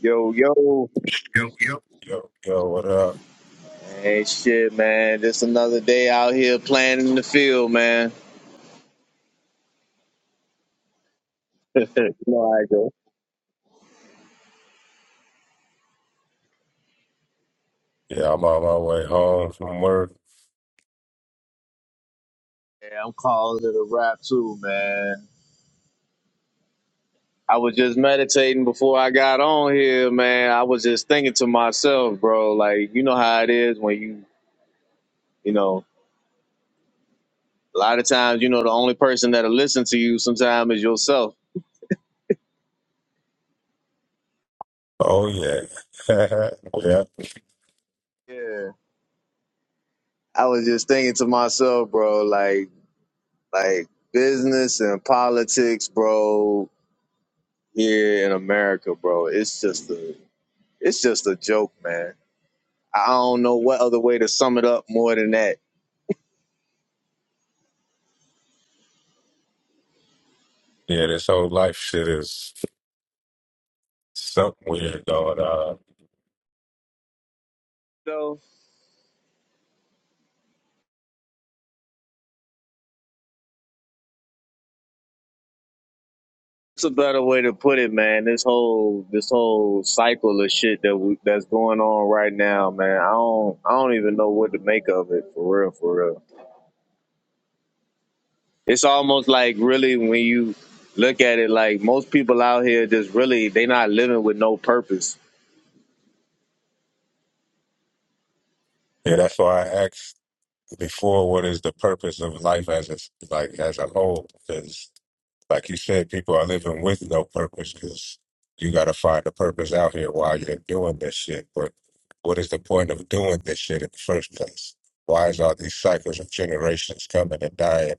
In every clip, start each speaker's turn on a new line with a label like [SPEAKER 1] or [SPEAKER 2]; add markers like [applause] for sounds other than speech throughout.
[SPEAKER 1] Yo, yo.
[SPEAKER 2] Yo, yo, yo, yo, what up?
[SPEAKER 1] Hey, shit, man. Just another day out here playing in the field, man. [laughs] you know how I go.
[SPEAKER 2] Yeah, I'm on my way home from work.
[SPEAKER 1] Yeah, I'm calling it a wrap, too, man. I was just meditating before I got on here, man. I was just thinking to myself, bro, like, you know how it is when you, you know, a lot of times, you know, the only person that'll listen to you sometimes is yourself.
[SPEAKER 2] Oh, yeah. [laughs] yeah,
[SPEAKER 1] Yeah. I was just thinking to myself, bro, like, like, business and politics, bro. here in America, bro, it's just a it's just a joke, man. I don't know what other way to sum it up more than that.
[SPEAKER 2] yeah, this whole life shit is something weird going on.
[SPEAKER 1] So it's a better way to put it, man. This whole this whole cycle of shit that we, that's going on right now, man. I don't I don't even know what to make of it for real, for real. It's almost like really when you look at it, like most people out here just really they not living with no purpose.
[SPEAKER 2] Yeah, that's why I asked before what is the purpose of life as a, like, as a whole? Because, like you said, people are living with no purpose because you got to find a purpose out here while you're doing this shit. But what is the point of doing this shit in the first place? Why is all these cycles of generations coming and dying?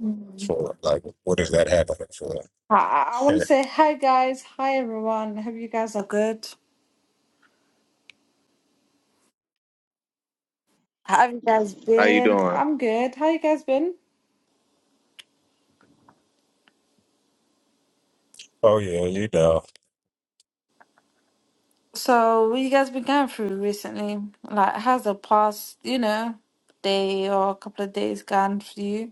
[SPEAKER 3] Mm.
[SPEAKER 2] for? Like, what is that happening for?
[SPEAKER 3] I, I want
[SPEAKER 2] [laughs]
[SPEAKER 3] to say hi, guys. Hi, everyone. Hope you guys are good. How have you guys
[SPEAKER 1] How you
[SPEAKER 3] been?
[SPEAKER 1] doing?
[SPEAKER 3] I'm good. How you guys been?
[SPEAKER 2] oh, yeah, you know.
[SPEAKER 3] So, what you guys been going through recently? Like, how's the past, you know, day or a couple of days gone for you?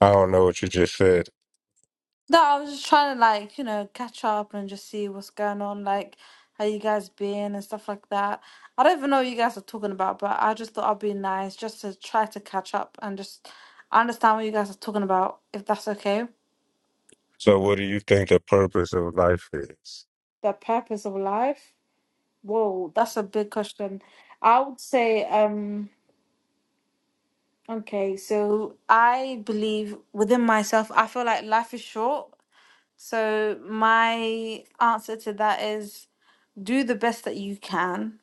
[SPEAKER 2] I don't know what you just said.
[SPEAKER 3] No, I was just trying to like, you know, catch up and just see what's going on, like how you guys been and stuff like that. I don't even know what you guys are talking about, but I just thought I'd be nice just to try to catch up and just understand what you guys are talking about, if that's okay.
[SPEAKER 2] So, what do you think the purpose of life is?
[SPEAKER 3] The purpose of life? Whoa, that's a big question. I would say, um, okay, so I believe within myself, I feel like life is short. So my answer to that is do the best that you can,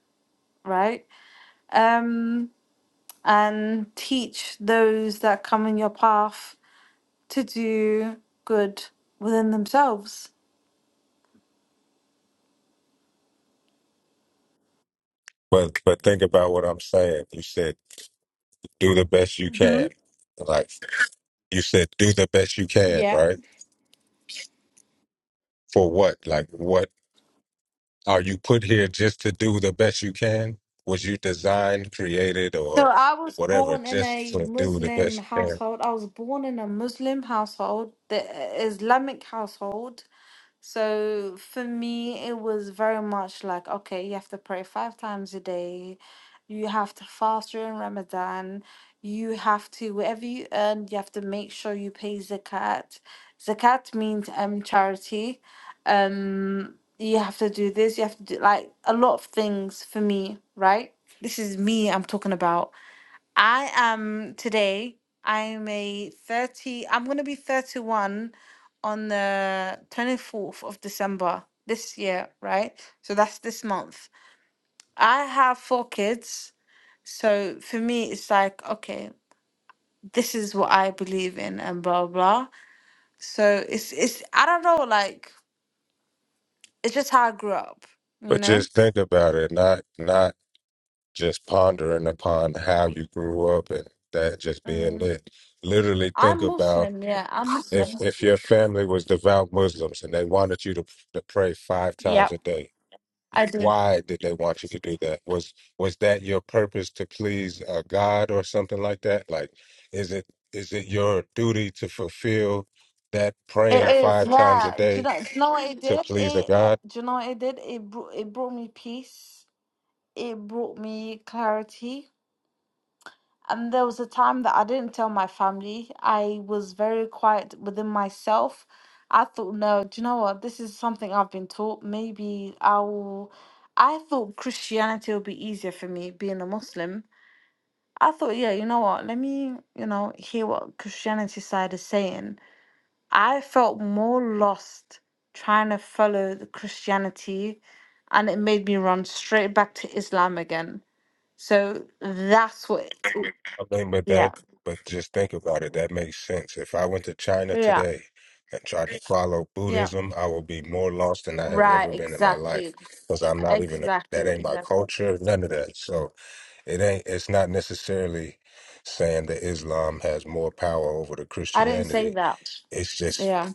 [SPEAKER 3] right? Um, and teach those that come in your path to do good within themselves.
[SPEAKER 2] But, but think about what I'm saying. You said do the best you
[SPEAKER 3] Mm-hmm.
[SPEAKER 2] can. Like, you said do the best you can,
[SPEAKER 3] Yeah.
[SPEAKER 2] right? For what? Like, what are you put here just to do the best you can? Was you designed, created,
[SPEAKER 3] So
[SPEAKER 2] or
[SPEAKER 3] I was
[SPEAKER 2] whatever,
[SPEAKER 3] born in
[SPEAKER 2] just
[SPEAKER 3] a
[SPEAKER 2] to do the
[SPEAKER 3] Muslim
[SPEAKER 2] best you can?
[SPEAKER 3] household. I was born in a Muslim household, the uh, Islamic household. So for me, it was very much like, okay, you have to pray five times a day. You have to fast during Ramadan. You have to, whatever you earn, you have to make sure you pay zakat. Zakat means um charity. Um, you have to do this, you have to do like a lot of things for me, right? This is me I'm talking about. I am today, I'm a 30, I'm going to be 31 on the 24th of December this year, right? So that's this month. I have four kids. So for me, it's like, okay, this is what I believe in and blah, blah. So it's, it's, I don't know, like, it's just how I grew up, you
[SPEAKER 2] But
[SPEAKER 3] know?
[SPEAKER 2] just think about it, not not just pondering upon how you grew up and that just being lit. Literally think
[SPEAKER 3] I'm
[SPEAKER 2] about
[SPEAKER 3] Muslim, yeah, I'm
[SPEAKER 2] if
[SPEAKER 3] Muslim.
[SPEAKER 2] if your family was devout Muslims and they wanted you to, to pray five
[SPEAKER 3] Yeah,
[SPEAKER 2] times a day,
[SPEAKER 3] I do.
[SPEAKER 2] why did they want you to do that? Was was that your purpose to please a God or something like that? Like, is it is it your duty to fulfill that
[SPEAKER 3] It
[SPEAKER 2] praying
[SPEAKER 3] is,
[SPEAKER 2] five times a
[SPEAKER 3] yeah. Do you
[SPEAKER 2] day
[SPEAKER 3] know? Do you know what it
[SPEAKER 2] to
[SPEAKER 3] did?
[SPEAKER 2] please a
[SPEAKER 3] It, uh,
[SPEAKER 2] God?
[SPEAKER 3] do you know what it did? It brought it brought me peace. It brought me clarity. And there was a time that I didn't tell my family. I was very quiet within myself. I thought, no, do you know what? This is something I've been taught. Maybe I will. I thought Christianity would be easier for me being a Muslim. I thought, yeah, you know what? Let me, you know, hear what Christianity side is saying I felt more lost trying to follow the Christianity, and it made me run straight back to Islam again. So that's what,
[SPEAKER 2] I mean, but
[SPEAKER 3] yeah,
[SPEAKER 2] that, but just think about it. That makes sense. If I went to China
[SPEAKER 3] yeah,
[SPEAKER 2] today and tried to follow
[SPEAKER 3] yeah,
[SPEAKER 2] Buddhism, I will be more lost than I have
[SPEAKER 3] right,
[SPEAKER 2] ever been in my
[SPEAKER 3] exactly,
[SPEAKER 2] life because I'm not even a, that
[SPEAKER 3] exactly,
[SPEAKER 2] ain't my
[SPEAKER 3] exactly.
[SPEAKER 2] culture, none of that. So it ain't. It's not necessarily saying that Islam has more power over the
[SPEAKER 3] I didn't say
[SPEAKER 2] Christianity.
[SPEAKER 3] that.
[SPEAKER 2] It's just
[SPEAKER 3] Yeah,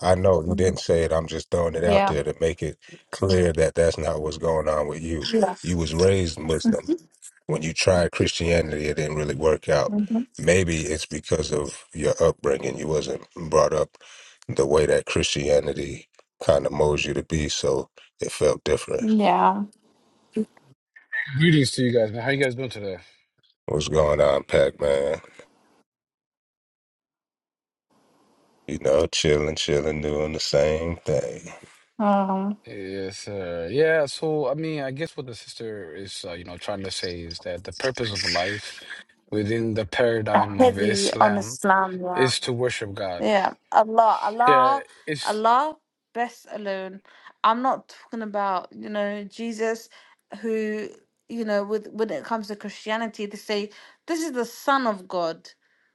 [SPEAKER 2] I know you didn't
[SPEAKER 3] Mm,
[SPEAKER 2] say it. I'm just throwing it out
[SPEAKER 3] yeah,
[SPEAKER 2] there to make it clear that that's not what's going on with you.
[SPEAKER 3] yeah,
[SPEAKER 2] You was raised Muslim. When you tried Christianity, it didn't really work out.
[SPEAKER 3] hmm
[SPEAKER 2] Maybe it's because of your upbringing. You wasn't brought up the way that Christianity kind of molds you to be, so it felt different.
[SPEAKER 3] yeah.
[SPEAKER 4] Greetings to you guys, man. How you guys doing today?
[SPEAKER 2] What's going on, Pac Man? You know, chilling, chilling, doing the same thing.
[SPEAKER 3] Um,
[SPEAKER 4] Yes, uh, yeah. So, I mean, I guess what the sister is, uh, you know, trying to say is that the purpose of life within the paradigm of
[SPEAKER 3] heavy on
[SPEAKER 4] Islam
[SPEAKER 3] Islam. yeah.
[SPEAKER 4] is to worship God.
[SPEAKER 3] Yeah, Allah,
[SPEAKER 4] Yeah,
[SPEAKER 3] Allah,
[SPEAKER 4] it's
[SPEAKER 3] Allah, best alone. I'm not talking about, you know, Jesus, who, you know, with when it comes to Christianity, they say this is the Son of God,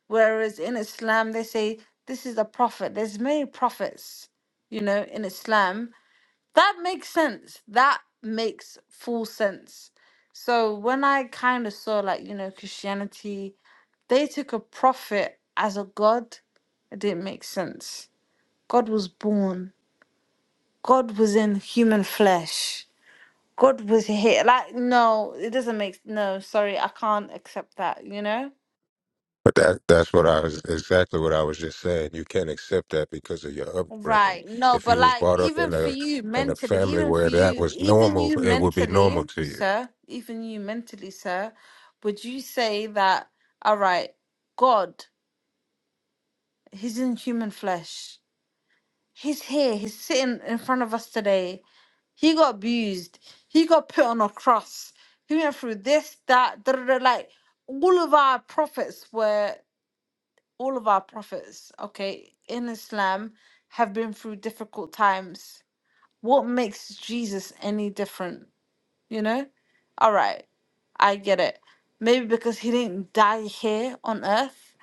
[SPEAKER 3] whereas in Islam they say this is a prophet. There's many prophets, you know, in Islam that makes sense. That makes full sense. So when I kind of saw like, you know, Christianity, they took a prophet as a god, it didn't make sense. God was born. God was in human flesh. God was here. Like, no, it doesn't make no, sorry, I can't accept that, you know?
[SPEAKER 2] But that that's what I was exactly what I was just saying. You can't accept that because of your upbringing.
[SPEAKER 3] Right. No,
[SPEAKER 2] If
[SPEAKER 3] but
[SPEAKER 2] you was
[SPEAKER 3] like
[SPEAKER 2] brought up
[SPEAKER 3] even
[SPEAKER 2] in
[SPEAKER 3] for
[SPEAKER 2] a
[SPEAKER 3] you
[SPEAKER 2] in a
[SPEAKER 3] mentally,
[SPEAKER 2] family
[SPEAKER 3] even for
[SPEAKER 2] where that
[SPEAKER 3] you,
[SPEAKER 2] was
[SPEAKER 3] even
[SPEAKER 2] normal,
[SPEAKER 3] you
[SPEAKER 2] it would be
[SPEAKER 3] mentally,
[SPEAKER 2] normal to you.
[SPEAKER 3] sir, even you mentally, sir, would you say that, all right, God, he's in human flesh. He's here. He's sitting in front of us today. He got abused. He got put on a cross. He went through this, that, da, da, da, like all of our prophets were all of our prophets, okay, in Islam have been through difficult times What makes Jesus any different? You know? All right, I get it. Maybe because he didn't die here on earth,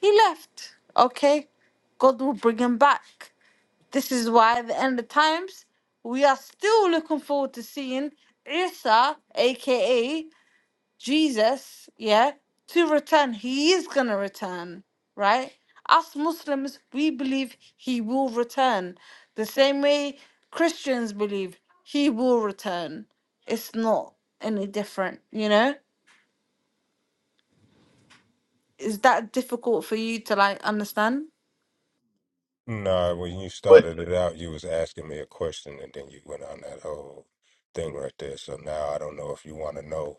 [SPEAKER 3] he left. Okay, God will bring him back. This is why at the end of times, we are still looking forward to seeing Isa, aka Jesus, yeah, to return. He is going to return, right? Us Muslims, we believe he will return. The same way Christians believe he will return. It's not any different, you know? Is that difficult for you to like understand?
[SPEAKER 2] No, when you started it out, you was asking me a question, and then you went on that whole thing right there. So now I don't know if you want to know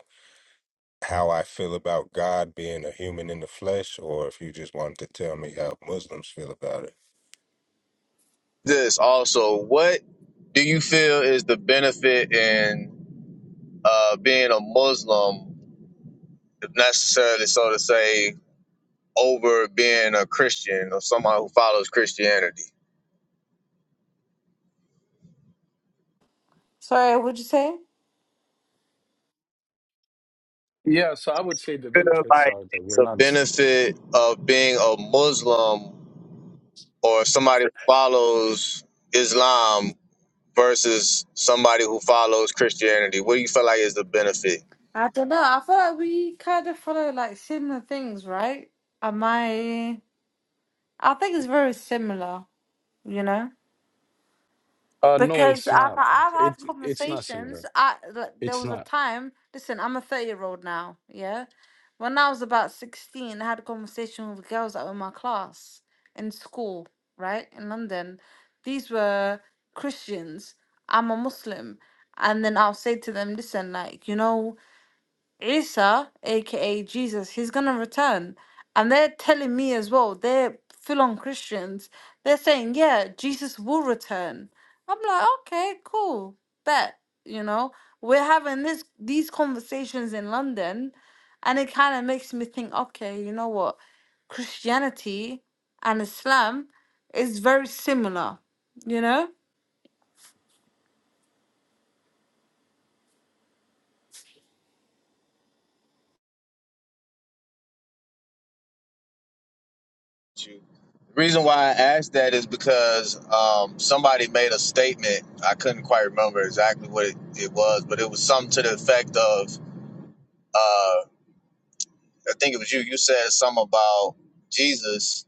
[SPEAKER 2] how I feel about God being a human in the flesh, or if you just wanted to tell me how Muslims feel about it.
[SPEAKER 1] This also, what do you feel is the benefit in uh, being a Muslim necessarily, so to say, over being a Christian or someone who follows Christianity.
[SPEAKER 3] Sorry, what'd you say?
[SPEAKER 4] yeah. So, I would say the
[SPEAKER 1] I feel
[SPEAKER 4] benefits
[SPEAKER 1] like
[SPEAKER 4] are that
[SPEAKER 1] it's
[SPEAKER 4] we're
[SPEAKER 1] a
[SPEAKER 4] not.
[SPEAKER 1] benefit of being a Muslim or somebody who follows Islam versus somebody who follows Christianity. What do you feel like is the benefit?
[SPEAKER 3] I don't know. I feel like we kind of follow like similar things, right? Am I? I think it's very similar, you know?
[SPEAKER 4] Uh, no,
[SPEAKER 3] Because
[SPEAKER 4] it's
[SPEAKER 3] I've
[SPEAKER 4] not.
[SPEAKER 3] I've had
[SPEAKER 4] It's
[SPEAKER 3] [laughs]
[SPEAKER 4] it's not similar.
[SPEAKER 3] conversations. I like, there
[SPEAKER 4] It's
[SPEAKER 3] was a
[SPEAKER 4] not.
[SPEAKER 3] time. Listen, I'm a thirty year old now. Yeah, when I was about sixteen, I had a conversation with girls that were in my class in school, right in London. These were Christians. I'm a Muslim, and then I'll say to them, "Listen, like you know." Isa, aka Jesus, he's gonna return. And they're telling me as well, they're full on Christians. They're saying, yeah, Jesus will return. I'm like, okay, cool. Bet, you know, we're having this these conversations in London, and it kind of makes me think, okay, you know what? Christianity and Islam is very similar, you know?
[SPEAKER 1] The reason why I asked that is because um, somebody made a statement. I couldn't quite remember exactly what it, it was, but it was something to the effect of. uh, I think it was you. You said something about Jesus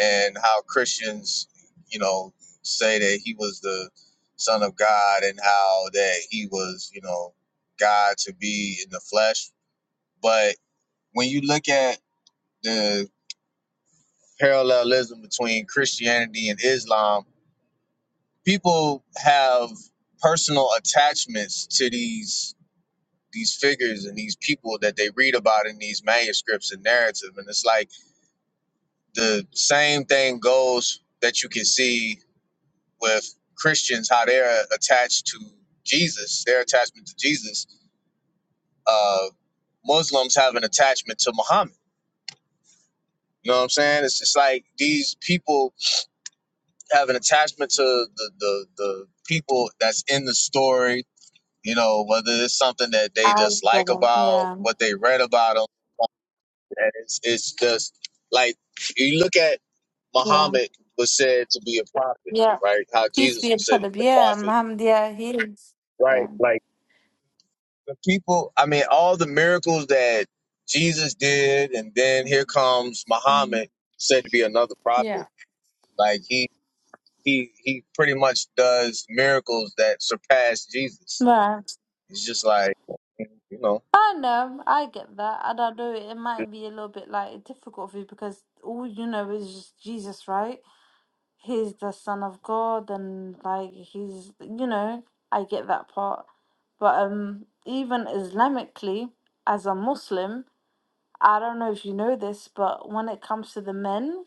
[SPEAKER 1] and how Christians, you know, say that he was the Son of God and how that he was, you know, God to be in the flesh. But when you look at the parallelism between Christianity and Islam, people have personal attachments to these these figures and these people that they read about in these manuscripts and narrative and it's like the same thing goes that you can see with Christians how they're attached to Jesus, their attachment to Jesus. Uh, Muslims have an attachment to Muhammad. You know what I'm saying? It's just like these people have an attachment to the the, the people that's in the story. You know, whether it's something that they
[SPEAKER 3] I
[SPEAKER 1] just
[SPEAKER 3] get
[SPEAKER 1] like
[SPEAKER 3] it.
[SPEAKER 1] about
[SPEAKER 3] Yeah.
[SPEAKER 1] what they read about them, and it's it's just like you look at
[SPEAKER 3] Yeah.
[SPEAKER 1] Muhammad was said to be a prophet,
[SPEAKER 3] Yeah.
[SPEAKER 1] right? How
[SPEAKER 3] Peace
[SPEAKER 1] Jesus
[SPEAKER 3] be
[SPEAKER 1] was said to
[SPEAKER 3] upon him.
[SPEAKER 1] be a
[SPEAKER 3] Yeah,
[SPEAKER 1] prophet,
[SPEAKER 3] Muhammad, yeah, he is.
[SPEAKER 1] right?
[SPEAKER 3] Yeah.
[SPEAKER 1] Like the people, I mean, all the miracles that Jesus did, and then here comes
[SPEAKER 3] Mm,
[SPEAKER 1] Muhammad, said to be another
[SPEAKER 3] yeah.
[SPEAKER 1] prophet. Like he he he pretty much does miracles that surpass Jesus.
[SPEAKER 3] Right.
[SPEAKER 1] It's just like you know.
[SPEAKER 3] I know, I get that. And I know it might be a little bit like difficult for you because all you know is just Jesus, right? He's the Son of God and like he's you know, I get that part. But um even Islamically, as a Muslim, I don't know if you know this, but when it comes to the men,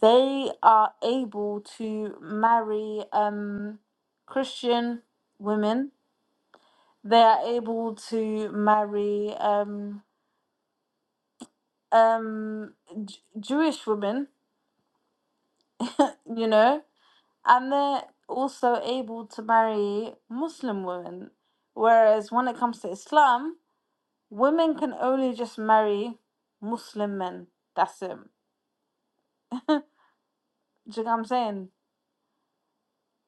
[SPEAKER 3] they are able to marry um, Christian women. They are able to marry um, um, J- Jewish women, you know, and they're also able to marry Muslim women. Whereas when it comes to Islam, women can only just marry Muslim men. That's it. [laughs] Do you know what I'm saying?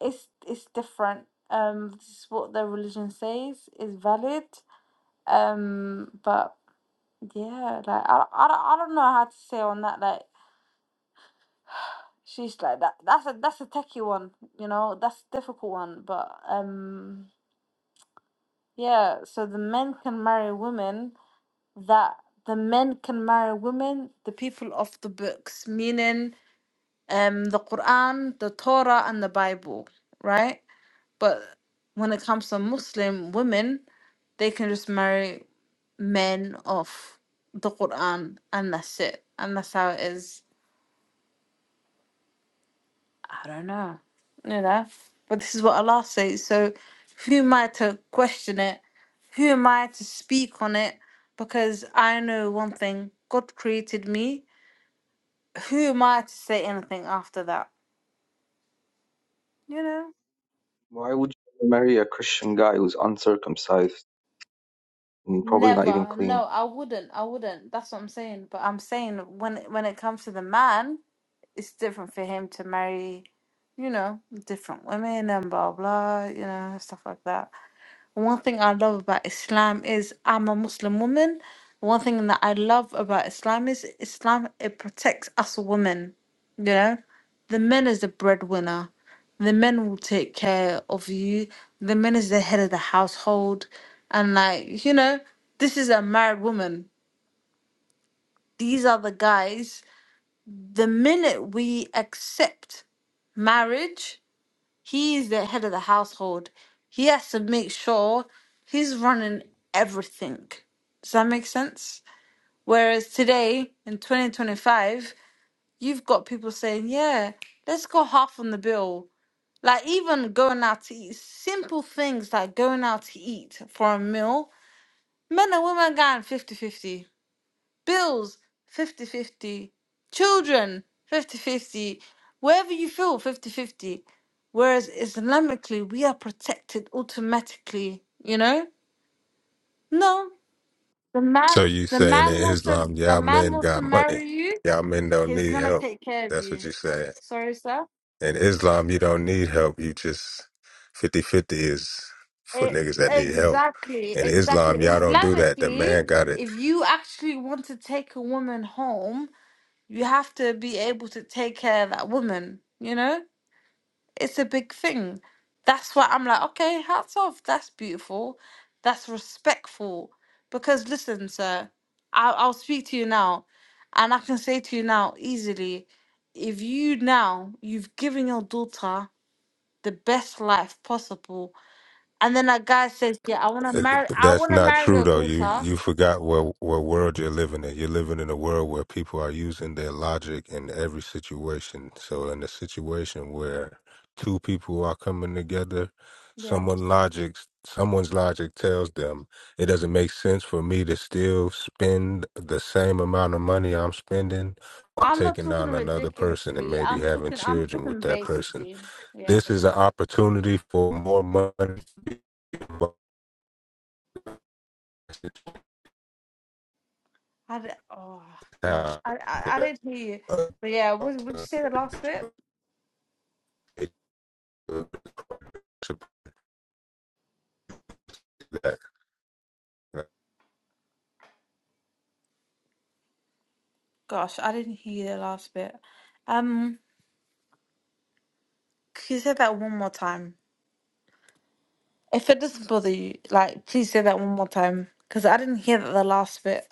[SPEAKER 3] It's it's different. Um, this is what their religion says is valid. Um, but yeah, like I, I, don't- I don't know how to say on that. Like she's like that. That's a that's a techie one. You know, that's a difficult one. But um, yeah. So the men can marry women that the men can marry women, the people of the books, meaning um the Quran, the Torah, and the Bible, right? But when it comes to Muslim women, they can just marry men of the Quran and that's it. And that's how it is. I don't know. You know? But this is what Allah says. So who am I to question it? Who am I to speak on it? Because I know one thing God created me. Who am I to say anything after that? You know?
[SPEAKER 5] Why would you marry a Christian guy who's uncircumcised and probably not even
[SPEAKER 3] Never.
[SPEAKER 5] clean?
[SPEAKER 3] No, I wouldn't. I wouldn't. That's what I'm saying. But I'm saying when when it comes to the man, it's different for him to marry you know, different women and blah blah, you know, stuff like that. One thing I love about Islam is I'm a Muslim woman. One thing that I love about Islam is Islam it protects us women. You know, the men is the breadwinner. The men will take care of you. The men is the head of the household, and like you know, this is a married woman. These are the guys. The minute we accept marriage he is the head of the household. He has to make sure he's running everything. Does that make sense? Whereas today in 2025, you've got people saying, yeah, let's go half on the bill. Like even going out to eat, simple things like going out to eat for a meal, men and women going fifty-fifty bills 50 50, children fifty fifty, wherever you feel fifty fifty. whereas islamically we are protected automatically you know no the man
[SPEAKER 2] So you
[SPEAKER 3] the
[SPEAKER 2] saying
[SPEAKER 3] man
[SPEAKER 2] in
[SPEAKER 3] wants to
[SPEAKER 2] Islam,
[SPEAKER 3] the
[SPEAKER 2] y'all
[SPEAKER 3] man
[SPEAKER 2] men
[SPEAKER 3] wants to
[SPEAKER 2] got money.
[SPEAKER 3] marry you
[SPEAKER 2] Y'all men don't
[SPEAKER 3] he's
[SPEAKER 2] need
[SPEAKER 3] gonna
[SPEAKER 2] help.
[SPEAKER 3] take care of
[SPEAKER 2] That's
[SPEAKER 3] you
[SPEAKER 2] what you're saying.
[SPEAKER 3] sorry sir
[SPEAKER 2] In Islam, you don't need help. You just fifty-fifty is for
[SPEAKER 3] E-
[SPEAKER 2] niggas that need help.
[SPEAKER 3] exactly
[SPEAKER 2] In
[SPEAKER 3] exactly
[SPEAKER 2] Islam, y'all don't do that. The
[SPEAKER 3] islamically
[SPEAKER 2] man got it.
[SPEAKER 3] if you actually want to take a woman home you have to be able to take care of that woman you know it's a big thing. That's why I'm like, okay, hats off. That's beautiful. That's respectful. Because listen, sir, I'll, I'll speak to you now, and I can say to you now easily, if you now you've given your daughter the best life possible, and then a guy says, yeah, I want to marry, I
[SPEAKER 2] That's
[SPEAKER 3] want to
[SPEAKER 2] not
[SPEAKER 3] marry
[SPEAKER 2] true
[SPEAKER 3] your
[SPEAKER 2] though. You
[SPEAKER 3] daughter.
[SPEAKER 2] you forgot what what world you're living in. You're living in a world where people are using their logic in every situation. So in a situation where two people are coming together,
[SPEAKER 3] Yeah,
[SPEAKER 2] someone logic someone's logic tells them it doesn't make sense for me to still spend the same amount of money I'm spending on
[SPEAKER 3] I'm not
[SPEAKER 2] taking
[SPEAKER 3] talking
[SPEAKER 2] on another person and
[SPEAKER 3] ridiculously.
[SPEAKER 2] maybe
[SPEAKER 3] I'm
[SPEAKER 2] having
[SPEAKER 3] talking, I'm
[SPEAKER 2] children with
[SPEAKER 3] talking
[SPEAKER 2] that person.
[SPEAKER 3] basically. Yeah.
[SPEAKER 2] This is an opportunity for more money. to both
[SPEAKER 3] I d oh gosh, I,
[SPEAKER 2] have.
[SPEAKER 3] I I didn't hear you.
[SPEAKER 2] uh,
[SPEAKER 3] But yeah, what would you say the last bit?
[SPEAKER 2] it- uh, to that. uh,
[SPEAKER 3] Gosh, I didn't hear the last bit. Um, can you say that one more time? If it doesn't bother you, like, please say that one more time because I didn't hear that the last bit.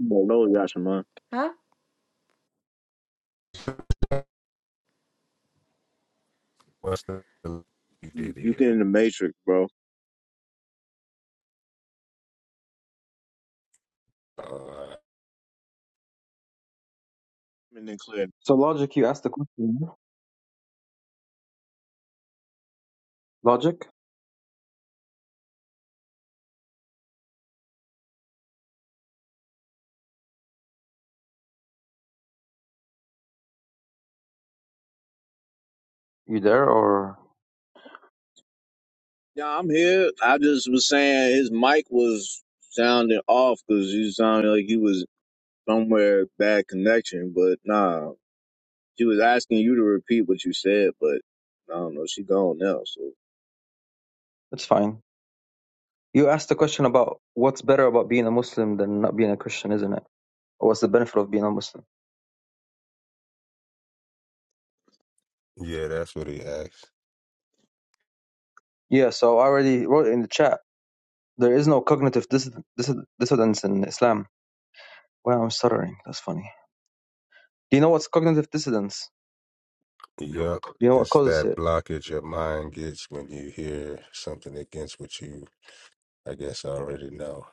[SPEAKER 1] Well, those got your mind.
[SPEAKER 3] Huh?
[SPEAKER 2] What's the you
[SPEAKER 1] You
[SPEAKER 2] did
[SPEAKER 1] you
[SPEAKER 2] here?
[SPEAKER 1] get in the matrix, bro.
[SPEAKER 2] Uh,
[SPEAKER 1] Coming in clear
[SPEAKER 5] So logic, you asked the question. yeah? Logic, you there or
[SPEAKER 1] Yeah, I'm here. I just was saying his mic was sounding off because you sounded like he was somewhere bad connection. But nah, she was asking you to repeat what you said, but I don't know. She gone now, so
[SPEAKER 5] it's fine. You asked the question about what's better about being a Muslim than not being a Christian, isn't it? Or what's the benefit of being a Muslim?
[SPEAKER 2] yeah, that's what he asked.
[SPEAKER 5] Yeah, so I already wrote it in the chat. There is no cognitive dis- dis- dissidence in Islam. Well, I'm stuttering. That's funny. Do you know what's cognitive dissidence?
[SPEAKER 2] Yup,
[SPEAKER 5] Do you know what
[SPEAKER 2] it's
[SPEAKER 5] causes
[SPEAKER 2] that
[SPEAKER 5] it?
[SPEAKER 2] blockage your mind gets when you hear something against what you, I guess, already know.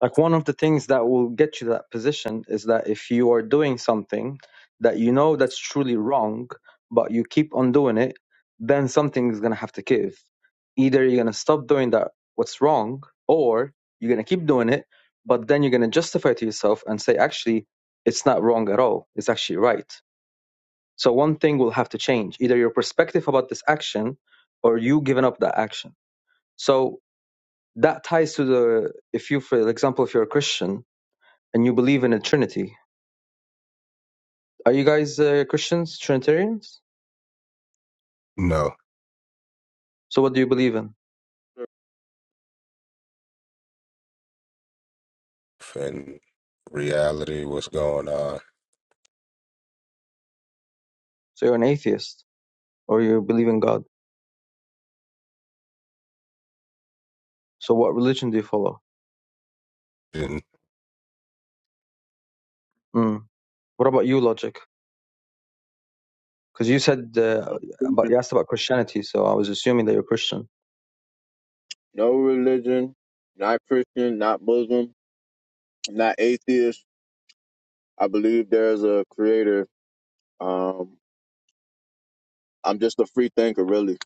[SPEAKER 5] like one of the things that will get you to that position is that if you are doing something that you know that's truly wrong but you keep on doing it then something is going to have to give either you're going to stop doing that what's wrong or you're going to keep doing it but then you're going to justify to yourself and say actually it's not wrong at all it's actually right so one thing will have to change either your perspective about this action or you giving up that action so that ties to the if you for example if you're a christian and you believe in a Trinity. Are you guys uh, Christians, Trinitarians?
[SPEAKER 2] No,
[SPEAKER 5] So what do you believe in?
[SPEAKER 2] and reality, what's going on?
[SPEAKER 5] So you're an atheist, or you believe in God. So what religion do you follow?
[SPEAKER 2] And
[SPEAKER 5] Mm. What about you, Logic? Because you said uh,
[SPEAKER 1] no,
[SPEAKER 5] about
[SPEAKER 1] religion-
[SPEAKER 5] you asked about Christianity, so I was assuming that you're Christian.
[SPEAKER 1] no religion, not Christian, not Muslim, not atheist. I believe there's a creator. Um, I'm just a free thinker, really.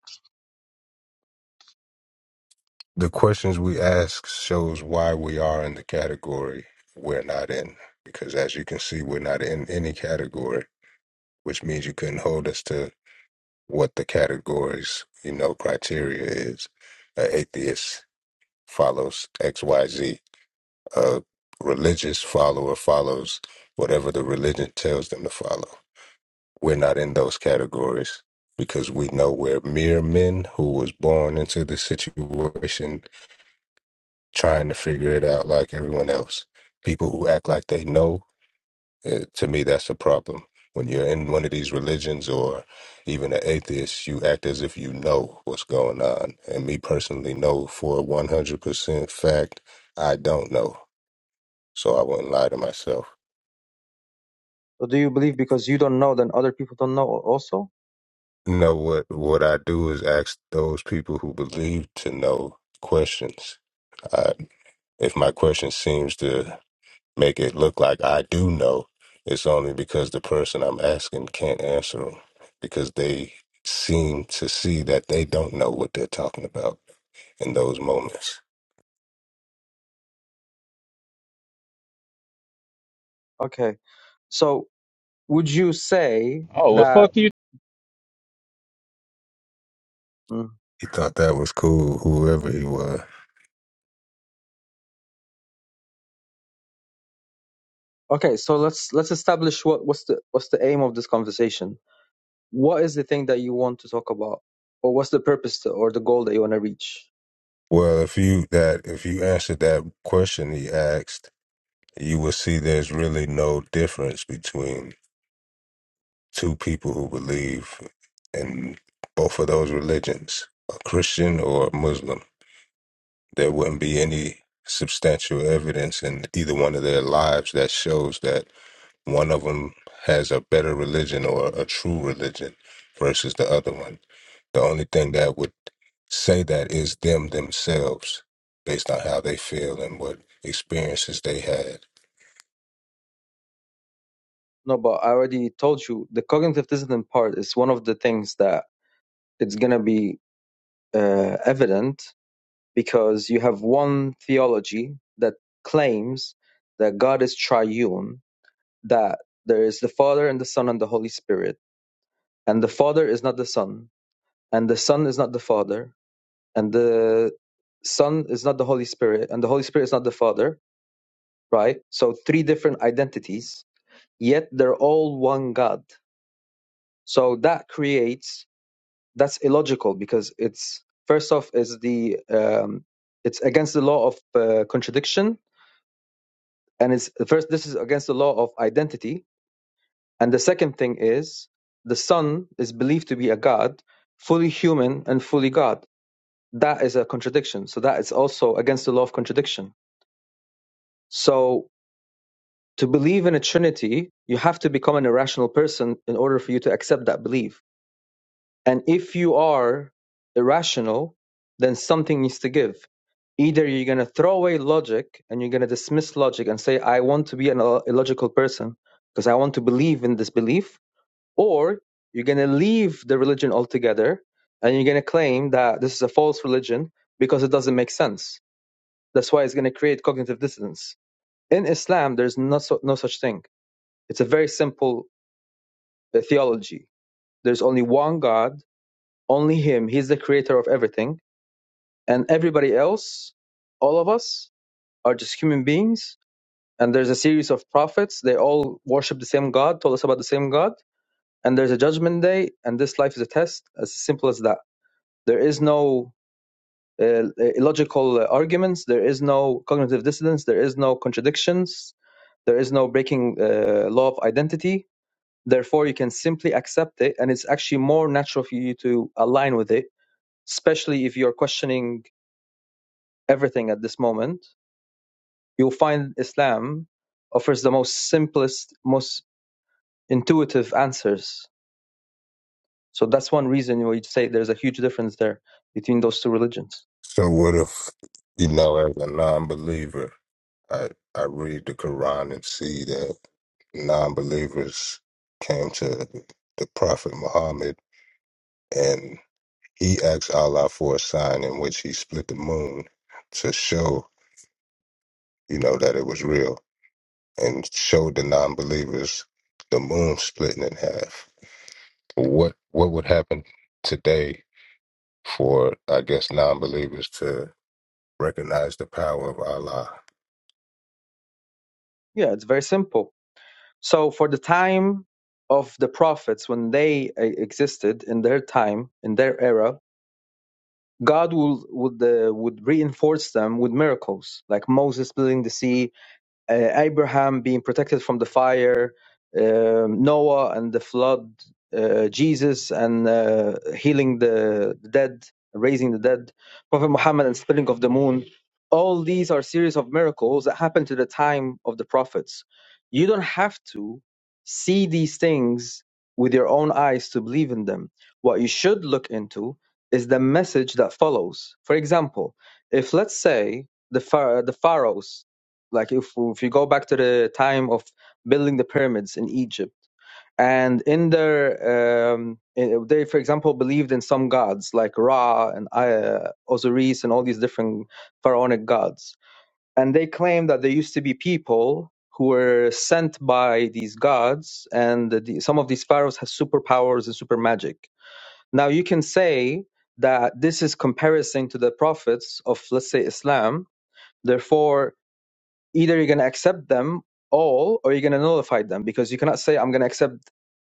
[SPEAKER 2] the questions we ask shows why we are in the category we're not in. Because as you can see, we're not in any category, which means you couldn't hold us to what the categories, you know, criteria is. An atheist follows X, Y, Z. A religious follower follows whatever the religion tells them to follow. We're not in those categories because we know we're mere men who was born into the situation trying to figure it out like everyone else. People who act like they know It, to me, that's a problem. When you're in one of these religions or even an atheist, you act as if you know what's going on. And me personally know for 100% fact, I don't know. So I wouldn't lie to myself.
[SPEAKER 5] So do you believe because you don't know, then other people don't know also?
[SPEAKER 2] No, what, what I do is ask those people who believe to know questions. I, if my question seems to make it look like I do know. It's only because the person I'm asking can't answer 'em, because they seem to see that they don't know what they're talking about in those moments.
[SPEAKER 5] Okay. So would you say
[SPEAKER 6] Oh, well,
[SPEAKER 5] that?
[SPEAKER 6] fuck you
[SPEAKER 5] Mm.
[SPEAKER 2] He thought that was cool, whoever he was.
[SPEAKER 5] Okay. So let's let's establish what what's the what's the aim of this conversation what is the thing that you want to talk about or what's the purpose to, or the goal that you want to reach
[SPEAKER 2] Well, if you that if you answered that question he asked, you will see there's really no difference between two people who believe in both of those religions, a Christian or a Muslim there wouldn't be any substantial evidence in either one of their lives that shows that one of them has a better religion or a true religion versus the other one. The only thing that would say that is them themselves based on how they feel and what experiences they had.
[SPEAKER 5] no but i already told you the cognitive dissonance part is one of the things that it's going to be uh, evident because you have one theology that claims that god is triune that there is the father and the son and the holy spirit and the father is not the son and the son is not the father and the son is not the holy spirit and the holy spirit is not the father right? So three different identities, yet they're all one God. So that creates that's illogical because it's first off is the um, it's against the law of uh, contradiction, and it's first this is against the law of identity, and the second thing is the Son is believed to be a God, fully human and fully God. That is a contradiction. So that is also against the law of contradiction. So to believe in a trinity you have to become an irrational person in order for you to accept that belief and if you are irrational then something needs to give either you're going to throw away logic and you're going to dismiss logic and say i want to be an il- illogical person because i want to believe in this belief or you're going to leave the religion altogether and you're going to claim that this is a false religion because it doesn't make sense that's why it's going to create cognitive dissonance in islam there's no, su- no such thing it's a very simple uh, theology. There's only one God, only Him. He's the creator of everything. And everybody else, all of us, are just human beings. And there's a series of prophets. They all worship the same God, told us about the same God. And there's a judgment day, and this life is a test, as simple as that. There is no uh, uh, illogical uh, arguments. There is no cognitive dissonance. There is no contradictions. There is no breaking uh, law of identity Therefore, you can simply accept it, and it's actually more natural for you to align with it, especially if you're questioning everything at this moment. You'll find Islam offers the most simplest, most intuitive answers. So that's one reason why you say there's a huge difference there between those two religions.
[SPEAKER 2] So, what if, you know, as a non believer, I, I read the Quran and see that non believers came to the Prophet Muhammad and he asked Allah for a sign in which he split the moon to show, you know, that it was real and showed the non-believers the moon splitting in half. What what would happen today for I guess non-believers to recognize the power of Allah?
[SPEAKER 5] Yeah, it's very simple. So for the time of the prophets, when they uh, existed in their time, in their era, God will would uh, would reinforce them with miracles, like Moses splitting the sea, uh, Abraham being protected from the fire, um, Noah and the flood, uh, Jesus and uh, healing the, the dead, raising the dead, Prophet Muhammad and splitting of the moon. All these are series of miracles that happened to the time of the prophets. You don't have to see these things with your own eyes to believe in them. What you should look into is the message that follows. For example, if let's say the, phar- the pharaohs like if if you go back to the time of building the pyramids in Egypt and in their um, in- they for example believed in some gods like Ra and uh, Osiris and all these different pharaonic gods and they claim that there used to be people who were sent by these gods and the, some of these pharaohs have superpowers and super magic now you can say that this is comparison to the prophets of let's say Islam therefore either you're going to accept them all or you're going to nullify them because you cannot say i'm going to accept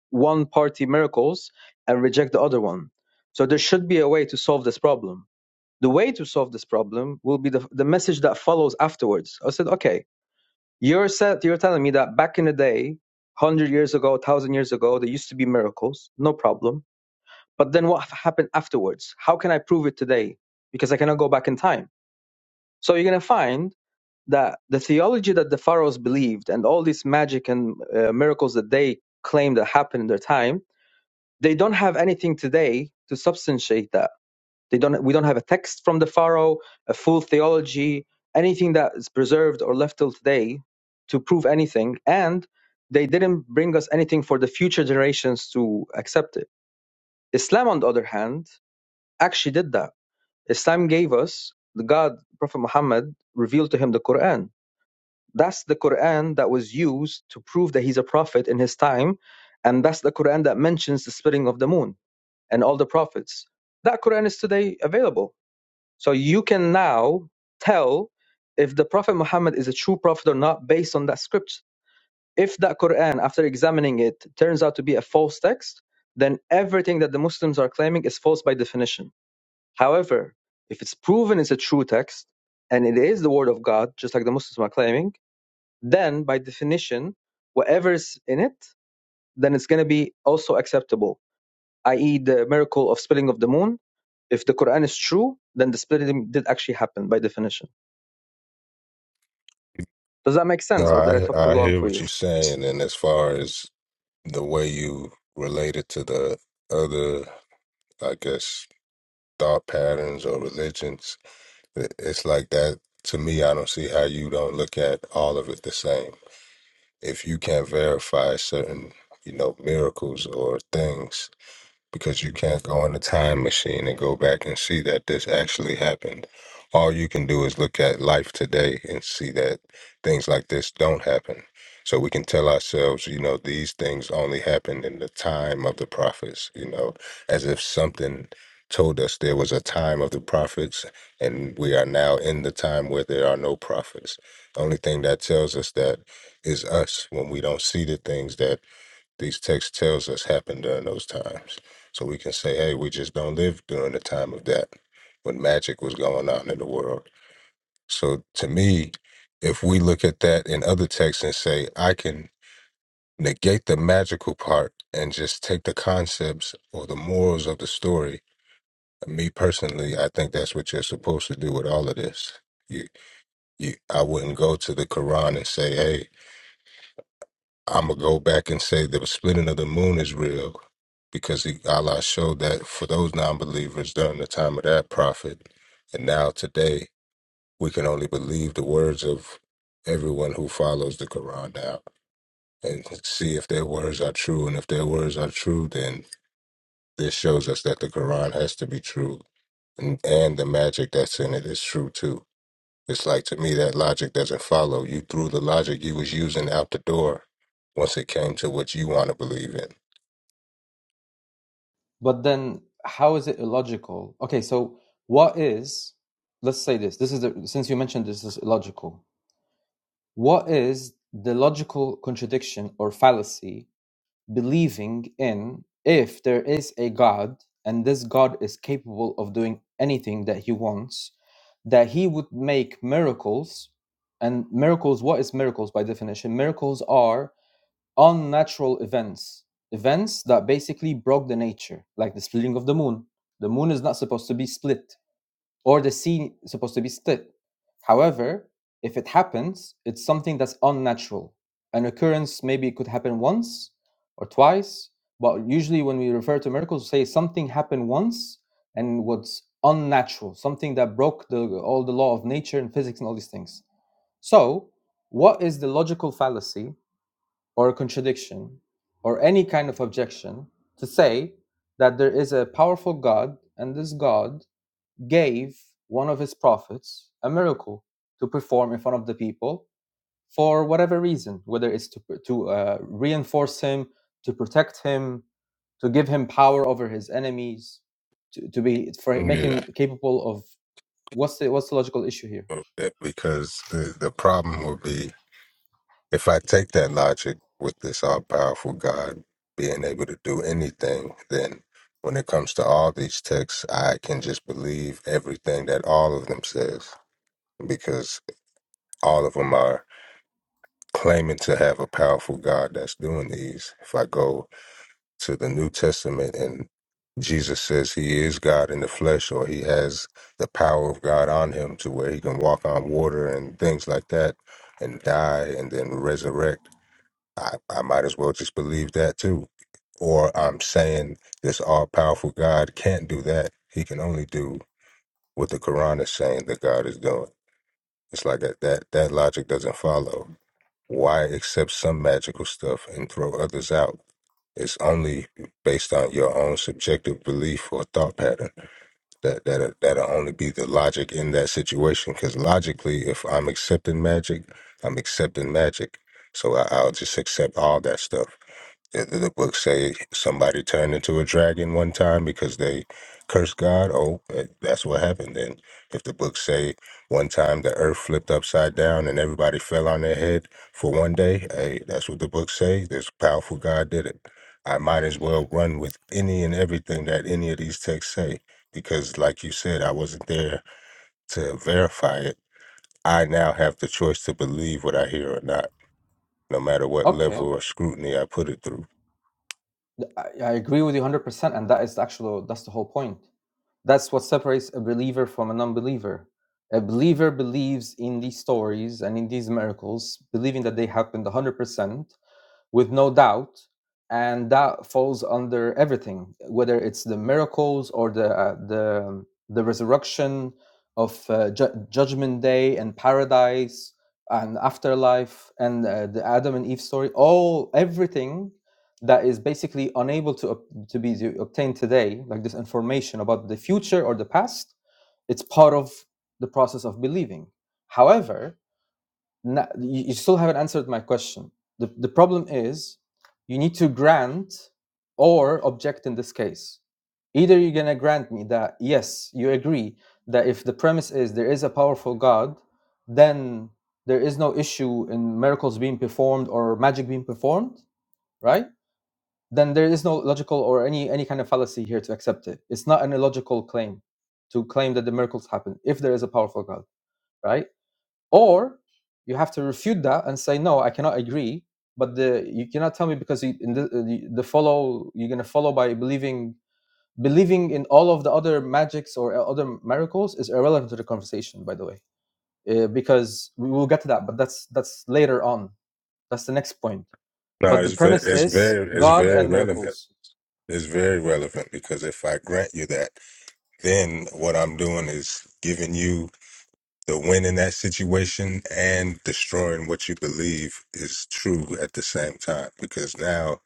[SPEAKER 5] one party miracles and reject the other one so there should be a way to solve this problem the way to solve this problem will be the, the message that follows afterwards i said okay you're said you're telling me that back in the day 100 years ago 1000 years ago there used to be miracles no problem but then what happened afterwards how can i prove it today because i cannot go back in time so you're going to find that the theology that the pharaohs believed and all this magic and uh, miracles that they claimed that happened in their time they don't have anything today to substantiate that they don't we don't have a text from the pharaoh a full theology anything that is preserved or left till today to prove anything and they didn't bring us anything for the future generations to accept it islam on the other hand actually did that islam gave us the god prophet muhammad revealed to him the quran that's the Quran that was used to prove that he's a prophet in his time, and that's the Quran that mentions the splitting of the moon and all the prophets. That Quran is today available. So you can now tell if the Prophet Muhammad is a true prophet or not based on that script. If that Quran, after examining it, turns out to be a false text, then everything that the Muslims are claiming is false by definition. However, if it's proven it's a true text and it is the word of God, just like the Muslims are claiming, then by definition, whatever's in it, then it's going to be also acceptable. I.e., the miracle of splitting of the moon. If the Quran is true, then the splitting did actually happen by definition. Does that make
[SPEAKER 2] No,
[SPEAKER 5] sense, or did I talk too
[SPEAKER 2] I I
[SPEAKER 5] long
[SPEAKER 2] hear
[SPEAKER 5] for
[SPEAKER 2] what
[SPEAKER 5] you?
[SPEAKER 2] you're saying, and as far as the way you relate it to the other, I guess, thought patterns or religions, It- It's like that. To me, I don't see how you don't look at all of it the same. If you can't verify certain, you know, miracles or things, because you can't go in a time machine and go back and see that this actually happened. All you can do is look at life today and see that things like this don't happen. So we can tell ourselves, you know, these things only happened in the time of the prophets, you know, as if something told us there was a time of the prophets and we are now in the time where there are no prophets. The only thing that tells us that is us when we don't see the things that these texts tells us happened during those times. So we can say, hey, we just don't live during the time of that when magic was going on in the world. So to me, if we look at that in other texts and say, I can negate the magical part and just take the concepts or the morals of the story, me personally, I think that's what you're supposed to do with all of this. You, you, I wouldn't go to the Quran and say, hey, I'm gonna go back and say that the splitting of the moon is real because he, Allah showed that for those non-believers during the time of that prophet, and now today we can only believe the words of everyone who follows the Quran now and see if their words are true. And if their words are true, then this shows us that the Quran has to be true, and, and the magic that's in it is true too. It's like to me that logic doesn't follow. You threw the logic you was using out the door once it came to what you want to believe in.
[SPEAKER 5] But then, how is it illogical? Okay, so what is, let's say this, this is the, since you mentioned this is illogical, what is the logical contradiction or fallacy believing in if there is a God and this God is capable of doing anything that he wants, that he would make miracles. And miracles, what is miracles by definition? Miracles are unnatural events, events that basically broke the nature, like the splitting of the moon. The moon is not supposed to be split or the sea is supposed to be still. However, if it happens, it's something that's unnatural. An occurrence maybe it could happen once or twice, but usually when we refer to miracles, we say something happened once and was unnatural, something that broke the, all the law of nature and physics and all these things. So, what is the logical fallacy or a contradiction or any kind of objection to say that there is a powerful God and this God gave one of his prophets a miracle to perform in front of the people for whatever reason, whether it's to, to uh, reinforce him, to protect him, to give him power over his enemies, to, to be for make him
[SPEAKER 2] Yeah,
[SPEAKER 5] capable of what's the what's the logical issue here?
[SPEAKER 2] Well, because the, the problem would be If I take that logic with this all powerful God being able to do anything, then when it comes to all these texts, I can just believe everything that all of them says because all of them are claiming to have a powerful God that's doing these. If I go to the New Testament and Jesus says he is God in the flesh or he has the power of God on him to where he can walk on water and things like that and die and then resurrect I, I might as well just believe that too. Or I'm saying this all powerful God can't do that. He can only do what the Quran is saying that God is doing. It's like that that, that logic doesn't follow. Why accept some magical stuff and throw others out? It's only based on your own subjective belief or thought pattern. That that that'll only be the logic in that situation. Because logically, if I'm accepting magic, I'm accepting magic. So I, I'll just accept all that stuff did did the books say somebody turned into a dragon one time because they cursed God? Oh, eh, that's what happened then. If the books say one time the earth flipped upside down and everybody fell on their head for one day, hey, that's what the books say. This powerful God did it. I might as well run with any and everything that any of these texts say because, like you said, I wasn't there to verify it. I now have the choice to believe what I hear or not, no matter what
[SPEAKER 5] Okay,
[SPEAKER 2] level of scrutiny I put it through.
[SPEAKER 5] I, I agree with you one hundred percent, and that is actually that's the whole point. That's what separates a believer from a non-believer. A believer believes in these stories and in these miracles, believing that they happened one hundred percent, with no doubt and that falls under everything whether it's the miracles or the uh, the um, the resurrection of uh, ju- judgment day and paradise and afterlife and uh, the adam and eve story all everything that is basically unable to ob- to be to obtained today like this information about the future or the past it's part of the process of believing however no, you, still haven't answered my question. The, the problem is you need to grant or object in this case. Either you're going to grant me that, yes, you agree that if the premise is there is a powerful God, then there is no issue in miracles being performed or magic being performed, right? Then there is no logical or any any kind of fallacy here to accept it. It's not an illogical claim to claim that the miracles happen if there is a powerful God, right? or you have to refute that and say no i cannot agree but the you cannot tell me because you, in the, uh, the the follow you're going to follow by believing believing in all of the other magics or uh, other miracles is irrelevant to the conversation by the way uh, because we will get to that but that's that's later on that's the next point
[SPEAKER 2] No,
[SPEAKER 5] but the
[SPEAKER 2] it's very,
[SPEAKER 5] premise
[SPEAKER 2] it's
[SPEAKER 5] is
[SPEAKER 2] very, it's
[SPEAKER 5] god
[SPEAKER 2] very
[SPEAKER 5] and
[SPEAKER 2] relevant.
[SPEAKER 5] miracles
[SPEAKER 2] It's very relevant because if I grant you that, then what I'm doing is giving you the win in that situation and destroying what you believe is true at the same time. Because now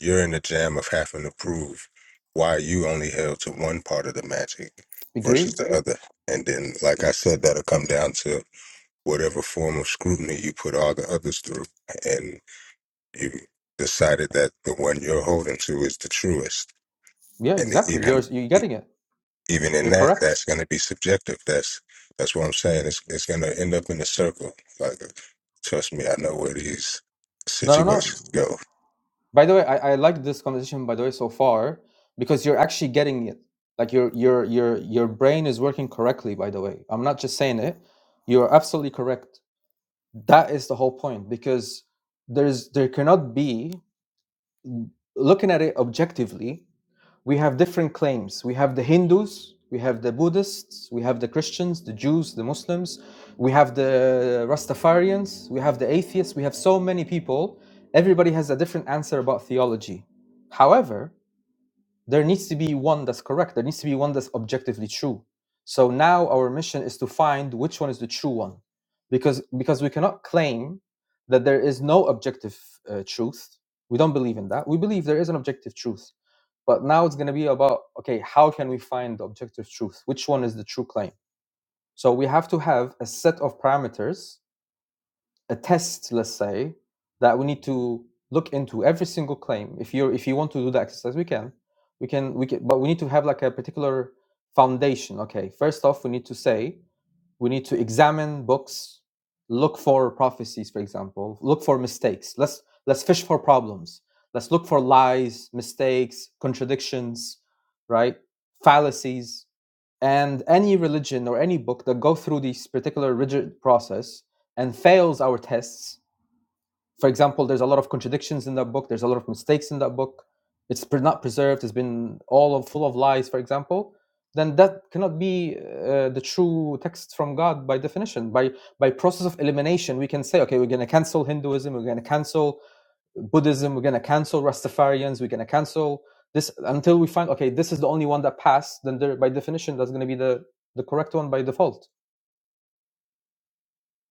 [SPEAKER 2] you're in the jam of having to prove why you only held to one part of the magic versus
[SPEAKER 5] agree
[SPEAKER 2] the other. And then, like I said, that'll come down to whatever form of scrutiny you put all the others through you decided that the one you're holding to is the truest.
[SPEAKER 5] yeah
[SPEAKER 2] And
[SPEAKER 5] exactly
[SPEAKER 2] even
[SPEAKER 5] you're you're getting it
[SPEAKER 2] even in
[SPEAKER 5] you're
[SPEAKER 2] that,
[SPEAKER 5] correct
[SPEAKER 2] that's going to be subjective. That's that's what I'm saying. It's it's going to end up in a circle. Like, trust me, I know where these
[SPEAKER 5] no no no
[SPEAKER 2] situations go.
[SPEAKER 5] By the way, I, I like this conversation by the way so far because you're actually getting it. Like your your your your brain is working correctly, by the way. I'm not just saying it. You're absolutely correct. That is the whole point because there's there cannot be looking at it objectively we have different claims. We have the Hindus, we have the Buddhists, we have the Christians, the Jews, the Muslims, we have the Rastafarians, we have the atheists, we have so many people. Everybody has a different answer about theology. However, there needs to be one that's correct. There needs to be one that's objectively true. So now our mission is to find which one is the true one, because because we cannot claim that there is no objective uh, truth. We don't believe in that. We believe there is an objective truth, but now it's going to be about okay, how can we find the objective truth? Which one is the true claim? So we have to have a set of parameters a test, let's say, that we need to look into every single claim. If you're if you want to do the exercise, we can, we can, we can, but we need to have like a particular foundation. Okay, first off, we need to say we need to examine books look for prophecies for example look for mistakes let's let's fish for problems let's look for lies mistakes contradictions right fallacies and any religion or any book that go through this particular rigid process and fails our tests for example, there's a lot of contradictions in that book. There's a lot of mistakes in that book. It's not preserved. It's been all of, full of lies, for example. Then that cannot be uh, the true text from God by definition. By by process of elimination, we can say, okay, we're going to cancel Hinduism. We're going to cancel Buddhism. We're going to cancel Rastafarians. We're going to cancel this until we find, okay, this is the only one that passed. Then there, by definition, that's going to be the the correct one by default.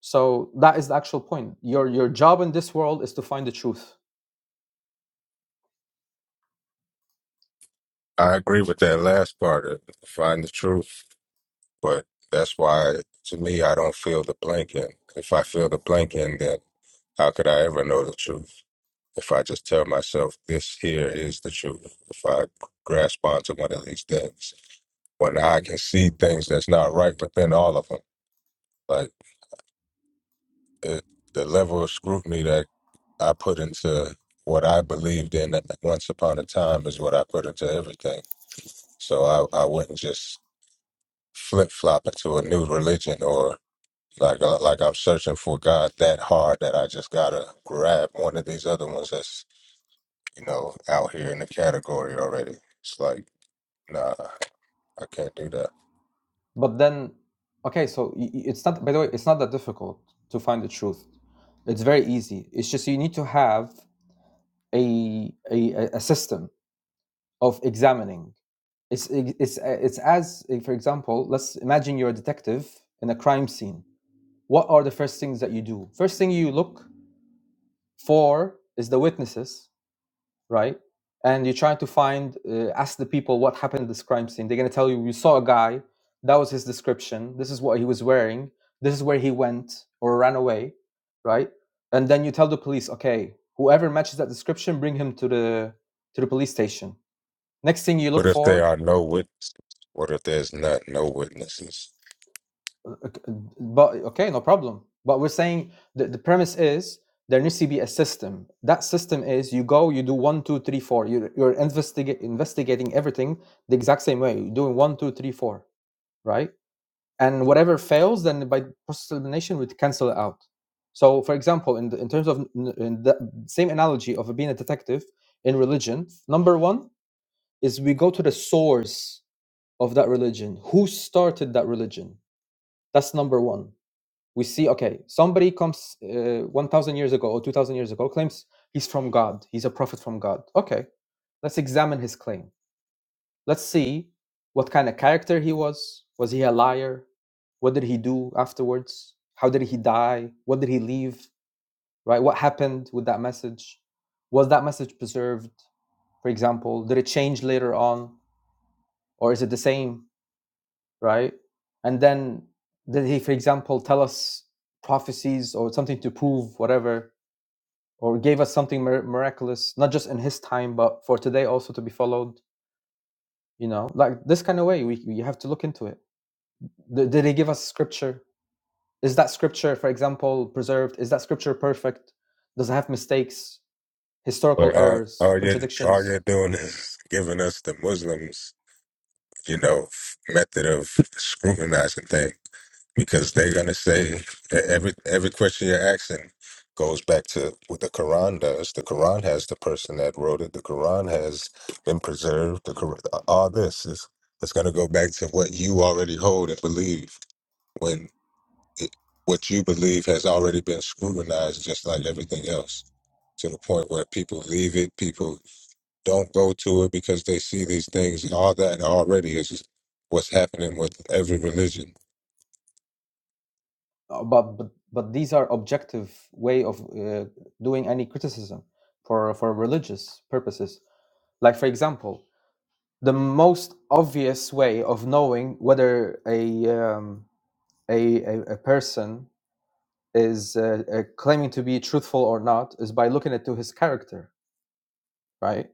[SPEAKER 5] So that is the actual point. Your your job in this world is to find the truth
[SPEAKER 2] I agree with that last part. Of find the truth, but that's why to me I don't feel the blank in. If I feel the blank in, then how could I ever know the truth? If I just tell myself this here is the truth, if I grasp onto one of these things. when I can see things that's not right within all of them. Like it, the level of scrutiny that I put into what I believed in at- once upon a time is what I put into everything. So I, I wouldn't just flip flop into a new religion or like uh, like I'm searching for God that hard that I just gotta grab one of these other ones that's you know out here in the category already. It's like nah, I can't do that.
[SPEAKER 5] But then, okay, so y- y- it's not, by the way, it's not that difficult to find the truth. It's very easy. It's just you need to have a, a, a a system of examining. It's, it's, uh, it's as, eh, for example, let's imagine you're a detective in a crime scene. What are the first things that you do? First thing you look for is the witnesses right? And you're trying to find, uh, ask the people what happened at this crime scene. They're going to tell you, you saw a guy, that was his description, this is what he was wearing, this is where he went or ran away, right? And then you tell the police, okay, whoever matches that description, bring him to the to the police station. Next thing you
[SPEAKER 2] But
[SPEAKER 5] look
[SPEAKER 2] if there
[SPEAKER 5] for
[SPEAKER 2] are no witnesses, what if there's not no witnesses?
[SPEAKER 5] Ok- But okay, no problem. But we're saying the, the premise is there needs to be a system. That system is you go, you do one, two, three, four. You're, you're investiga- investigating everything the exact same way. You're doing one, two, three, four, right? And whatever fails, then by process elimination, we cancel it out. So, for example, in, the, in terms of in the same analogy of being a detective in religion, number one is we go to the source of that religion. Who started that religion? That's number one we see okay somebody comes uh, 1000 years ago or 2000 years ago claims he's from god he's a prophet from god okay let's examine his claim let's see what kind of character he was was he a liar what did he do afterwards how did he die what did he leave right what happened with that message was that message preserved for example did it change later on or is it the same right? And then did he, for example, tell us prophecies or something to prove whatever, or gave us something mir- miraculous, not just in his time, but for today also to be followed? You know, like this kind of way, we you have to look into it. Did, did he give us scripture? Is that scripture, for example, preserved? Is that scripture perfect? Does it have mistakes, historical
[SPEAKER 2] All,
[SPEAKER 5] errors,
[SPEAKER 2] all you
[SPEAKER 5] contradictions?
[SPEAKER 2] all you're doing is giving us the Muslims, you know, method of scrutinizing things because they're gonna say every every question you're asking goes back to what the Quran does. The Quran has the person that wrote it. The Quran has been preserved. The Quran, all this is it's gonna go back to what you already hold and believe it- what you believe has already been scrutinized just like everything else to the point where people leave it people don't go to it because they see these things and all that already is what's happening with every religion
[SPEAKER 5] Uh, But but but these are objective way of uh, doing any criticism for for religious purposes Like, for example, the most obvious way of knowing whether a, um, a, a, a person is uh, uh, claiming to be truthful or not is by looking at to his character, right?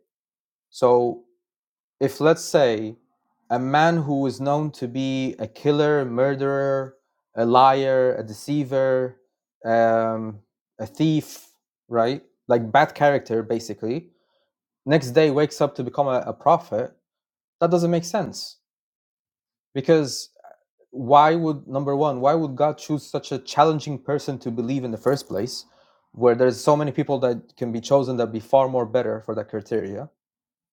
[SPEAKER 5] So, if let's say a man who is known to be a killer, murderer, a liar, a deceiver, um, a thief, right? Like bad character, basically. Next day wakes up to become a, a prophet. That doesn't make sense because why would number one why would god choose such a challenging person to believe in the first place where there's so many people that can be chosen that be far more better for that criteria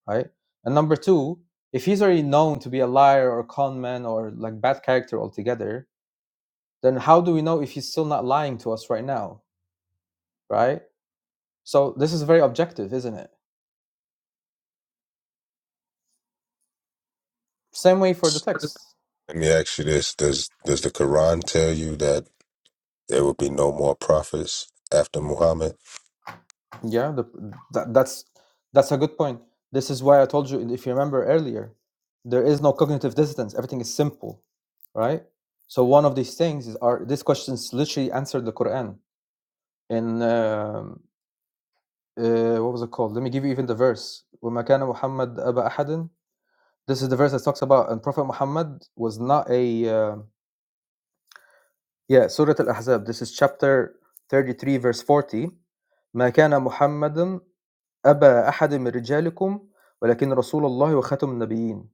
[SPEAKER 5] right and number two if he's already known to be a liar or con man or like bad character altogether then how do we know if he's still not lying to us right now right so this is very objective isn't it same way for the text
[SPEAKER 2] let me ask you this does does the quran tell you that there will be no more prophets after muhammad
[SPEAKER 5] Yeah, the, that, that's that's a good point. This is why I told you, if you remember earlier, there is no cognitive dissonance. Everything is simple, right? So one of these things is are these questions literally answered the Quran in um uh, what was it called? Let me give you even the verse. وَمَا كَانَ مُحَمَّدْ أَبَا أَحَدٍ This is the verse that talks about and Prophet Muhammad was not a uh, yeah Surah Al Ahzab. This is chapter thirty three, verse forty. مَا كَانَ مُحَمَّدٌ أبا أحد من رجالكم ولكن رسول الله وخاتم النبيين.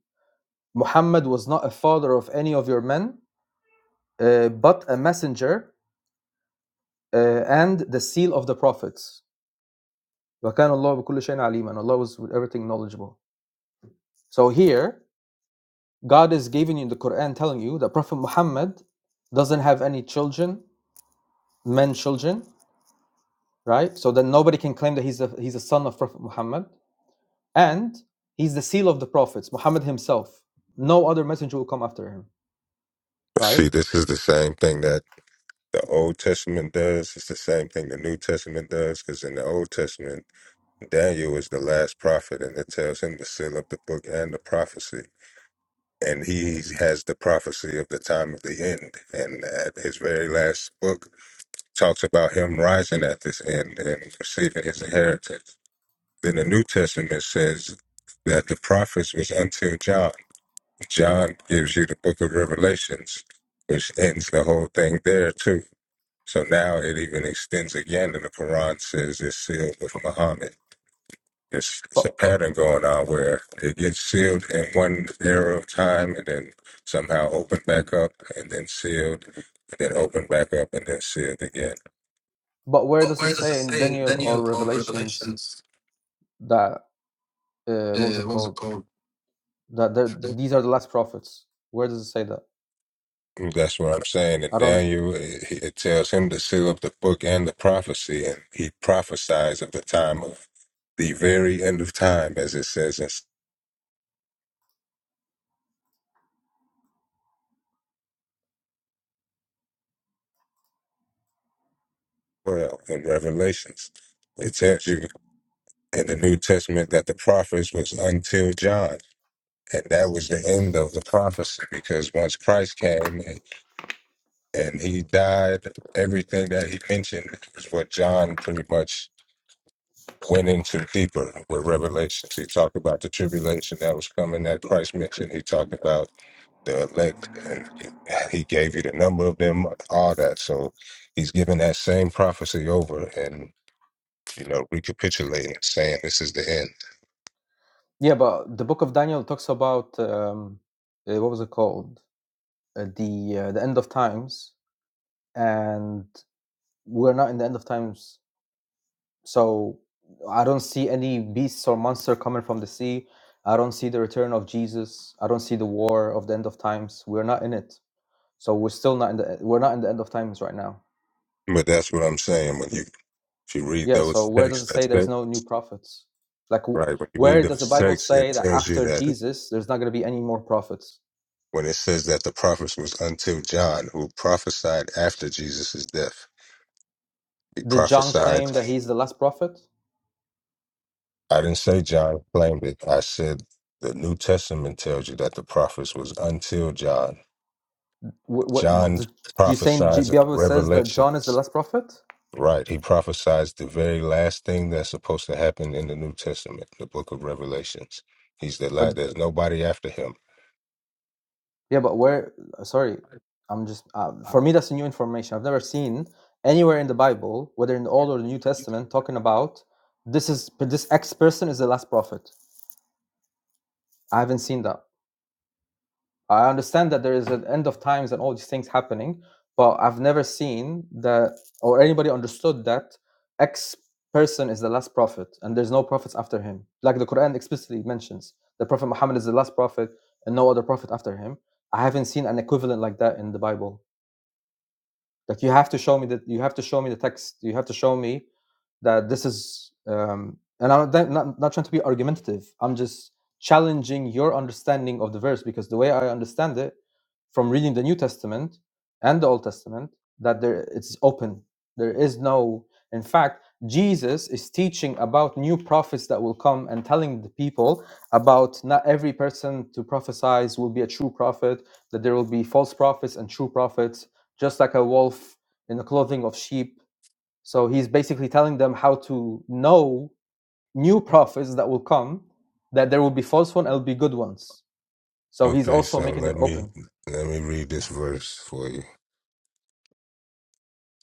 [SPEAKER 5] Muhammad was not a father of any of your men, uh, but a messenger uh, and the seal of the prophets. وكان الله بكل شيء عليما. And Allah was with everything knowledgeable. So here, God is giving you in the Quran telling you that Prophet Muhammad doesn't have any children, men children, right? So then nobody can claim that he's a, he's a son of Prophet Muhammad. And he's the seal of the prophets, Muhammad himself. No other messenger will come after him, right?
[SPEAKER 2] see this is the same thing that. the Old Testament does. It's the same thing the New Testament does, because in the Old Testament, Daniel is the last prophet, and it tells him to seal up the book and the prophecy. And he has the prophecy of the time of the end. And at his very last book talks about him rising at this end and receiving his inheritance. Then the New Testament says that the prophets was until John. John gives you the book of Revelations, which ends the whole thing there too so now it even extends again, and the Quran says it's sealed with Muhammad. It's, it's
[SPEAKER 5] But
[SPEAKER 2] a pattern going on where it gets sealed in one era of time and then somehow opened back up and then sealed, and then opened back up and then sealed again.
[SPEAKER 5] but where does it say in Daniel or Revelations that uh, what was it called that the, these are the last prophets? Where does it say that?
[SPEAKER 2] Mm, That's what I'm saying. And
[SPEAKER 5] I don't.
[SPEAKER 2] Daniel, it, it tells him to seal up the book and the prophecy, and he prophesies of the time of the very end of time, as it says in well in Revelations. It tells you in the New Testament that the prophets was until John. And that was the end of the prophecy because once Christ came and, and he died, everything that he mentioned is what John pretty much went into deeper with revelations. He talked about the tribulation that was coming that Christ mentioned. He talked about the elect and he gave you the number of them, all that. So he's giving that same prophecy over and, you know, recapitulating, saying this is the end.
[SPEAKER 5] Yeah, but the book of Daniel talks about um, uh, what was it called? Uh, the uh, the end of times, and we're not in the end of times. So I don't see any beasts or monster coming from the sea. I don't see the return of Jesus. I don't see the war of the end of times. We're not in it. So we're still not in the we're not in the end of times right now.
[SPEAKER 2] But that's what I'm saying. When you If you read
[SPEAKER 5] Yeah, so
[SPEAKER 2] those
[SPEAKER 5] where does it
[SPEAKER 2] texts, that
[SPEAKER 5] say there's
[SPEAKER 2] say
[SPEAKER 5] no new prophets? Like, wh-
[SPEAKER 2] right. When you read
[SPEAKER 5] where does the
[SPEAKER 2] those
[SPEAKER 5] Bible
[SPEAKER 2] texts, it
[SPEAKER 5] say that
[SPEAKER 2] tells you
[SPEAKER 5] after
[SPEAKER 2] that
[SPEAKER 5] Jesus, there's not going to be any more prophets?
[SPEAKER 2] when it says that the prophets was until John, who prophesied after Jesus' death, he
[SPEAKER 5] Did John
[SPEAKER 2] prophesied.
[SPEAKER 5] claim that he's the last prophet?
[SPEAKER 2] I didn't say John claimed it. I said the New Testament tells you that the prophets was until John.
[SPEAKER 5] Wh- wh-
[SPEAKER 2] John
[SPEAKER 5] d d- you saying G-
[SPEAKER 2] prophesies
[SPEAKER 5] Bible says that John is the
[SPEAKER 2] revelations.
[SPEAKER 5] last prophet?
[SPEAKER 2] Right, he prophesies the very last thing that's supposed to happen in the New Testament, the book of Revelations. He's the
[SPEAKER 5] But
[SPEAKER 2] last. There's nobody after him.
[SPEAKER 5] yeah, but where? Sorry, I'm just uh, for me that's new information. I've never seen anywhere in the Bible, whether in the Old or the New Testament, talking about this is this X person is the last prophet. I haven't seen that. I understand that there is an end of times and all these things happening, but I've never seen that or anybody understood that X person is the last prophet and there's no prophets after him. Like the Quran explicitly mentions, the Prophet Muhammad is the last prophet and no other prophet after him. I haven't seen an equivalent like that in the Bible. Like you have to show me that you have to show me the text. You have to show me that this is. Um, and I'm not, not not trying to be argumentative. I'm just challenging your understanding of the verse because the way I understand it, from reading the New Testament and the Old Testament, that there it's open. There is no. In fact, Jesus is teaching about new prophets that will come and telling the people about not every person to prophesize will be a true prophet that there will be false prophets and true prophets just like a wolf in the clothing of sheep. So he's basically telling them how to know new prophets that will come, that there will be false ones and will be good ones. So he's
[SPEAKER 2] Okay,
[SPEAKER 5] also
[SPEAKER 2] so
[SPEAKER 5] making it
[SPEAKER 2] let me
[SPEAKER 5] open.
[SPEAKER 2] let me read this verse for you.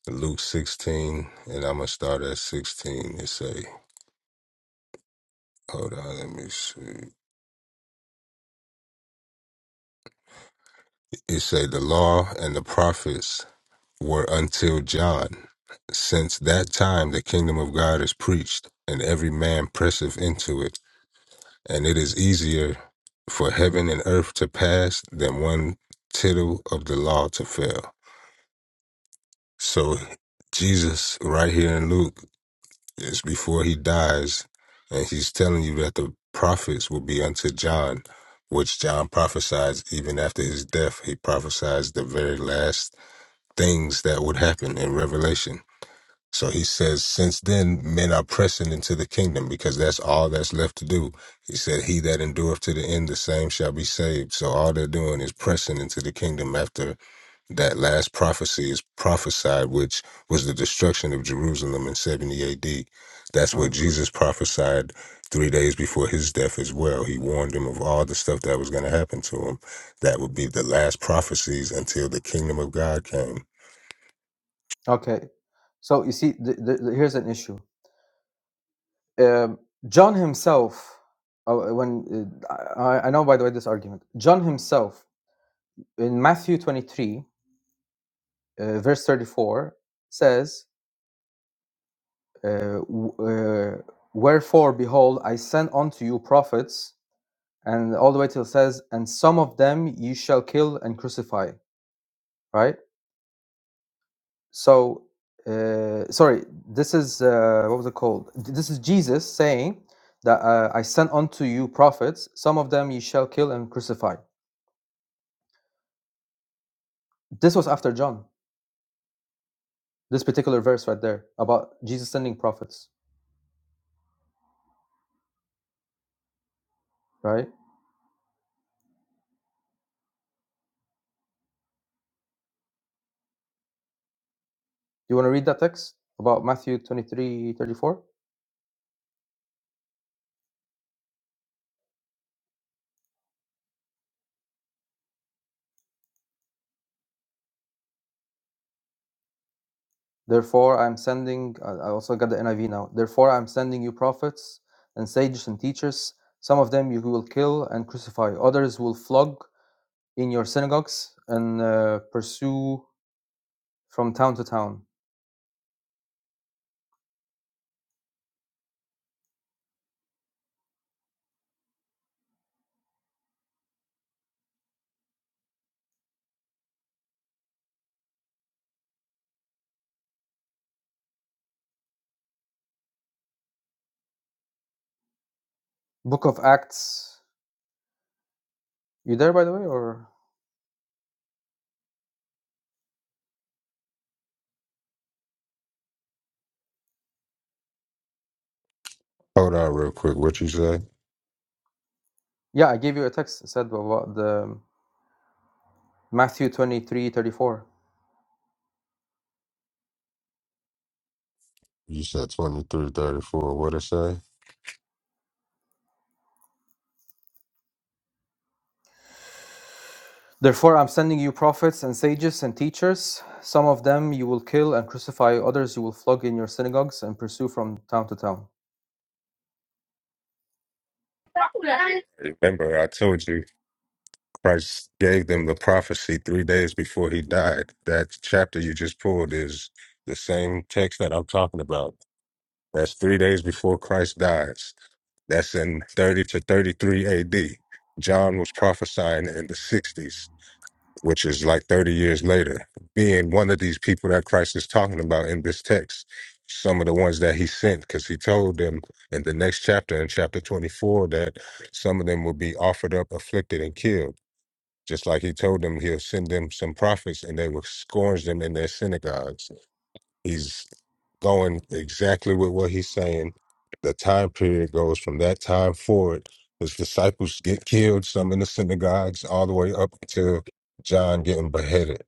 [SPEAKER 2] Luke 16, and I'm gonna start at 16. It say, hold on, let me see. It say, the law and the prophets were until John. Since that time, the kingdom of God is preached, and every man presseth into it. And it is easier for heaven and earth to pass than one tittle of the law to fail. So Jesus, right here in Luke. It's before he dies, and he's telling you that the prophets will be unto John, which John prophesies even after his death. He prophesies the very last things that would happen in Revelation. So he says, since then, men are pressing into the kingdom because that's all that's left to do. He said, He that endureth to the end, the same shall be saved. So all they're doing is pressing into the kingdom after that last prophecy is prophesied, which was the destruction of Jerusalem in 70 AD. That's what
[SPEAKER 5] Mm.
[SPEAKER 2] Jesus prophesied three days before his death as well. He warned him of all the stuff that was going to happen to him. That would be the last prophecies until the kingdom of God came.
[SPEAKER 5] Okay. So you see, th- th- th- here's an issue. Um, John himself, uh, when uh, I, I know by the way this argument, John himself in Matthew 23, uh, verse 34, says, uh, w- uh, wherefore behold i send unto you prophets and all the way till it says and some of them ye shall kill and crucify right so uh, sorry this is uh, what was it called this is jesus saying that uh, i sent unto you prophets some of them ye shall kill and crucify this was after john this particular verse right there about jesus sending prophets right you want to read that text about matthew 23 34? Therefore, I'm sending, I I also got the NIV now. Therefore, I'm sending you prophets and sages and teachers. Some of them you will kill and crucify, others will flog in your synagogues and uh, pursue from town to town. Book of Acts, you there by the way? Or,
[SPEAKER 2] Hold on, real quick. What you say?
[SPEAKER 5] yeah, I gave you a text, it said about the Matthew 23:34.
[SPEAKER 2] You said 23, 34. What it say?
[SPEAKER 5] Therefore, I'm sending you prophets and sages and teachers. Some of them you will kill and crucify, others you will flog in your synagogues and pursue from town to town
[SPEAKER 2] Remember, I told you Christ gave them the prophecy three days before he died. That chapter you just pulled is the same text that I'm talking about. That's three days before Christ dies. That's in 30 to 33 AD. John was prophesying in the 60s, which is like 30 years later, being one of these people that Christ is talking about in this text. Some of the ones that he sent, because he told them in the next chapter, in chapter 24, that some of them will be offered up, afflicted, and killed. Just like he told them he'll send them some prophets and they will scourge them in their synagogues He's going exactly with what he's saying. The time period goes from that time forward. His disciples get killed, some in the synagogues, all the way up to John getting beheaded.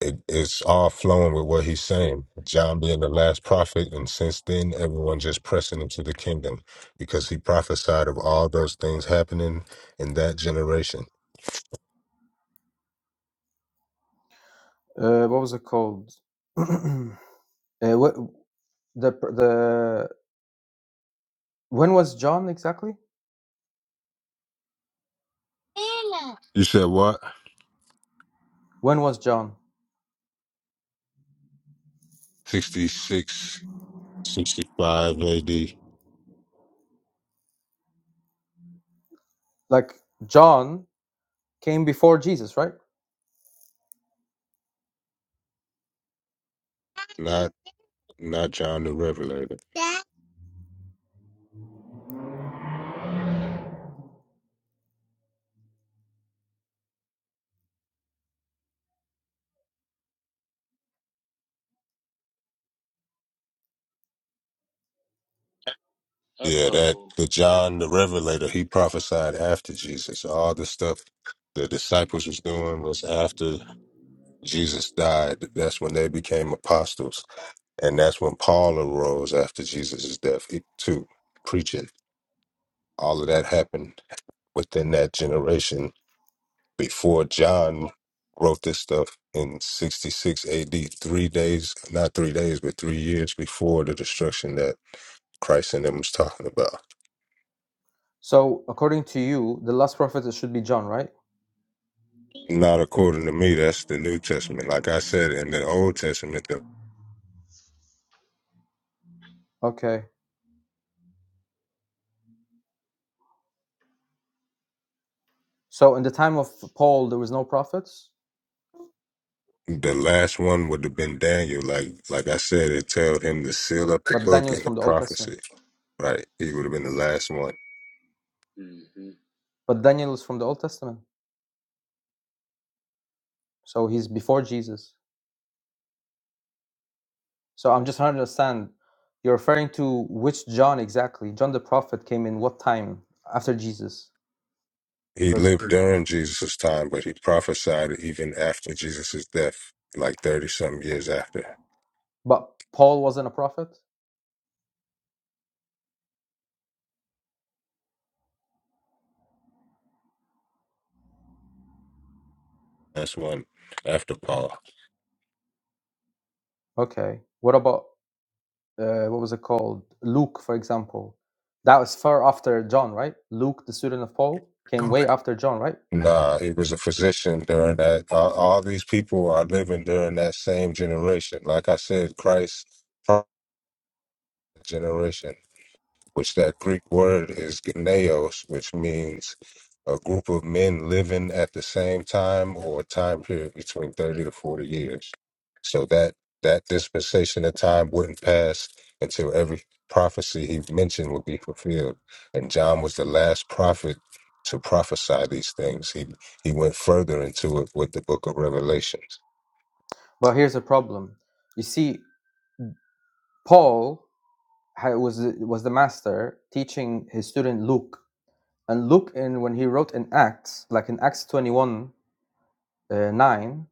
[SPEAKER 2] It, it's all flowing with what he's saying. John being the last prophet, and since then, everyone just pressing into the kingdom because he prophesied of all those things happening in that generation.
[SPEAKER 5] Uh, what was it called? [clears throat] uh, what the the when was John exactly?
[SPEAKER 2] You said what?
[SPEAKER 5] When was John?
[SPEAKER 2] Sixty-six, sixty-five 65
[SPEAKER 5] Like John came before Jesus, right?
[SPEAKER 2] AD. Not John the Revelator. That-
[SPEAKER 7] Uh
[SPEAKER 2] Yeah, that
[SPEAKER 7] oh.
[SPEAKER 2] the John the Revelator, he prophesied after Jesus. All the stuff the disciples was doing was after Jesus died. That's when they became apostles. And that's when Paul arose after Jesus' death he- too, preaching. All of that happened within that generation before John wrote this stuff in 66 AD, three days, not three days, but three years before the destruction that Christ and them was talking about.
[SPEAKER 5] So according to you, the last prophet it should be John, right?
[SPEAKER 2] Not according to me. That's the New Testament. Like I said, in the Old Testament, the
[SPEAKER 5] Okay. So in the time of Paul, there was no prophets,
[SPEAKER 2] the last one would have been Daniel. Like like I said, it told him to seal up the
[SPEAKER 5] but
[SPEAKER 2] book
[SPEAKER 5] Daniel is
[SPEAKER 2] and the
[SPEAKER 5] from the Old Testament.
[SPEAKER 2] prophecy. Right, he would have been the last one.
[SPEAKER 7] hmm
[SPEAKER 5] But Daniel is from the Old Testament, so he's before Jesus. So I'm just trying to understand. You're referring to which John exactly? John the prophet came in what time after Jesus?
[SPEAKER 2] He
[SPEAKER 5] Because
[SPEAKER 2] lived during Jesus' time, but he prophesied even after Jesus' death, like thirty some years after.
[SPEAKER 5] but Paul wasn't a prophet.
[SPEAKER 2] That's one after Paul.
[SPEAKER 5] Okay. What about uh, what was it called? Luke, for example. That was far after John, right? Luke, the student of Paul, came way after John, right?
[SPEAKER 2] Nah, he was a physician during that. All, all these people are living during that same generation. Like I said, Christ generation. which that Greek word is gneos, which means a group of men living at the same time or a time period between 30 to 40 years. So that that dispensation of time wouldn't pass until every prophecy he mentioned would be fulfilled. And John was the last prophet to prophesy these things. He he went further into it with the book of Revelations.
[SPEAKER 5] But here's the problem. You see, Paul ha- was the- was the master teaching his student Luke, and Luke, in when he wrote in Acts, like in Acts 21, uh, 9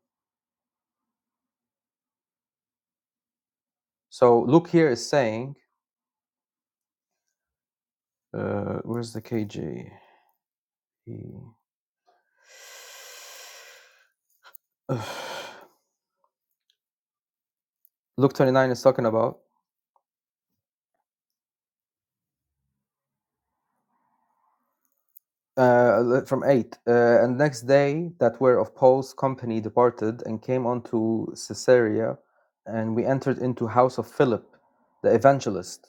[SPEAKER 5] So Luke here is saying, uh, where's the KJ? He- [sighs] Luke 29 is talking about uh, from 8. Uh, and next day that were of Paul's company departed and came unto Caesarea, and we entered into house of Philip the evangelist,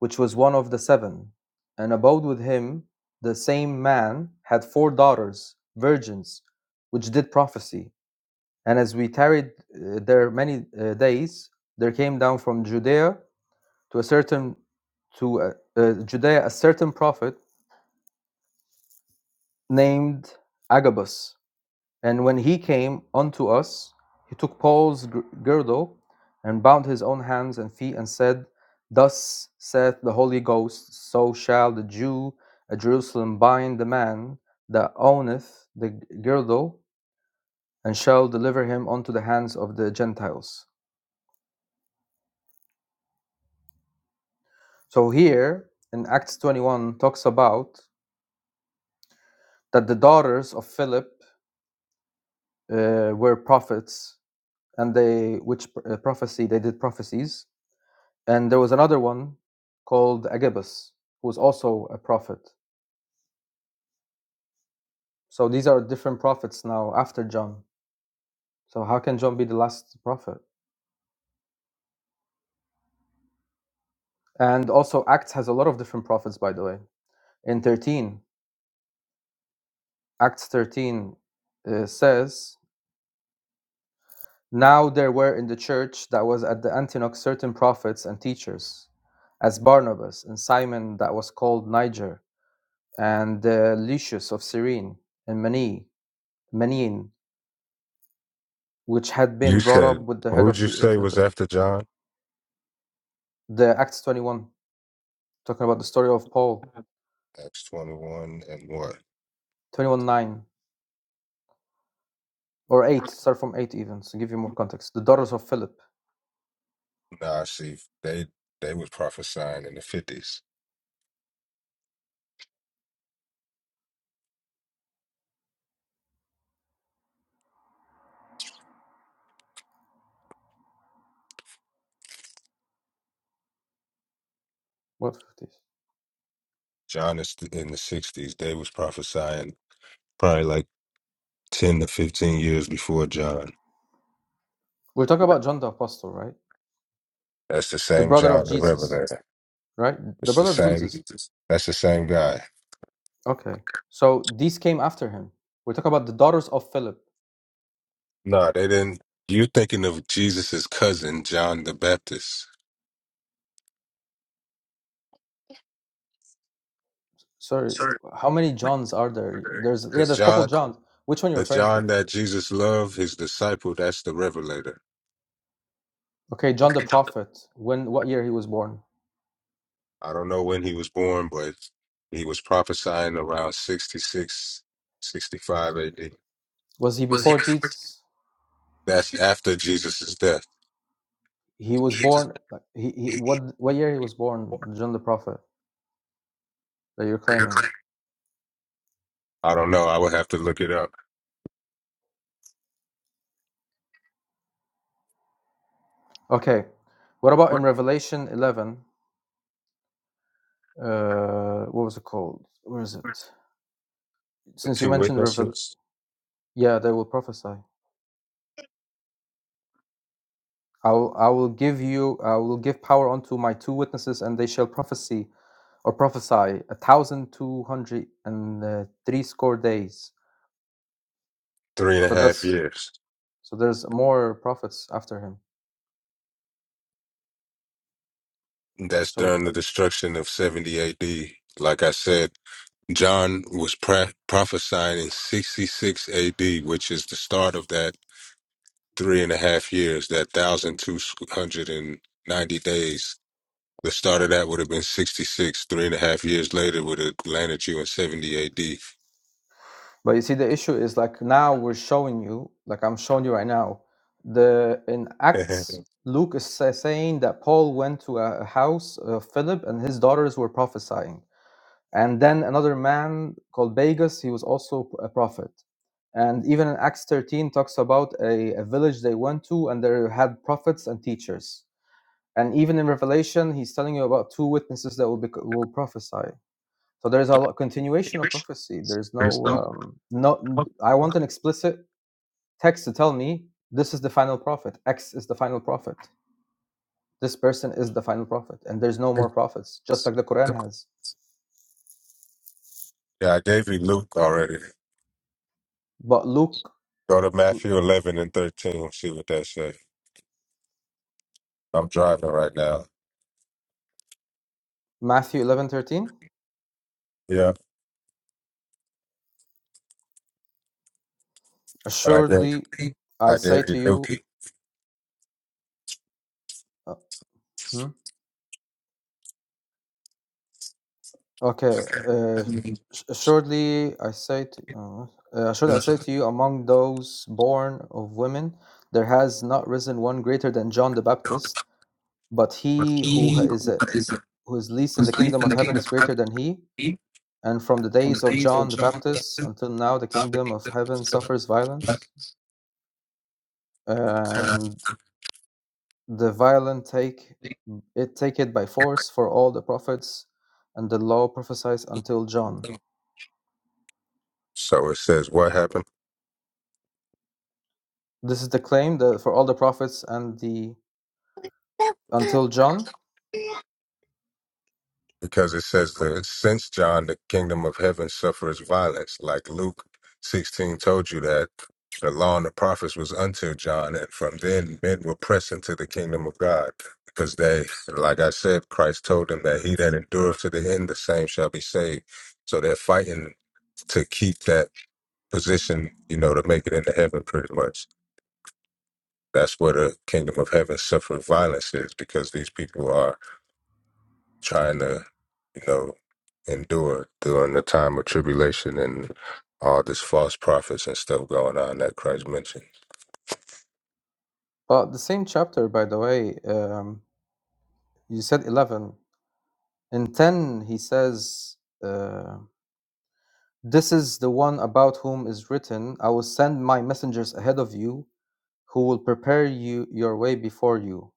[SPEAKER 5] which was one of the seven, and abode with him. The same man had four daughters, virgins, which did prophecy, And as we tarried uh, there many uh, days, there came down from Judea to a certain to uh, uh, Judea a certain prophet named Agabus. And when he came unto us, he took Paul's gir- girdle and bound his own hands and feet and said, Thus saith the Holy Ghost, so shall the Jew at Jerusalem bind the man that owneth the girdle, and shall deliver him unto the hands of the Gentiles. So here in Acts 21 talks about that the daughters of Philip uh, were prophets, and they which uh, prophecy they did prophecies, and there was another one called Agabus who was also a prophet. So these are different prophets now after John. So how can John be the last prophet? And also Acts has a lot of different prophets, by the way. In 13, Acts 13 uh, says Now there were in the church that was at the Antioch certain prophets and teachers, as Barnabas and Simon that was called Niger, and uh, Lucius of Cyrene, and Mani, Manin, which had
[SPEAKER 2] You
[SPEAKER 5] been brought up
[SPEAKER 2] said
[SPEAKER 5] with the head
[SPEAKER 2] who'd
[SPEAKER 5] of
[SPEAKER 2] you
[SPEAKER 5] the uh,
[SPEAKER 2] say was
[SPEAKER 5] Tetra.
[SPEAKER 2] after John?
[SPEAKER 5] The Acts 21, talking about the story of Paul,
[SPEAKER 2] Acts twenty one and what?
[SPEAKER 5] 21 9 or 8, start from 8 even, to give you more context. The daughters of Philip.
[SPEAKER 2] Nah, see, they they was prophesying in the fifties.
[SPEAKER 5] What?
[SPEAKER 2] John is th- in the sixties. They was prophesying probably like ten to fifteen years before John.
[SPEAKER 5] We're talking about John the Apostle, right?
[SPEAKER 2] That's the
[SPEAKER 5] The
[SPEAKER 2] same
[SPEAKER 5] brother of
[SPEAKER 2] John the
[SPEAKER 5] Jesus,
[SPEAKER 2] Revelator.
[SPEAKER 5] right? The
[SPEAKER 2] It's the
[SPEAKER 5] brother of
[SPEAKER 2] same.
[SPEAKER 5] Jesus
[SPEAKER 2] That's the same guy.
[SPEAKER 5] Okay. So these came after him. We're talking about the daughters of Philip.
[SPEAKER 2] Nah, they didn't. You thinking of Jesus's cousin John the Baptist?
[SPEAKER 5] Sorry, how many Johns are there? There's yeah,
[SPEAKER 2] Because
[SPEAKER 5] there's a couple
[SPEAKER 2] John,
[SPEAKER 5] Johns. Which one you are
[SPEAKER 2] the
[SPEAKER 5] referring to?
[SPEAKER 2] John that Jesus loved, his disciple, that's the Revelator.
[SPEAKER 5] Okay, John the Prophet. When what year he was born?
[SPEAKER 2] I don't know when he was born, but he was prophesying around 66, 65 AD.
[SPEAKER 5] Was he before Jesus?
[SPEAKER 2] That's after Jesus' death.
[SPEAKER 5] He was born like, he, he what what year he was born, John the Prophet that you're claiming?
[SPEAKER 2] I don't know. I would have to look it up.
[SPEAKER 5] Okay. What about in Revelation 11? Uh what was it called? Where is it?
[SPEAKER 2] The
[SPEAKER 5] Since you
[SPEAKER 2] two
[SPEAKER 5] mentioned Revel
[SPEAKER 2] witnesses,
[SPEAKER 5] yeah, they will prophesy. I will, I will give you, I will give power unto my two witnesses, and they shall prophesy or prophesy a thousand two hundred and uh, three score days.
[SPEAKER 2] three and a
[SPEAKER 5] So
[SPEAKER 2] half
[SPEAKER 5] that's
[SPEAKER 2] years.
[SPEAKER 5] so there's more prophets after him.
[SPEAKER 2] That's
[SPEAKER 5] So,
[SPEAKER 2] during the destruction of 70 AD. Like I said, John was pra- prophesying in 66 AD, which is the start of that three and a half years, that 1,290 days. The start of that would have been 66. Three and a half years later would have landed you in 70 AD.
[SPEAKER 5] but you see, the issue is like now we're showing you, like I'm showing you right now, the in
[SPEAKER 2] [laughs]
[SPEAKER 5] Acts, Luke is sa- saying that Paul went to a a house of Philip and his daughters were prophesying And then another man called Bagus, he was also a prophet. And even in Acts 13 talks about a, a village they went to and they had prophets and teachers. And even in Revelation, he's telling you about two witnesses that will, be, will prophesy. So there's a continuation of prophecy. There's no, um, no, I want an explicit text to tell me this is the final prophet, X is the final prophet, this person is the final prophet, and there's no more prophets, just like the Quran has.
[SPEAKER 2] yeah, I gave you Luke already.
[SPEAKER 5] But Luke,
[SPEAKER 2] Go to Matthew 11 and 13. See what that says. I'm driving right now.
[SPEAKER 5] Matthew 11:13.
[SPEAKER 2] Yeah. But I gave,
[SPEAKER 5] Assuredly, I
[SPEAKER 2] I
[SPEAKER 5] say
[SPEAKER 2] gave you
[SPEAKER 5] to you,
[SPEAKER 2] Dookie.
[SPEAKER 5] uh, hmm? okay. Uh, s- assuredly, I say to, uh, uh, assuredly I say to you, among those born of women, there has not risen one greater than John the Baptist. But he who ha- is uh, who is least in the kingdom of heaven is greater than he. And from the days of John the Baptist until now, the kingdom of heaven suffers violence, and the violent take It take it by force for all the prophets and the law prophesies until John.
[SPEAKER 2] So it says, what happened?
[SPEAKER 5] This is the claim that for all the prophets and the until John.
[SPEAKER 2] Because it says, that since John, the kingdom of heaven suffers violence. Like Luke 16 told you that the law and the prophets was until John. And from then, men will press into the kingdom of God. Because they, like I said, Christ told them that he that endureth to the end, the same shall be saved. So they're fighting to keep that position, you know, to make it into heaven pretty much. That's where the kingdom of heaven suffered violence is because these people are trying to, you know, endure during the time of tribulation and all this false prophets and stuff going on that Christ mentioned.
[SPEAKER 5] But the same chapter, by the way, um, you said 11. In 10, he says, uh, This is the one about whom is written, I will send my messengers ahead of you, who will prepare you your way before you.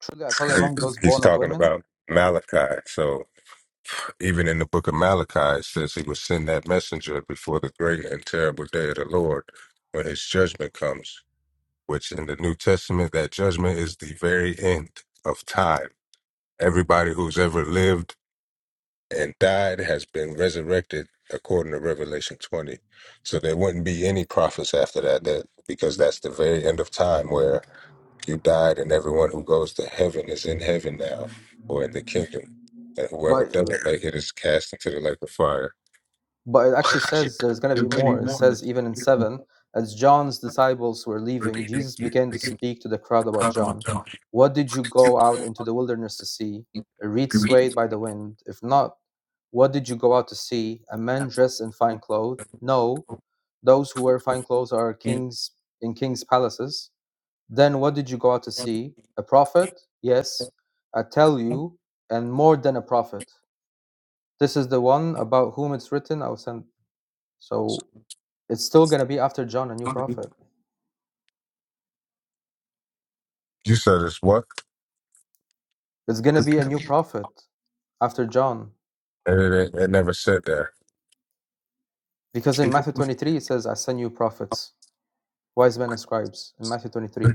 [SPEAKER 5] Truly, I tell you, among
[SPEAKER 2] He-
[SPEAKER 5] those
[SPEAKER 2] He's
[SPEAKER 5] born of
[SPEAKER 2] talking
[SPEAKER 5] women,
[SPEAKER 2] about Malachi. So Even in the book of Malachi, it says he will send that messenger before the great and terrible day of the Lord when his judgment comes, which in the New Testament, that judgment is the very end of time. Everybody who's ever lived and died has been resurrected according to Revelation 20. So there wouldn't be any prophets after that, that because that's the very end of time where you died and everyone who goes to heaven is in heaven now or in the kingdom and whoever
[SPEAKER 5] but uh,
[SPEAKER 2] doesn't make it is cast into the lake of fire.
[SPEAKER 5] but it actually says there's going to be more. It says even in seven, as John's disciples were leaving, Jesus began to speak to the crowd about John. What did you go out into the wilderness to see? A reed swayed by the wind? If not, what did you go out to see? A man dressed in fine clothes? No, those who wear fine clothes are kings in kings' palaces. Then what did you go out to see? A prophet? Yes, I tell you, and more than a prophet. This is the one about whom it's written. I'll send. So it's still going to be after John, a new prophet.
[SPEAKER 2] You said it's what?
[SPEAKER 5] It's going to be a new prophet after John.
[SPEAKER 2] And it, it, never said there.
[SPEAKER 5] Because in Matthew 23, it says, I send you prophets, wise men and scribes, in Matthew 23.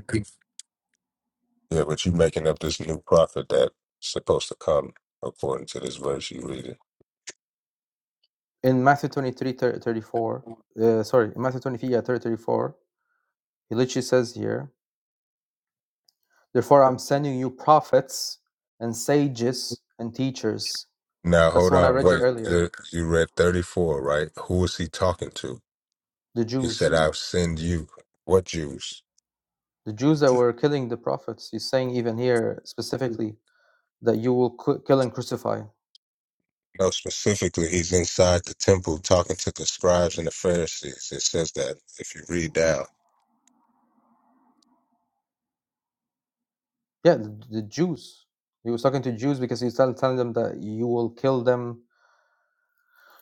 [SPEAKER 2] Yeah, but you making up this new prophet that's supposed to come according to this verse you reading.
[SPEAKER 5] In Matthew 23, thirty, thirty-four, uh, sorry, in Matthew 23, yeah, 30, thirty-four, he literally says here, Therefore, I'm sending you prophets and sages and teachers.
[SPEAKER 2] Now
[SPEAKER 5] That's
[SPEAKER 2] hold
[SPEAKER 5] the one I
[SPEAKER 2] on,
[SPEAKER 5] read you
[SPEAKER 2] wait.
[SPEAKER 5] earlier,
[SPEAKER 2] You you read thirty four, right? Who was he talking to?
[SPEAKER 5] the
[SPEAKER 2] He
[SPEAKER 5] Jews.
[SPEAKER 2] said, "I'll send you." What Jews?
[SPEAKER 5] The Jews that were killing the prophets. He's saying even here specifically that you will kill and crucify.
[SPEAKER 2] No, specifically, he's inside the temple talking to the scribes and the Pharisees. It says that if you read down,
[SPEAKER 5] Yeah, the, the Jews. He was talking to Jews because he was tell- telling them that you will kill them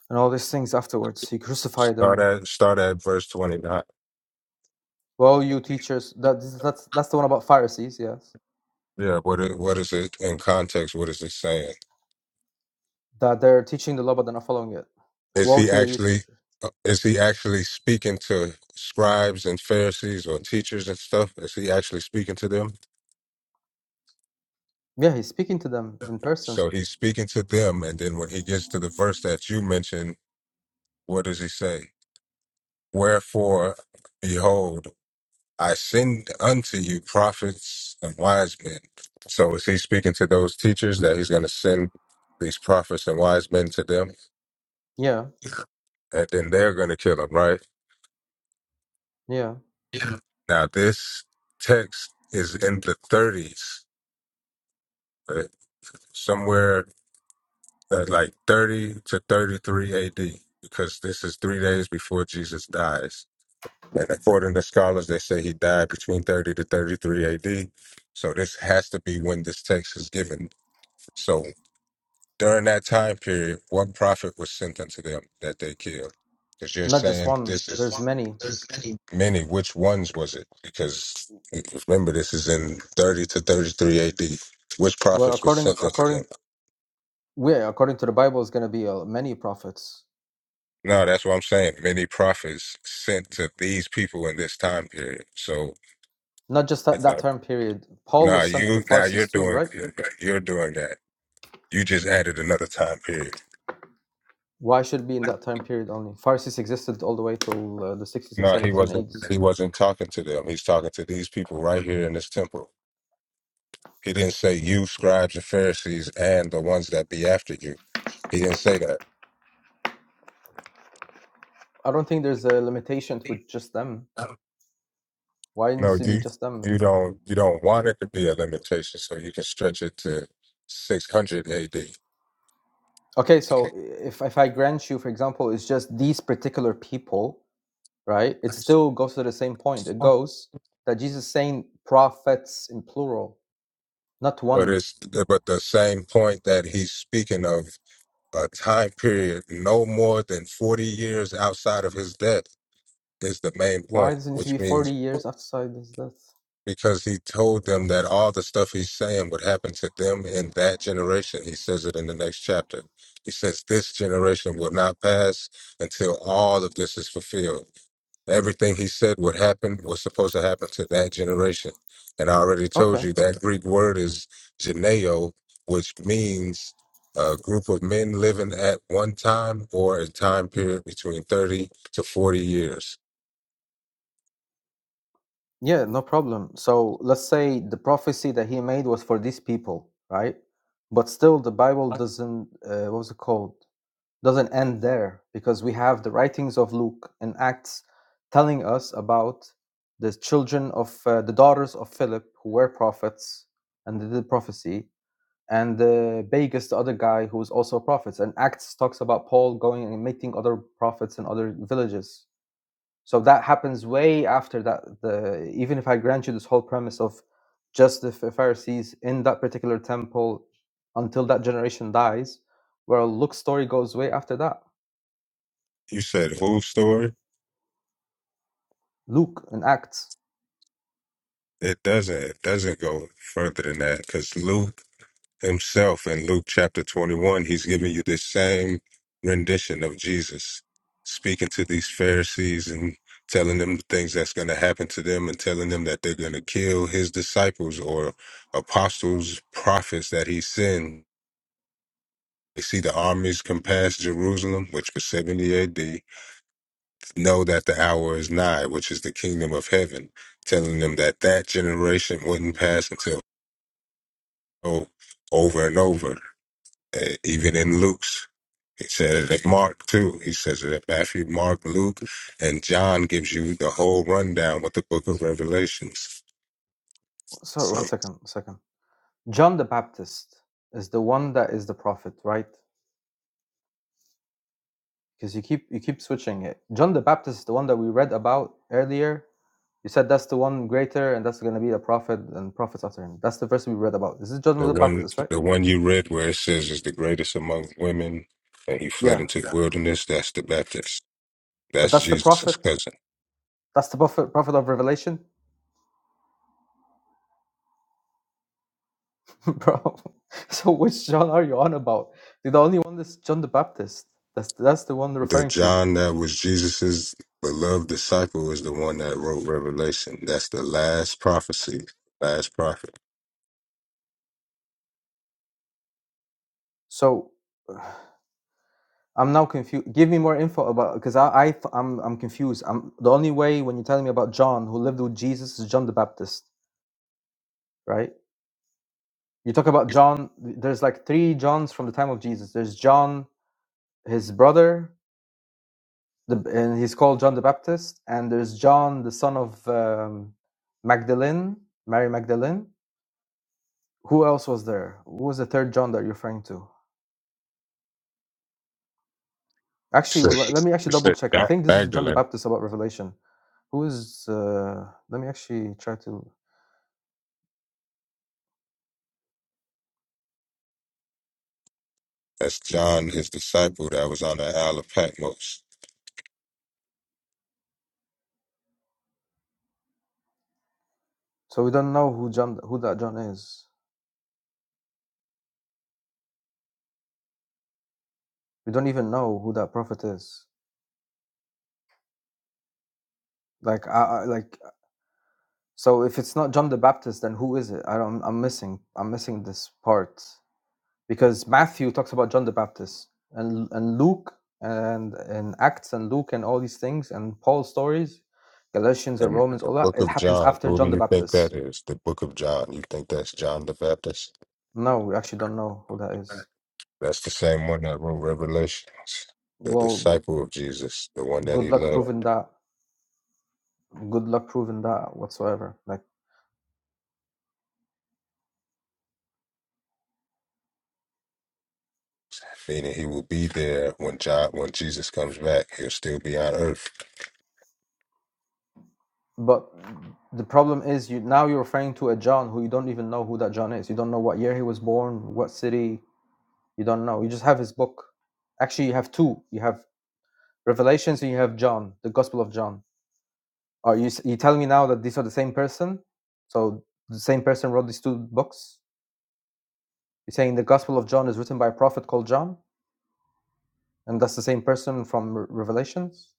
[SPEAKER 5] and all these things afterwards. He crucified
[SPEAKER 2] start
[SPEAKER 5] them.
[SPEAKER 2] at start at verse twenty nine.
[SPEAKER 5] Well, you teachers, that this- that's that's the one about Pharisees, yes,
[SPEAKER 2] Yeah, what is, what is it in context? What is it saying?
[SPEAKER 5] that they're teaching the law but they're not following it.
[SPEAKER 2] Is
[SPEAKER 5] Woe
[SPEAKER 2] he
[SPEAKER 5] to you,
[SPEAKER 2] actually
[SPEAKER 5] teacher.
[SPEAKER 2] uh, is he actually speaking to scribes and Pharisees or teachers and stuff? Is he actually speaking to them?
[SPEAKER 5] Yeah, he's speaking to them in person.
[SPEAKER 2] So he's speaking to them, and then when he gets to the verse that you mentioned, what does he say? Wherefore, behold, I send unto you prophets and wise men. So is he speaking to those teachers that he's going to send these prophets and wise men to them,
[SPEAKER 5] Yeah,
[SPEAKER 2] and then they're going to kill him, right?
[SPEAKER 5] yeah.
[SPEAKER 2] Now this text is in the 30s somewhere uh, like 30 to 33 AD, because this is three days before Jesus dies. And according to scholars, they say he died between 30 to 33 AD. So this has to be when this text is given. So during that time period, what prophet was sent unto them that they killed? Because you're
[SPEAKER 5] Not just
[SPEAKER 2] saying
[SPEAKER 5] one.
[SPEAKER 2] this is
[SPEAKER 5] There's many.
[SPEAKER 2] many. Which ones was it? Because remember, this is in 30 to 33 AD. Which
[SPEAKER 5] Well,
[SPEAKER 2] prophets was
[SPEAKER 5] according
[SPEAKER 2] sent unto
[SPEAKER 5] according
[SPEAKER 2] them?
[SPEAKER 5] we according to the Bible, is going to be uh, many prophets.
[SPEAKER 2] No, that's what I'm saying. Many prophets sent to these people in this time period. So,
[SPEAKER 5] Not just
[SPEAKER 2] you
[SPEAKER 5] that, that
[SPEAKER 2] know,
[SPEAKER 5] term period. Paul
[SPEAKER 2] now
[SPEAKER 5] was sent to the
[SPEAKER 2] you now you're
[SPEAKER 5] Pharisees too,
[SPEAKER 2] doing
[SPEAKER 5] right?
[SPEAKER 2] you're doing that. You just added another time period.
[SPEAKER 5] Why should be in that time period only? Farsis existed all the way till uh, the 60s and
[SPEAKER 2] No, he
[SPEAKER 5] 70s and
[SPEAKER 2] wasn't.
[SPEAKER 5] 80s.
[SPEAKER 2] He wasn't talking to them. He's talking to these people right here in this temple. He didn't say you scribes and Pharisees and the ones that be after you. He didn't say that.
[SPEAKER 5] I don't think there's a limitation with just them. Why it
[SPEAKER 2] No,
[SPEAKER 5] needs to be
[SPEAKER 2] you
[SPEAKER 5] just them?
[SPEAKER 2] you don't you don't want it to be a limitation, so you can stretch it to 600 AD.
[SPEAKER 5] Okay, so if, if I grant you, for example, it's just these particular people, right? It still goes to the same point. It goes that Jesus is saying prophets in plural, not
[SPEAKER 2] But
[SPEAKER 5] one.
[SPEAKER 2] it's but the same point that he's speaking of a time period no more than forty years outside of his death is the main
[SPEAKER 5] Why
[SPEAKER 2] point,
[SPEAKER 5] does it need to
[SPEAKER 2] which
[SPEAKER 5] be
[SPEAKER 2] means
[SPEAKER 5] 40 years outside his death?
[SPEAKER 2] because he told them that all the stuff he's saying would happen to them in that generation. He says it in the next chapter. He says, This generation will not pass until all of this is fulfilled. Everything he said would happen was supposed to happen to that generation. And I already told
[SPEAKER 5] Okay.
[SPEAKER 2] you that Greek word is geneo, which means a group of men living at one time or a time period between 30 to 40 years.
[SPEAKER 5] Yeah, no problem. So let's say the prophecy that he made was for these people, right? But still, the Bible doesn't, uh, what was it called? Doesn't end there because we have the writings of Luke and Acts telling us about the children of uh, the daughters of Philip who were prophets and they did prophecy, and uh, Bagus, the other guy who was also a prophet. And Acts talks about Paul going and meeting other prophets in other villages so that happens way after that. The even if I grant you this whole premise of just the Pharisees in that particular temple until that generation dies, where Luke's story goes way after that.
[SPEAKER 2] You said whose story?
[SPEAKER 5] Luke in Acts.
[SPEAKER 2] It doesn't. It doesn't go further than that because Luke himself in Luke chapter 21, he's giving you this same rendition of Jesus speaking to these Pharisees and telling them the things that's going to happen to them and telling them that they're going to kill his disciples or apostles, prophets that he sent. They see the armies come past Jerusalem, which was 70 AD, know that the hour is nigh, which is the kingdom of heaven telling them that that generation wouldn't pass until So over and over, uh, even in Luke's, he says it at Mark too. He says it at Matthew, Mark, Luke, and John gives you the whole rundown with the Book of Revelations.
[SPEAKER 5] Sorry, one second, one second. John the Baptist is the one that is the prophet, right? Because you keep you keep switching it. John the Baptist is the one that we read about earlier. You said that's the one greater, and that's going to be the prophet and prophets after him. That's the verse we read about. This is John
[SPEAKER 2] The
[SPEAKER 5] the
[SPEAKER 2] one,
[SPEAKER 5] Baptist, right?
[SPEAKER 2] the one you read where it says is the greatest among women, and he fled
[SPEAKER 5] Yeah.
[SPEAKER 2] into the wilderness. That's the Baptist.
[SPEAKER 5] But
[SPEAKER 2] That's
[SPEAKER 5] that's the
[SPEAKER 2] Jesus'
[SPEAKER 5] prophet.
[SPEAKER 2] cousin.
[SPEAKER 5] That's the prophet, prophet of Revelation, [laughs] bro. So which John are you on about? The only one that's John the Baptist. That's that's the one they're
[SPEAKER 2] The
[SPEAKER 5] referring to.
[SPEAKER 2] John that was Jesus's beloved disciple is the one that wrote Revelation. That's the last prophecy, last prophet.
[SPEAKER 5] So [sighs] I'm now confused. Give me more info about because I, I I'm I'm confused. I'm the only way when you're telling me about John who lived with Jesus is John the Baptist, right? You talk about John. There's like three Johns from the time of Jesus. There's John, his brother, the, and he's called John the Baptist, and there's John, the son of um, Magdalene, Mary Magdalene. Who else was there? Who was the third John that you're referring to? Actually,
[SPEAKER 2] It
[SPEAKER 5] well, let me actually double
[SPEAKER 2] said
[SPEAKER 5] check. I
[SPEAKER 2] John
[SPEAKER 5] think this is John the
[SPEAKER 2] Magdalene.
[SPEAKER 5] Baptist about Revelation. Who is? Uh, let me actually try to.
[SPEAKER 2] That's John, his disciple, that was on the Isle of Patmos.
[SPEAKER 5] So we don't know who John, who that John is. We don't even know who that prophet is. Like, I, I like. So if it's not John the Baptist, then who is it? I don't, I'm missing. I'm missing this part. because Matthew talks about John the Baptist and and Luke and and Acts and Luke and all these things and Paul's stories, Galatians and
[SPEAKER 2] And
[SPEAKER 5] Romans,
[SPEAKER 2] the
[SPEAKER 5] all that
[SPEAKER 2] book
[SPEAKER 5] it
[SPEAKER 2] of
[SPEAKER 5] happens
[SPEAKER 2] John,
[SPEAKER 5] after
[SPEAKER 2] who do
[SPEAKER 5] John the
[SPEAKER 2] you think
[SPEAKER 5] Baptist.
[SPEAKER 2] that is? The book of John. You think that's John the Baptist?
[SPEAKER 5] No, we actually don't know who that is.
[SPEAKER 2] That's the same one that wrote Revelations, the
[SPEAKER 5] Well,
[SPEAKER 2] disciple of Jesus, the one that
[SPEAKER 5] good
[SPEAKER 2] he
[SPEAKER 5] luck
[SPEAKER 2] loved.
[SPEAKER 5] proving that. Good luck proving that whatsoever. Like,
[SPEAKER 2] meaning he will be there when John, when Jesus comes back. He'll still be on earth.
[SPEAKER 5] but the problem is you now you're referring to a John who you don't even know who that John is. You don't know what year he was born, what city. You don't know. You just have his book. Actually, you have two. You have Revelations and you have John, the Gospel of John Are you s- you telling me now that these are the same person? So the same person wrote these two books. You're saying the Gospel of John is written by a prophet called John, and that's the same person from Re- Revelations?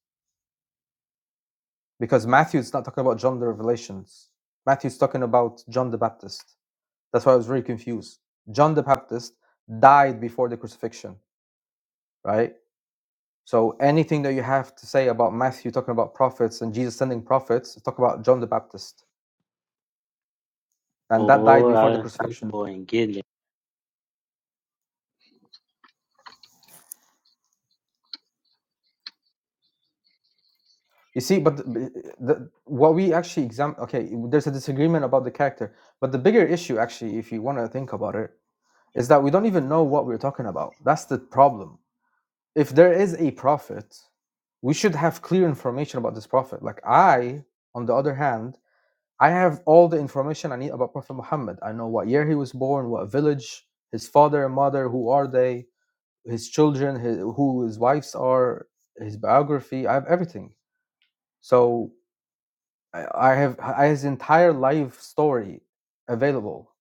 [SPEAKER 5] Because Matthew's not talking about John the Revelations. Matthew's talking about John the Baptist. That's why I was really confused. John the Baptist died before the crucifixion, right? So anything that you have to say about Matthew talking about prophets and Jesus sending prophets, talk about John the Baptist, and that died
[SPEAKER 7] Boy,
[SPEAKER 5] before the
[SPEAKER 7] I, am
[SPEAKER 5] crucifixion.
[SPEAKER 7] boy ain't getting it.
[SPEAKER 5] You see, but the, the what we actually examine, okay, there's a disagreement about the character, but the bigger issue, actually, if you want to think about it, is that we don't even know what we're talking about. That's the problem. If there is a prophet, we should have clear information about this prophet. Like I, on the other hand, I have all the information I need about Prophet Muhammad. I know what year he was born, what village, his father and mother, who are they, his children, his, who his wives are, his biography. I have everything. So I I have I his entire life story available,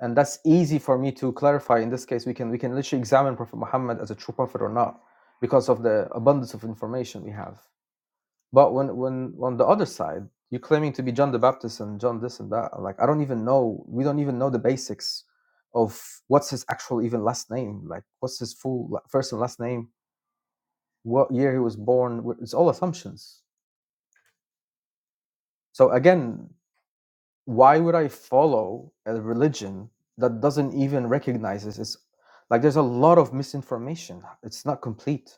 [SPEAKER 5] and that's easy for me to clarify. In this case, we can we can literally examine Prophet Muhammad as a true prophet or not, because of the abundance of information we have. But when when on the other side, you're claiming to be John the Baptist and John this and that, like I don't even know. We don't even know the basics of what's his actual even last name, like what's his full first and last name, what year he was born. It's all assumptions. So again. why would I follow a religion that doesn't even recognize this? It's like there's a lot of misinformation. It's not complete.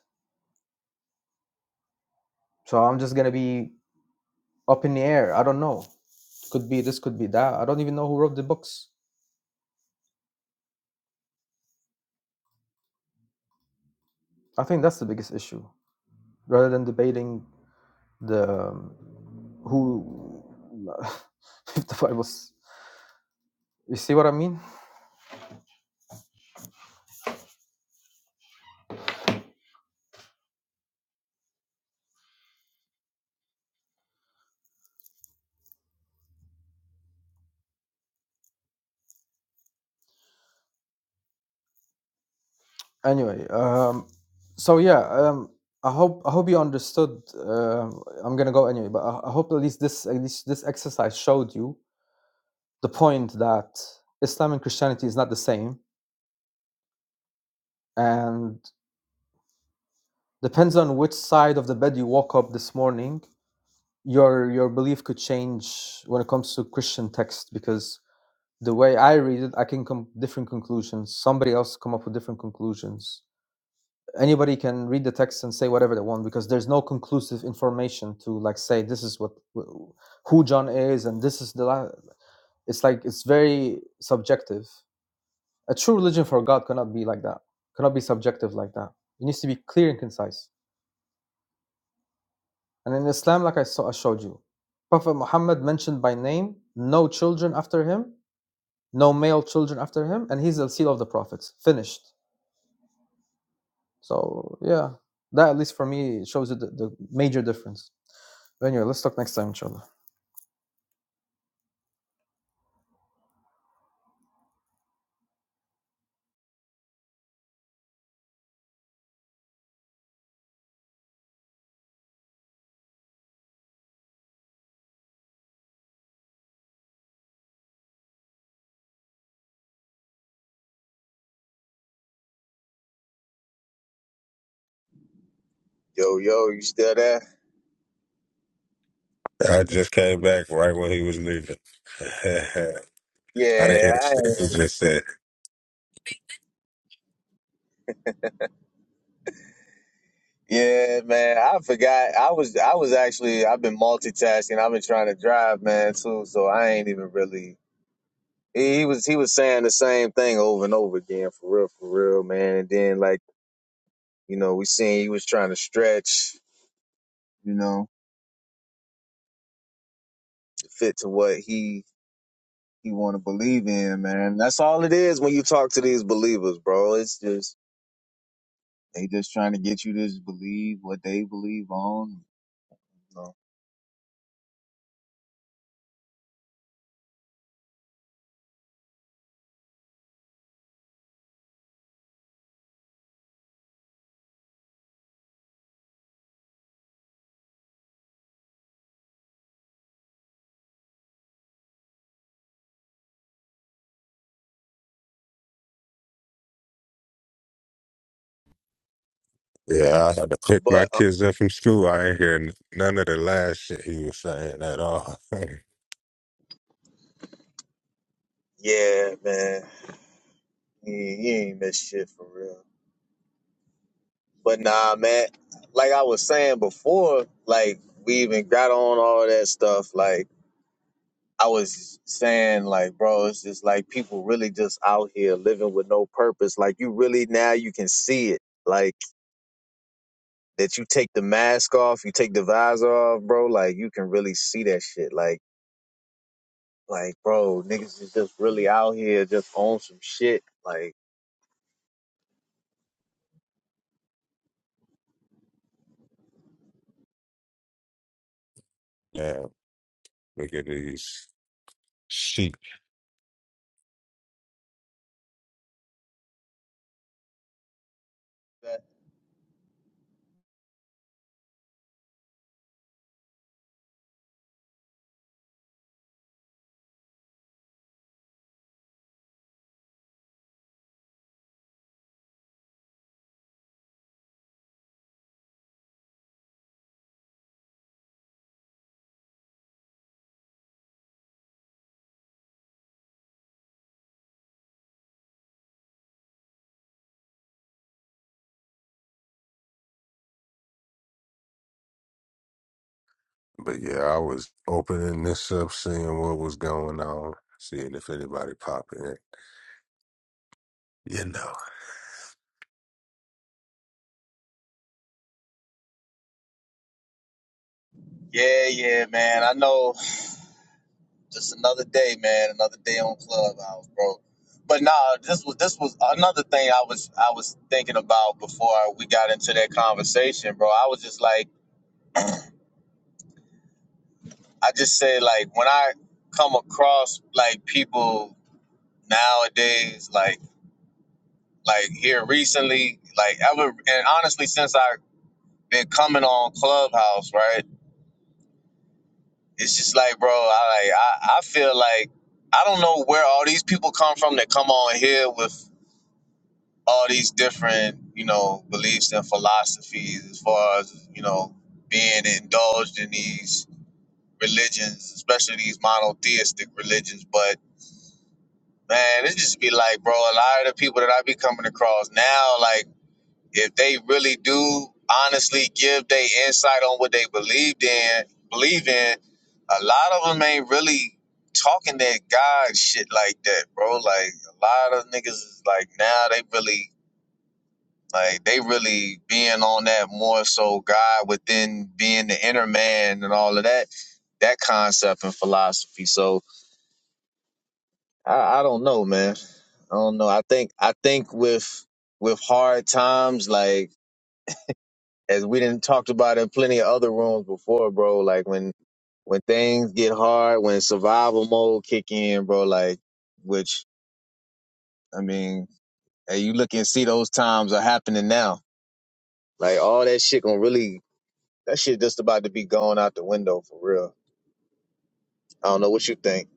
[SPEAKER 5] So I'm just gonna be up in the air. I don't know. Could be this, could be that. I don't even know who wrote the books. I think that's the biggest issue. Rather than debating the um, who [laughs] if the Bible's you see what I mean? anyway um so yeah um i hope i hope you understood um i'm gonna go anyway but i, I hope at least this at least this exercise showed you the point that islam and christianity is not the same and depends on which side of the bed you woke up this morning your your belief could change when it comes to christian text because the way i read it i can come different conclusions somebody else come up with different conclusions anybody can read the text and say whatever they want because there's no conclusive information to like say this is what who John is and this is the la-. it's like it's very subjective. A true religion for God cannot be like that. Cannot be subjective like that. It needs to be clear and concise. And in Islam, like I saw, I showed you, Prophet Muhammad mentioned by name, no children after him, no male children after him, and he's the seal of the prophets. Finished. So yeah, that at least for me shows you the, the major difference. Anyway, let's talk next time, inshallah.
[SPEAKER 1] Yo, yo, you still there?
[SPEAKER 2] I just came back right when he was leaving. [laughs] I didn't hear a
[SPEAKER 1] Yeah,
[SPEAKER 2] thing. He just said,
[SPEAKER 1] Yeah, man. I forgot. I was I was actually I've been multitasking. I've been trying to drive, man, too. So I ain't even really. He, he was he was saying the same thing over and over again, for real, for real, man. And then like you know, we seen he was trying to stretch, you know, to fit to what he he want to believe in, man. That's all it is when you talk to these believers, bro. It's just they just trying to get you to just believe what they believe on. You know.
[SPEAKER 2] "Yeah, I had to pick my
[SPEAKER 1] But um,
[SPEAKER 2] kids up from school." I ain't hear n- none of the last shit he was saying at all. [laughs]
[SPEAKER 1] yeah, man, he, he ain't missed shit for real. But nah, man, like I was saying before, like we even got on all that stuff. Like I was saying, like, bro, it's just like people really just out here living with no purpose. Like you really now you can see it. Like that you take the mask off, you take the visor off, bro, like you can really see that shit. Like like bro, niggas is just really out here just on some shit. Like
[SPEAKER 2] yeah, look at these sheep.
[SPEAKER 1] that-
[SPEAKER 2] But yeah, I was opening this up, seeing what was going on, seeing if anybody popping in. You know,
[SPEAKER 1] yeah, yeah, man. I know just another day, man. Another day on Clubhouse, bro. But nah, this was this was another thing I was I was thinking about before we got into that conversation, bro. I was just like, I just say like when I come across like people nowadays, like like here recently, like ever and honestly since I've been coming on Clubhouse, right? It's just like, bro, I like I, I feel like I don't know where all these people come from that come on here with all these different, you know, beliefs and philosophies as far as, you know, being indulged in these religions, especially these monotheistic religions. But man, it just be like, bro, a lot of the people that I be coming across now, like, if they really do honestly give their insight on what they believed in, believe in, a lot of them ain't really talking that God shit like that, bro. Like a lot of niggas is like now they really like they really being on that more so God within being the inner man and all of that, that concept and philosophy. So I, I don't know, man. I don't know. I think I think with with hard times, like as we didn't talked about in plenty of other rooms before, bro. Like when when things get hard, when survival mode kick in, bro. Like which I mean, hey, you look and see those times are happening now. Like all that shit gonna really That shit just about to be gone out the window for real. I don't know what you think.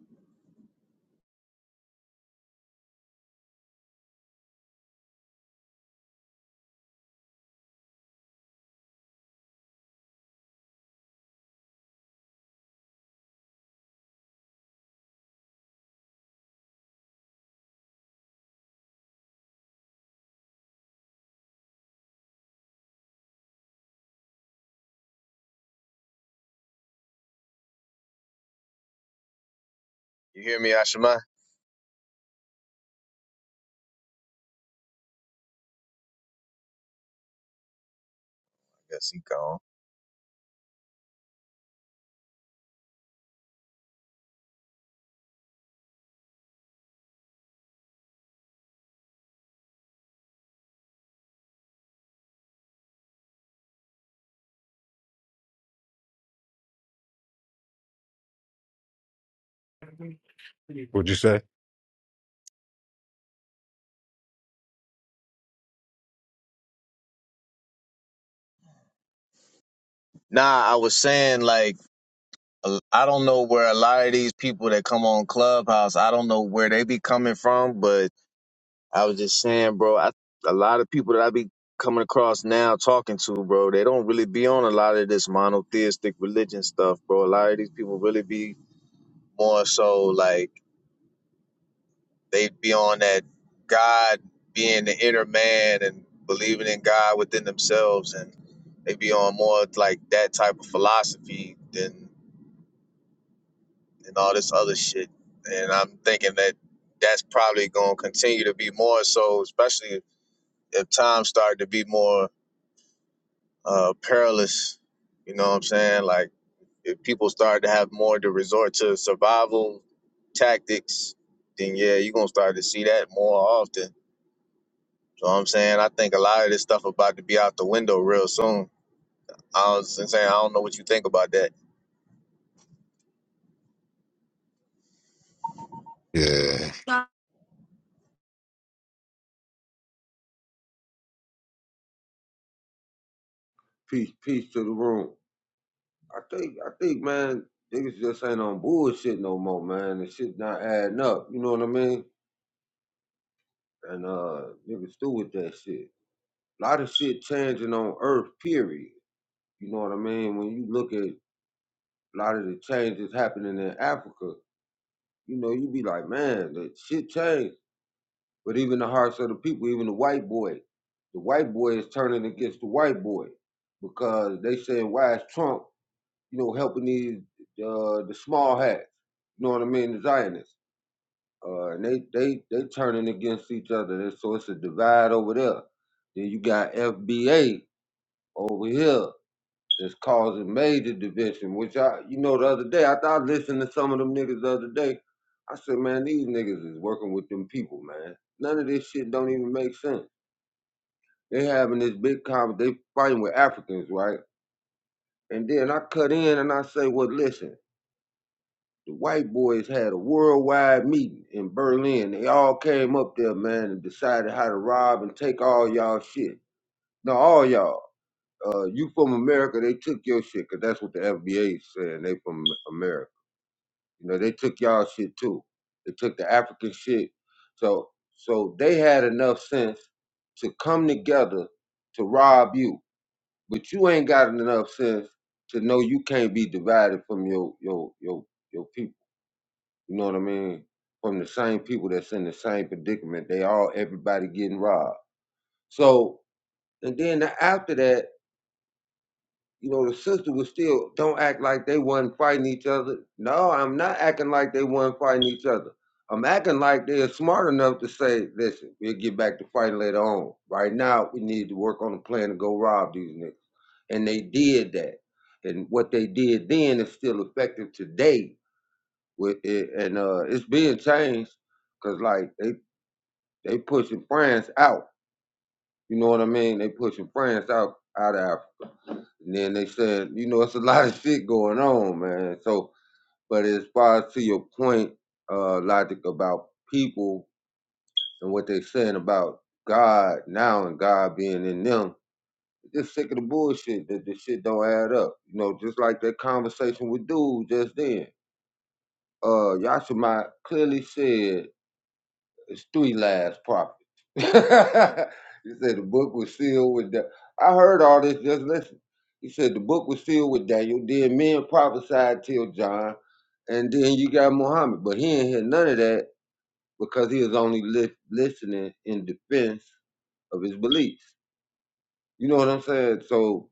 [SPEAKER 1] You hear me, Ashima? I guess he gone.
[SPEAKER 2] what'd you say?
[SPEAKER 1] Nah, I was saying like a- I don't know where a lot of these people that come on Clubhouse. I don't know where they be coming from, but I was just saying, bro. I, a lot of people that I be coming across now talking to, bro, they don't really be on a lot of this monotheistic religion stuff, bro. A lot of these people really be more so like they'd be on that God being the inner man and believing in God within themselves, and they'd be on more like that type of philosophy than and all this other shit. And I'm thinking that that's probably going to continue to be more so, especially if times start to be more uh, perilous. You know what I'm saying? Like if people start to have more to resort to survival tactics, then yeah, you're gonna start to see that more often You know what I'm saying? I think a lot of this stuff about to be out the window real soon. I was saying I don't know what you think about that.
[SPEAKER 2] Yeah,
[SPEAKER 8] Peace, peace to the room. I think, I think, man, niggas just ain't on bullshit no more, man. The shit not adding up. You know what I mean? And uh, niggas through with that shit. A lot of shit changing on Earth, period. You know what I mean? When you look at a lot of the changes happening in Africa, you know, you be like, man, that shit changed. But even the hearts of the people, even the white boy, the white boy is turning against the white boy because they saying, why is Trump you know, helping these uh, the small hats. You know what I mean? The Zionists. Uh, and they they they turning against each other. So it's a divide over there. Then you got FBA over here that's causing major division. Which I, you know, the other day I thought I listened to some of them niggas the other day. I said, man, these niggas is working with them people, man. None of this shit don't even make sense. They having this big conversation. They fighting with Africans, right? And then I cut in and I say, well, listen. the white boys had a worldwide meeting in Berlin. They all came up there, man, and decided how to rob and take all y'all shit. No, all y'all. Uh, you from America, they took your shit, 'cause that's what the FBA is saying. They from America. You know, they took y'all shit too. They took the African shit. So, so they had enough sense to come together to rob you, but you ain't got enough sense to know you can't be divided from your your your your people. You know what I mean? From the same people that's in the same predicament. They all everybody getting robbed. So and then after that, you know, the sister was still don't act like they wasn't fighting each other. No, I'm not acting like they wasn't fighting each other. I'm acting like they're smart enough to say, listen, we'll get back to fighting later on. Right now, we need to work on a plan to go rob these niggas. And they did that. And what they did then is still effective today. With it, and uh, it's being changed because like they They pushing France out. You know what I mean? They pushing France out out of Africa. And then they said, you know, it's a [laughs] lot of shit going on, man. So, but as far as to your point, uh, logic about people and what they saying about God now and God being in them, just sick of the bullshit that the shit don't add up. You know, just like that conversation with dude just then. Uh, Yashima clearly said It's three last prophets. [laughs] he said the book was sealed with the. I heard all this. Just listen. He said the book was sealed with Daniel. Then men prophesied till John, and then you got Muhammad. But he ain't hear none of that because he was only lis- listening in defense of his beliefs. You know what I'm saying? So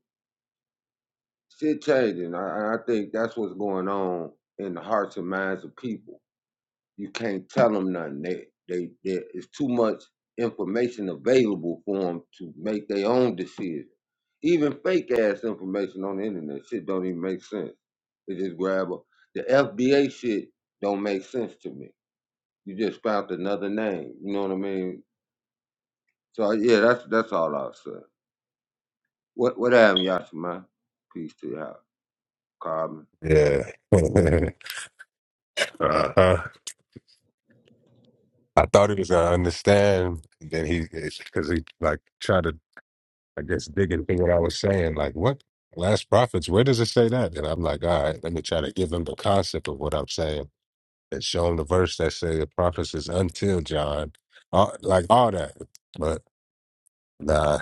[SPEAKER 8] shit changing. I, I think that's what's going on in the hearts and minds of people You can't tell them nothing. They they there is too much information available for them to make their own decision. Even fake ass information on the internet shit don't even make sense. They just grab a, the FBA shit don't make sense to me. You just found another name. You know what I mean? So yeah, that's that's all I'll say. What what happened, Yashima? Peace to you, Carmen.
[SPEAKER 2] yeah. [laughs] uh-huh. I thought he was gonna understand. and Then he, because he like tried to, I guess, dig into what I was saying. Like, what last prophets? Where does it say that? And I'm like, all right, let me try to give him the concept of what I'm saying and show him the verse that say the prophets is until John, all, like all that. But nah,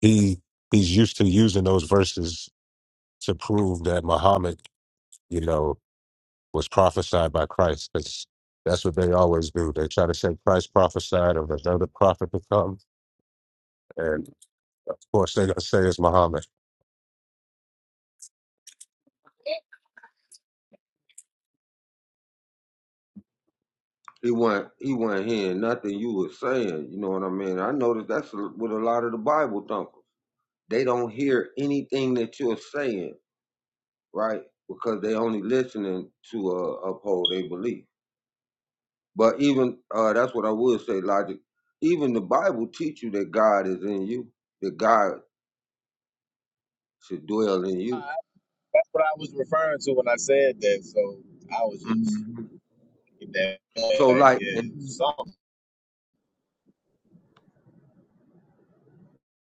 [SPEAKER 2] he he's used to using those verses to prove that Muhammad, you know, was prophesied by Christ. Because that's what they always do. They try to say Christ prophesied of another prophet to come And of course, they're going to say it's Muhammad.
[SPEAKER 8] He wasn't he wasn't hearing nothing you were saying. You know what I mean? I noticed that's a, with a lot of the Bible thumpers. they don't hear anything that you're saying, right? Because they only listening to uh, uphold their belief. But even uh, that's what I would say, logic. Even the Bible teach you that God is in you, that God should dwell in
[SPEAKER 1] I,
[SPEAKER 8] you.
[SPEAKER 1] that's what I was referring to when I said that. So I was just
[SPEAKER 8] Mhm.
[SPEAKER 1] that
[SPEAKER 8] So,
[SPEAKER 1] like,
[SPEAKER 8] like,
[SPEAKER 1] yeah.
[SPEAKER 8] and
[SPEAKER 1] So I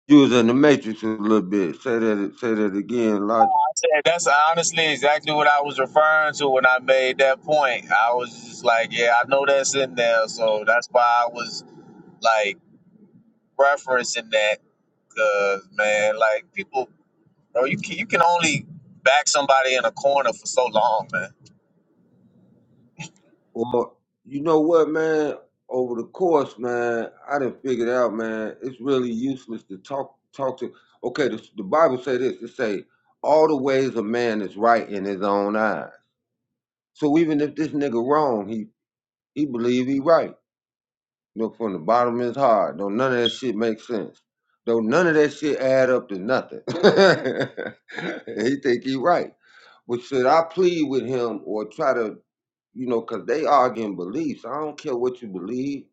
[SPEAKER 8] you was in the matrix a little bit. Say that. Say that again, logic.
[SPEAKER 1] said that's honestly exactly what I was referring to when I made that point. I was just like, yeah, I know that's in there, so that's why I was like referencing that because man, like people, bro, you can, you can only back somebody in a corner for so long, man.
[SPEAKER 8] Well, you know what, man? Over the course, man, I didn't figure it out, man. It's really useless to talk talk to. Okay, the, the Bible say this. It say all the ways a man is right in his own eyes. So even if this nigga wrong, he he believe he right. You know, from the bottom of his heart. Though none of that shit makes sense. Though none of that shit add up to nothing. [laughs] he think he right. But should I plead with him or try to you know, cause they arguing beliefs. I don't care what you believe.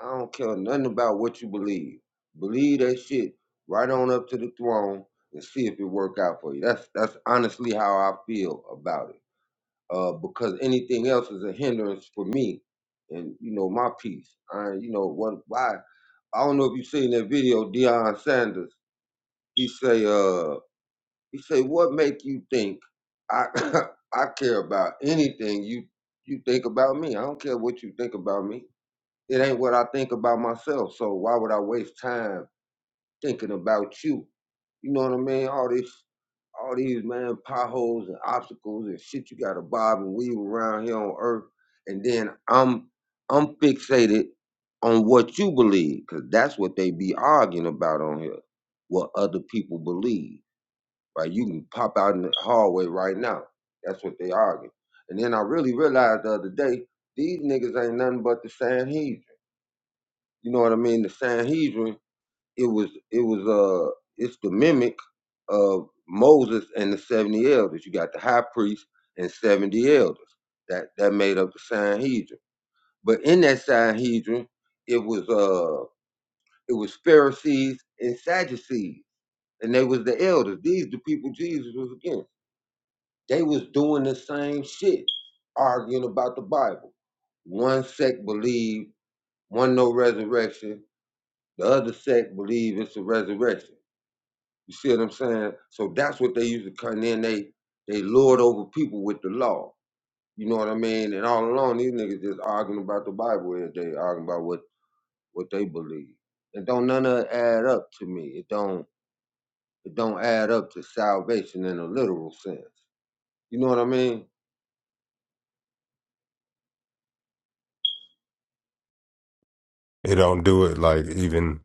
[SPEAKER 8] I don't care nothing about what you believe. Believe that shit right on up to the throne and see if it work out for you. That's that's honestly how I feel about it. Uh, because anything else is a hindrance for me, and you know my peace. I you know what why I don't know if you seen that video Deion Sanders. He say uh he said, "What make you think I [laughs] [coughs] I care about anything you you think about me? I don't care what you think about me. It ain't what I think about myself. So why would I waste time thinking about you? You know what I mean? All this, all these man potholes and obstacles and shit you got to bob and weave around here on Earth, and then I'm I'm fixated on what you believe, cause that's what they be arguing about on here, what other people believe." right? You can pop out in the hallway right now. That's what they argue. And then I really realized the other day, these niggas ain't nothing but the Sanhedrin. You know what I mean? The Sanhedrin, it was it was uh it's the mimic of Moses and the seventy elders. You got the high priest and seventy elders. That that made up the Sanhedrin. But in that Sanhedrin, it was uh it was Pharisees and Sadducees, and they was the elders. These the people Jesus was against. They was doing the same shit, arguing about the Bible. One sect believe one no resurrection, the other sect believe it's a resurrection. You see what I'm saying? So that's what they used to come in. They they lord over people with the law. You know what I mean? And all along these niggas just arguing about the Bible every day, arguing about what, what they believe. And don't none of it add up to me. It don't it don't add up to salvation in a literal sense. You know what I mean?
[SPEAKER 2] They don't do it like even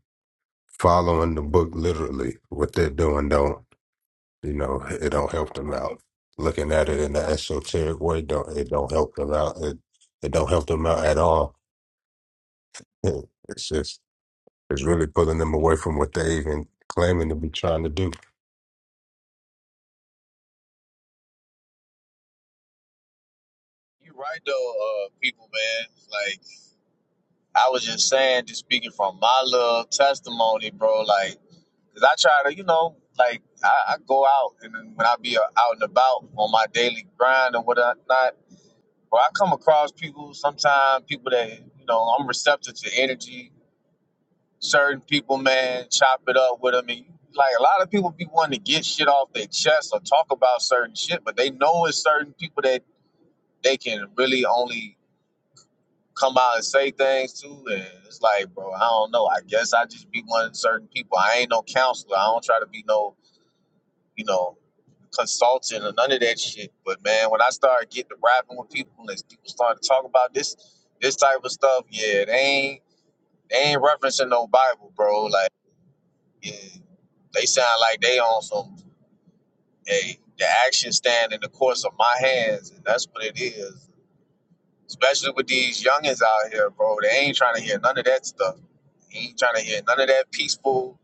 [SPEAKER 2] following the book literally. What they're doing don't, you know, it don't help them out. Looking at it in the esoteric way, don't it don't help them out. It, it don't help them out at all. [laughs] It- It's just, it's really pulling them away from what they even claiming to be trying to do.
[SPEAKER 1] You right though, uh, people, man. Like I was just saying, just speaking from my little testimony, bro. Like, 'cause I try to, you know, like I, I go out and then when I be uh, out and about on my daily grind and whatnot, bro, I come across people sometimes, people that you know, I'm receptive to energy. Certain people, man, chop it up with them, and like a lot of people be wanting to get shit off their chest or talk about certain shit, but they know it's certain people that they can really only come out and say things too. And it's like, bro, I don't know. I guess I just be one of certain people. I ain't no counselor. I don't try to be no, you know, consultant or none of that shit. But man, when I started getting to rapping with people and people started to talk about this this type of stuff, yeah, they ain't they ain't referencing no Bible, bro. Like, yeah, they sound like they on some hey, the action stand in the course of my hands, and that's what it is. especially with these youngins out here, bro. They ain't trying to hear none of that stuff. They Ain't trying to hear none of that peaceful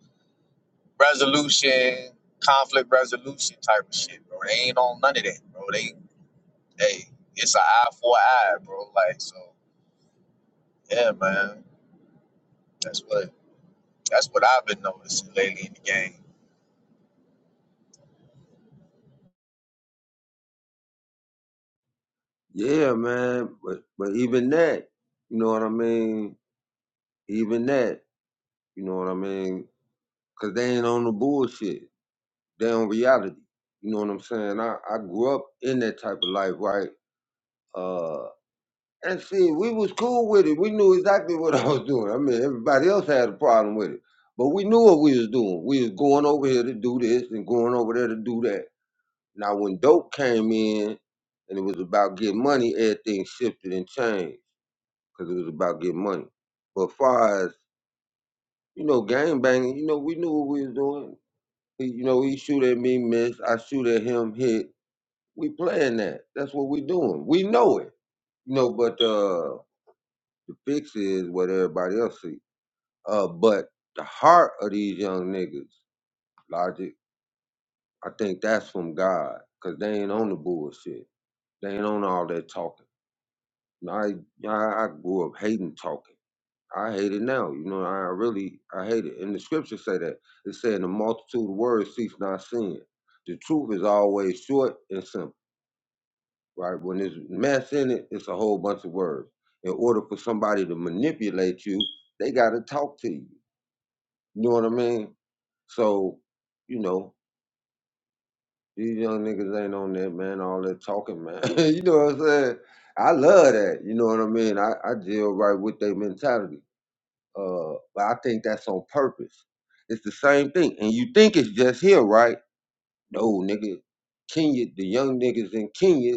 [SPEAKER 1] resolution, conflict resolution type of shit, bro. They ain't on none of that, bro. They, hey, it's an eye for an eye, bro. Like so, yeah, man. That's what that's what I've been noticing lately in the game.
[SPEAKER 8] Yeah, man. But but even that, you know what I mean? Even that, you know what I mean? Cause they ain't on the bullshit. They on reality. You know what I'm saying? I, I grew up in that type of life, right? Uh and see, we was cool with it. We knew exactly what [laughs] I was doing. I mean, everybody else had a problem with it. But we knew what we was doing. We was going over here to do this and going over there to do that. Now when dope came in and it was about getting money, everything shifted and changed. because it was about getting money. But far as you know, gang banging, you know, we knew what we was doing. He, you know, he shoot at me, miss. I shoot at him, hit. We playing that. That's what we doing. We know it. You know, but uh, the fix is what everybody else see. Uh, but the heart of these young niggas, logic, I think that's from God, cause they ain't on the bullshit. They ain't on all that talking. And I, I, I grew up hating talking. I hate it now. You know, I really I hate it. And the scriptures say that. It said the multitude of words cease not sin. The truth is always short and simple, right? When there's mess in it, it's a whole bunch of words. In order for somebody to manipulate you, they gotta talk to you. You know what I mean? So, you know, these young niggas ain't on that, man, all that talking, man. [laughs] you know what I'm saying? I love that. You know what I mean? I, I deal right with their mentality. Uh, but I think that's on purpose. It's the same thing. And you think it's just here, right? No, nigga. Kenya, the young niggas in Kenya,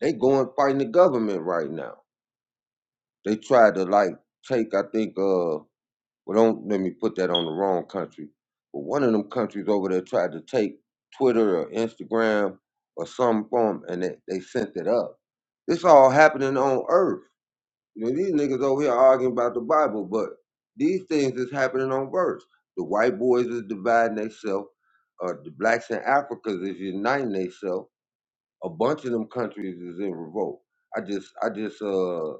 [SPEAKER 8] they going fighting the government right now. They tried to like take, I think, uh, well, don't let me put that on the wrong country. But one of them countries over there tried to take Twitter or Instagram or some form, and they, they sent it up. This all happening on Earth You know, these niggas over here arguing about the Bible, but these things is happening on verse. The white boys is dividing themselves. Uh, the blacks in Africa is uniting themselves. A bunch of them countries is in revolt. I just, I just, uh,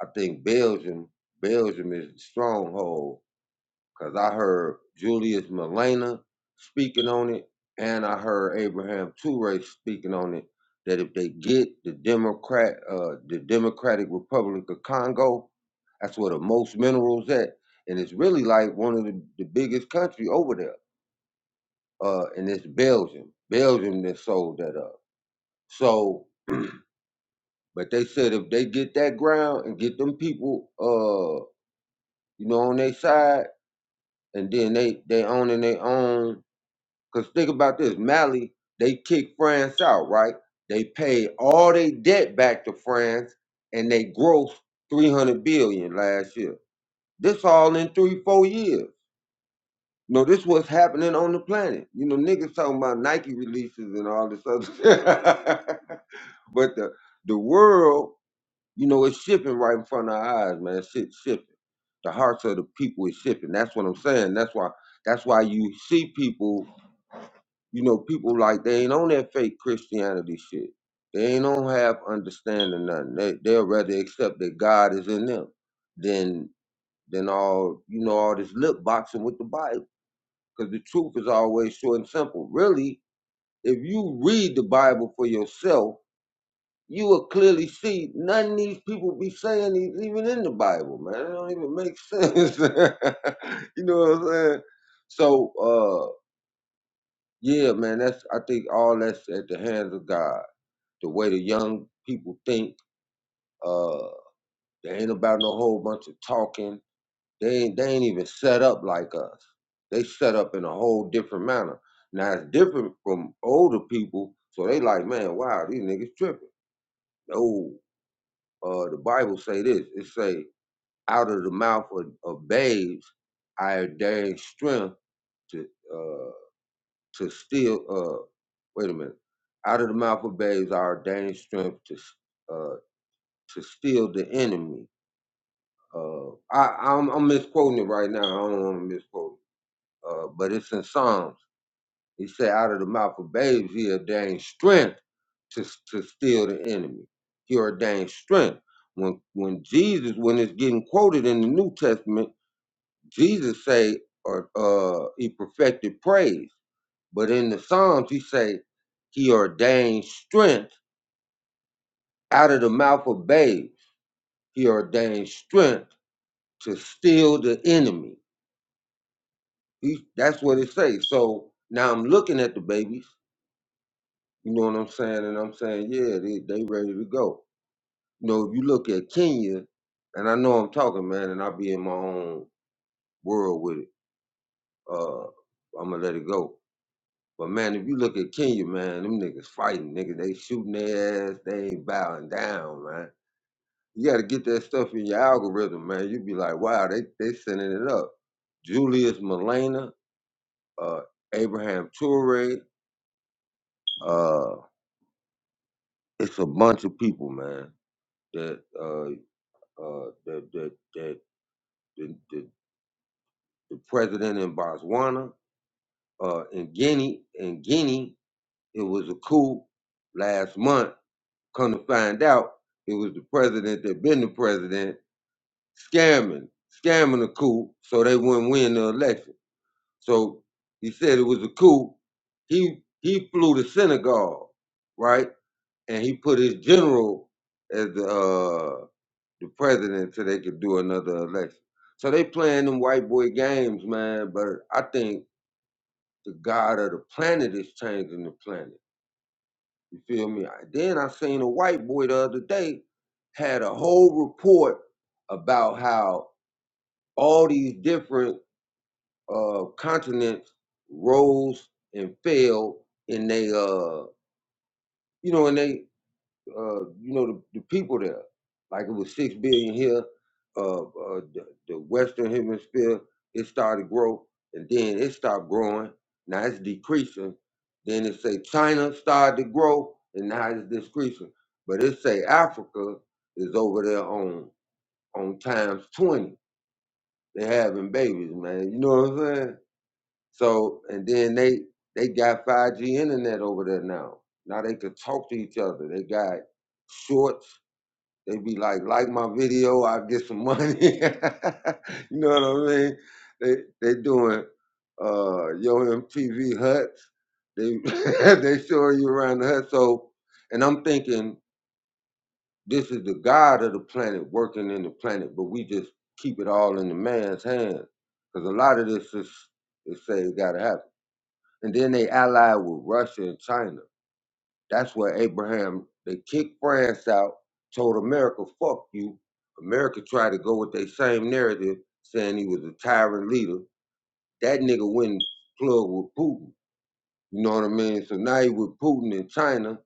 [SPEAKER 8] I think Belgium, Belgium is the stronghold because I heard Julius Malema speaking on it, and I heard Abraham Toure speaking on it. That if they get the Democrat, uh, the Democratic Republic of Congo, that's where the most minerals at, and it's really like one of the, the biggest country over there. Uh, and it's Belgium. Belgium that sold that up. So, but they said if they get that ground and get them people, uh, you know, on their side, and then they they owning their own Because think about this Mali, they kicked France out, right? They paid all their debt back to France and they grossed 300 billion last year. This all in three, four years. You know, this what's happening on the planet. You know, niggas talking about Nike releases and all this other [laughs] But the, the world, you know, it's shifting right in front of our eyes, man. Shit's shifting. The hearts of the people is shifting. That's what I'm saying. That's why that's why you see people You know, people like they ain't on that fake Christianity shit. They ain't on have understanding nothing. They they'll rather accept that God is in them than than all you know all this lip boxing with the Bible. Because the truth is always short and simple. Really, if you read the Bible for yourself, you will clearly see none of these people be saying these even in the Bible, man. It don't even make sense. [laughs] you know what I'm saying? So uh yeah, man, that's I think all that's at the hands of God. the way the young people think. Uh, they ain't about no whole bunch of talking. They ain't, they ain't even set up like us. They set up in a whole different manner. Now it's different from older people, so they like, man, wow, these niggas tripping. Oh, uh, the Bible say this. It say, out of the mouth of, of babes, I ordain strength to uh, to steal. Uh, wait a minute. Out of the mouth of babes, I ordain strength to uh, to steal the enemy Uh, I, I'm, I'm misquoting it right now. I don't want to misquote. it. Uh, but it's in Psalms. He said, "Out of the mouth of babes, he ordained strength to to steal the enemy. He ordained strength." When when Jesus, when it's getting quoted in the New Testament, Jesus say, "Or uh, he perfected praise." But in the Psalms, he say, "He ordained strength out of the mouth of babes. He ordained strength to steal the enemy." He, that's what it says. So now I'm looking at the babies. You know what I'm saying? And I'm saying, yeah, they, they ready to go. You know, if you look at Kenya, and I know I'm talking, man, and I be in my own world with it. Uh, I'm gonna let it go. But man, if you look at Kenya, man, them niggas fighting, nigga. They shooting their ass. They ain't bowing down, man. You got to get that stuff in your algorithm, man. You be like, wow, they they sending it up. Julius Malena, uh, Abraham Toure, uh, it's a bunch of people, man, that uh uh that that that the, the, the president in Botswana, uh in Guinea, in Guinea, it was a coup last month. Come to find out, it was the president that been the president scamming, scamming a coup so they wouldn't win the election. So he said it was a coup. He he flew to Senegal, right? And he put his general as the uh, the president so they could do another election. So they playing them white boy games, man. But I think the God of the planet is changing the planet. You feel me? I- Then I seen a white boy the other day had a whole report about how all these different uh, continents rose and fell in they uh you know in they uh, you know, the, the people there. Like it was six billion here, uh, uh, the, the Western Hemisphere, it started to grow, and then it stopped growing. Now it's decreasing. Then it say China started to grow, and now it's decreasing. But it say Africa is over there on on times twenty. They having babies, man. You know what I'm saying? So, and then they they got 5G internet over there now. Now they could talk to each other. They got shorts they be like, like my video, I get some money. [laughs] you know what I mean? They they doing uh yo MTV huts. They [laughs] they showing you around the hut. So and I'm thinking this is the God of the planet working in the planet, but we just keep it all in the man's hands. Cause a lot of this is is say it gotta happen. And then they allied with Russia and China. That's where Abraham, they kicked France out, told America, fuck you. America tried to go with their same narrative, saying he was a tyrant leader. That nigga went and plug with Putin. You know what I mean? So now he with Putin in China.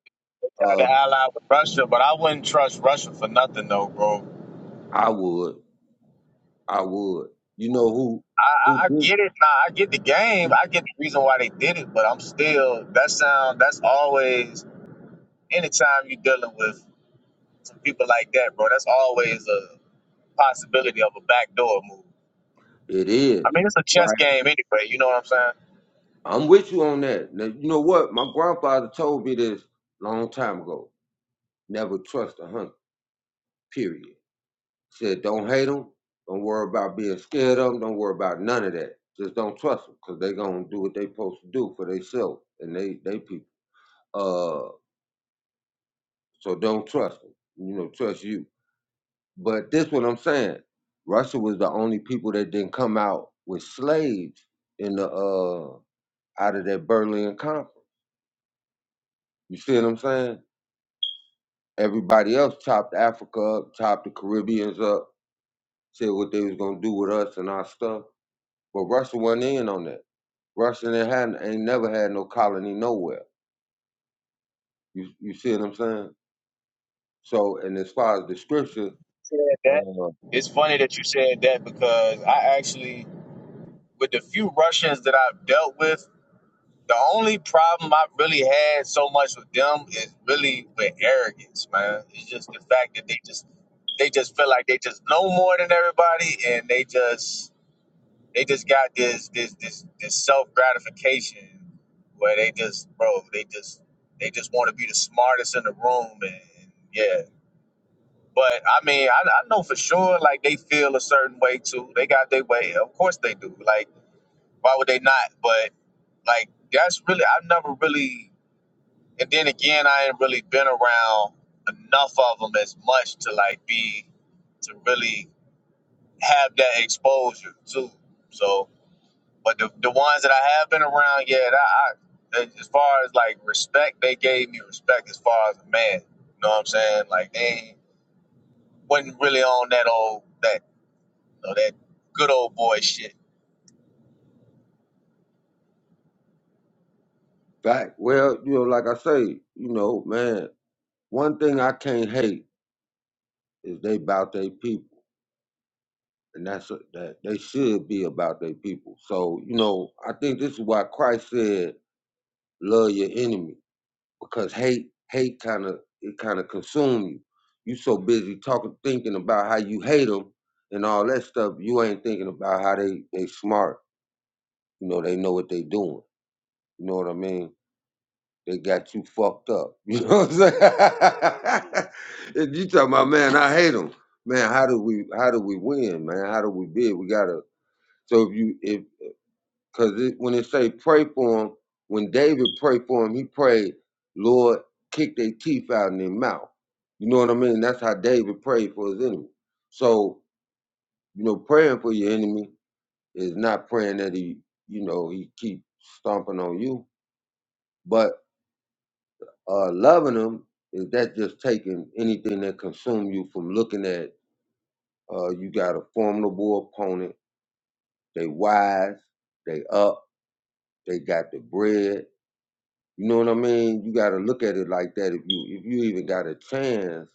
[SPEAKER 8] Uh,
[SPEAKER 1] Try to ally with Russia, but I wouldn't trust Russia for nothing, though, bro.
[SPEAKER 8] I would. I would. You know who
[SPEAKER 1] I, I, I
[SPEAKER 8] who
[SPEAKER 1] get it. Nah, I get the game.
[SPEAKER 8] did
[SPEAKER 1] I get the reason why they did it, but I'm still that sound. That's always anytime you're dealing with some people like that, bro, that's always a possibility of a backdoor move.
[SPEAKER 8] it
[SPEAKER 1] I
[SPEAKER 8] is,
[SPEAKER 1] mean, it's a chess
[SPEAKER 8] right?
[SPEAKER 1] game anyway. You know what I'm saying?
[SPEAKER 8] I'm with you on that. Now, you know what? My grandfather told me this long time ago. Never trust a hunter, period. Shit, don't hate them. Don't worry about being scared of them. Don't worry about none of that. Just don't trust them because they going to do what they supposed to do for themselves and they, they people. Uh, so don't trust them. You know, trust you. But this what I'm saying. Russia was the only people that didn't come out with slaves in the uh out of that Berlin conference. You see what I'm saying? Everybody else chopped Africa up, chopped the Caribbeans up, said what they was gonna do with us and our stuff. But Russia wasn't in on that. Russian ain't, had, ain't never had no colony nowhere. You you see what I'm saying? So, and as far as the scripture,
[SPEAKER 1] Said that.
[SPEAKER 8] uh,
[SPEAKER 1] It's funny that you said that because I actually, with the few Russians that I've dealt with, the only problem I've really had so much with them is really with arrogance, man. It's just the fact that they just they just feel like they just know more than everybody, and they just They just got this this this this self gratification where they just bro, they just they just want to be the smartest in the room and yeah. But I mean, I, I know for sure like they feel a certain way too. They got their way. Of course they do. Like why would they not? But like that's really I've never really and then again I ain't really been around enough of them as much to like be to really have that exposure too. So But the, the ones that I have been around, yeah, that I, as far as like respect, they gave me respect as far as a man. You know what I'm saying? Like they wasn't really on that old that you know, that good old boy shit.
[SPEAKER 8] back well, you know, like I say, you know, man, one thing I can't hate is they about their people, and that's a, that they should be about their people. So, you know, I think this is why Christ said, "Love your enemy." because hate hate kind of it kind of consume you. You so busy talking, thinking about how you hate them and all that stuff. You ain't thinking about how they they smart. You know they know what they doing. You know what I mean? They got you fucked up. [laughs] You know what I'm saying? [laughs] and you talking about man, I hate them. Man, how do we how do we win? Man, how do we bid? We gotta. So if you if because it, when it say pray for him, when David prayed for him, he prayed, Lord, kick their teeth out in their mouth. You know what I mean? That's how David prayed for his enemy. So, you know, praying for your enemy is not praying that he, you know, he keep stomping on you. But uh, loving him is that just taking anything that consume you from looking at uh, you got a formidable opponent. They wise, they up, they got the bread, You know what I mean? You got to look at it like that. If you if you even got a chance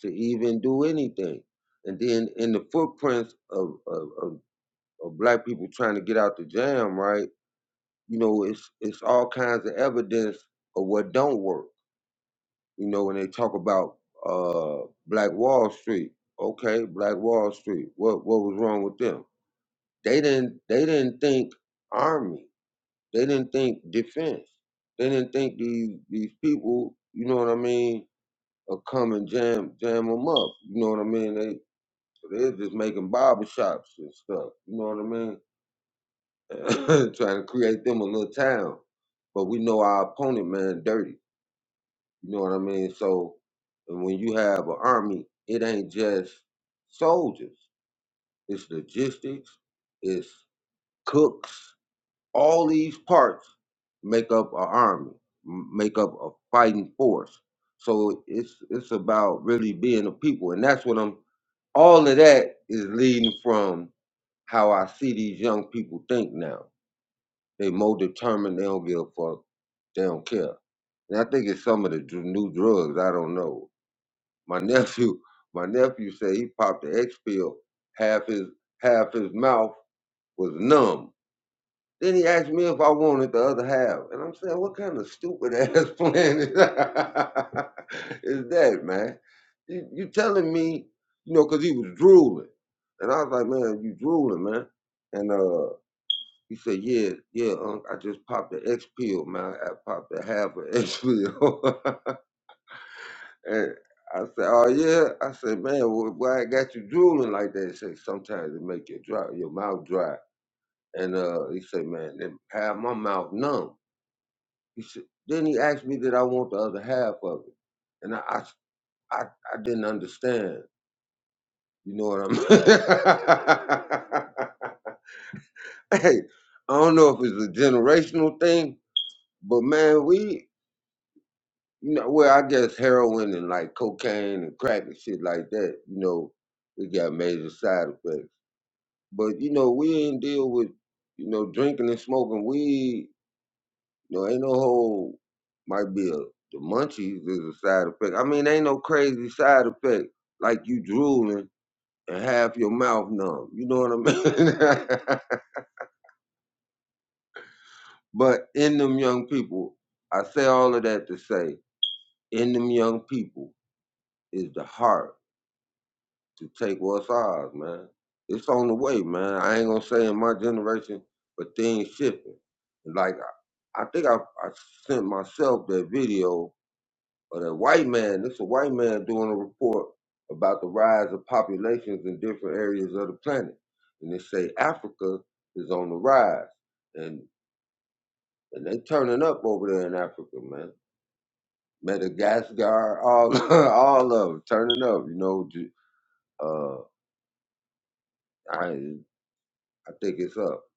[SPEAKER 8] to even do anything, and then in the footprints of of, of, of black people trying to get out the jam, right? You know, it's it's all kinds of evidence of what don't work. You know, when they talk about uh Black Wall Street, okay, Black Wall Street. What what was wrong with them? They didn't they didn't think army. They didn't think defense. They didn't think these these people, you know what I mean, are come and jam jam them up. You know what I mean? They they're just making barber shops and stuff. You know what I mean? [laughs] [clears throat] Trying to create them a little town. But we know our opponent, man, dirty. You know what I mean? So and when you have an army, it ain't just soldiers. It's logistics. It's cooks. All these parts make up an army, m- make up a fighting force. So it's it's about really being a people, and that's what I'm. All of that is leading from how I see these young people think now. They more determined. They don't give a fuck. They don't care. And I think it's some of the dr- new drugs. I don't know. My [laughs] nephew, my nephew said he popped the X pill. Half his half his mouth was numb Then he asked me if I wanted the other half. And I'm saying, what kind of stupid [laughs] ass plan is that, [laughs] is that man? You, you telling me, you know, 'cause he was drooling. And I was like, man, you drooling, man. And uh, he said, yeah, yeah, unc, I just popped the X pill, man. I popped a half of X pill. [laughs] and I said, oh, yeah? I said, man, wh- why I got you drooling like that? He said, sometimes it make your, dry, your mouth dry. And uh, he said, man, it had my mouth numb. He said, then he asked me that I want the other half of it. And I, I, I, I didn't understand. You know what I'm [laughs] Hey, I don't know if it's a generational thing, but man, we, you know, well, I guess heroin and like cocaine and crack and shit like that, you know, it got major side effects. But, you know, we ain't deal with, you know, drinking and smoking weed No, ain't no whole might be a the munchies is a side effect. I mean, ain't no crazy side effect like you drooling and half your mouth numb. You know what I mean? [laughs] but in them young people, I say all of that to say, in them young people is the heart to take what's ours, man. It's on the way, man. I ain't gonna say in my generation, but things shifting. Like I I think I, I sent myself that video Or that white man, this a white man doing a report about the rise of populations in different areas of the planet. And they say Africa is on the rise. And and they turning up over there in Africa, man. Madagascar, all [laughs] all of them turning up, you know. ju- Uh, I I think it's up.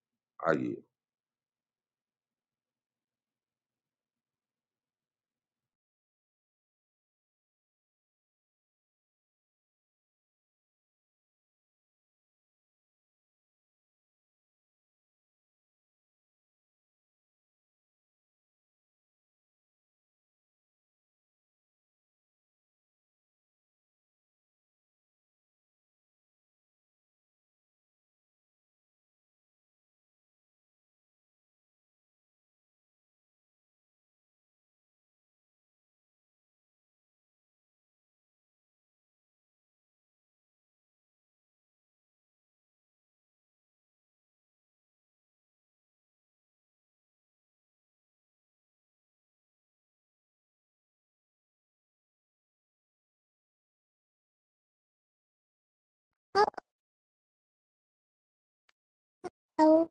[SPEAKER 9] Dang,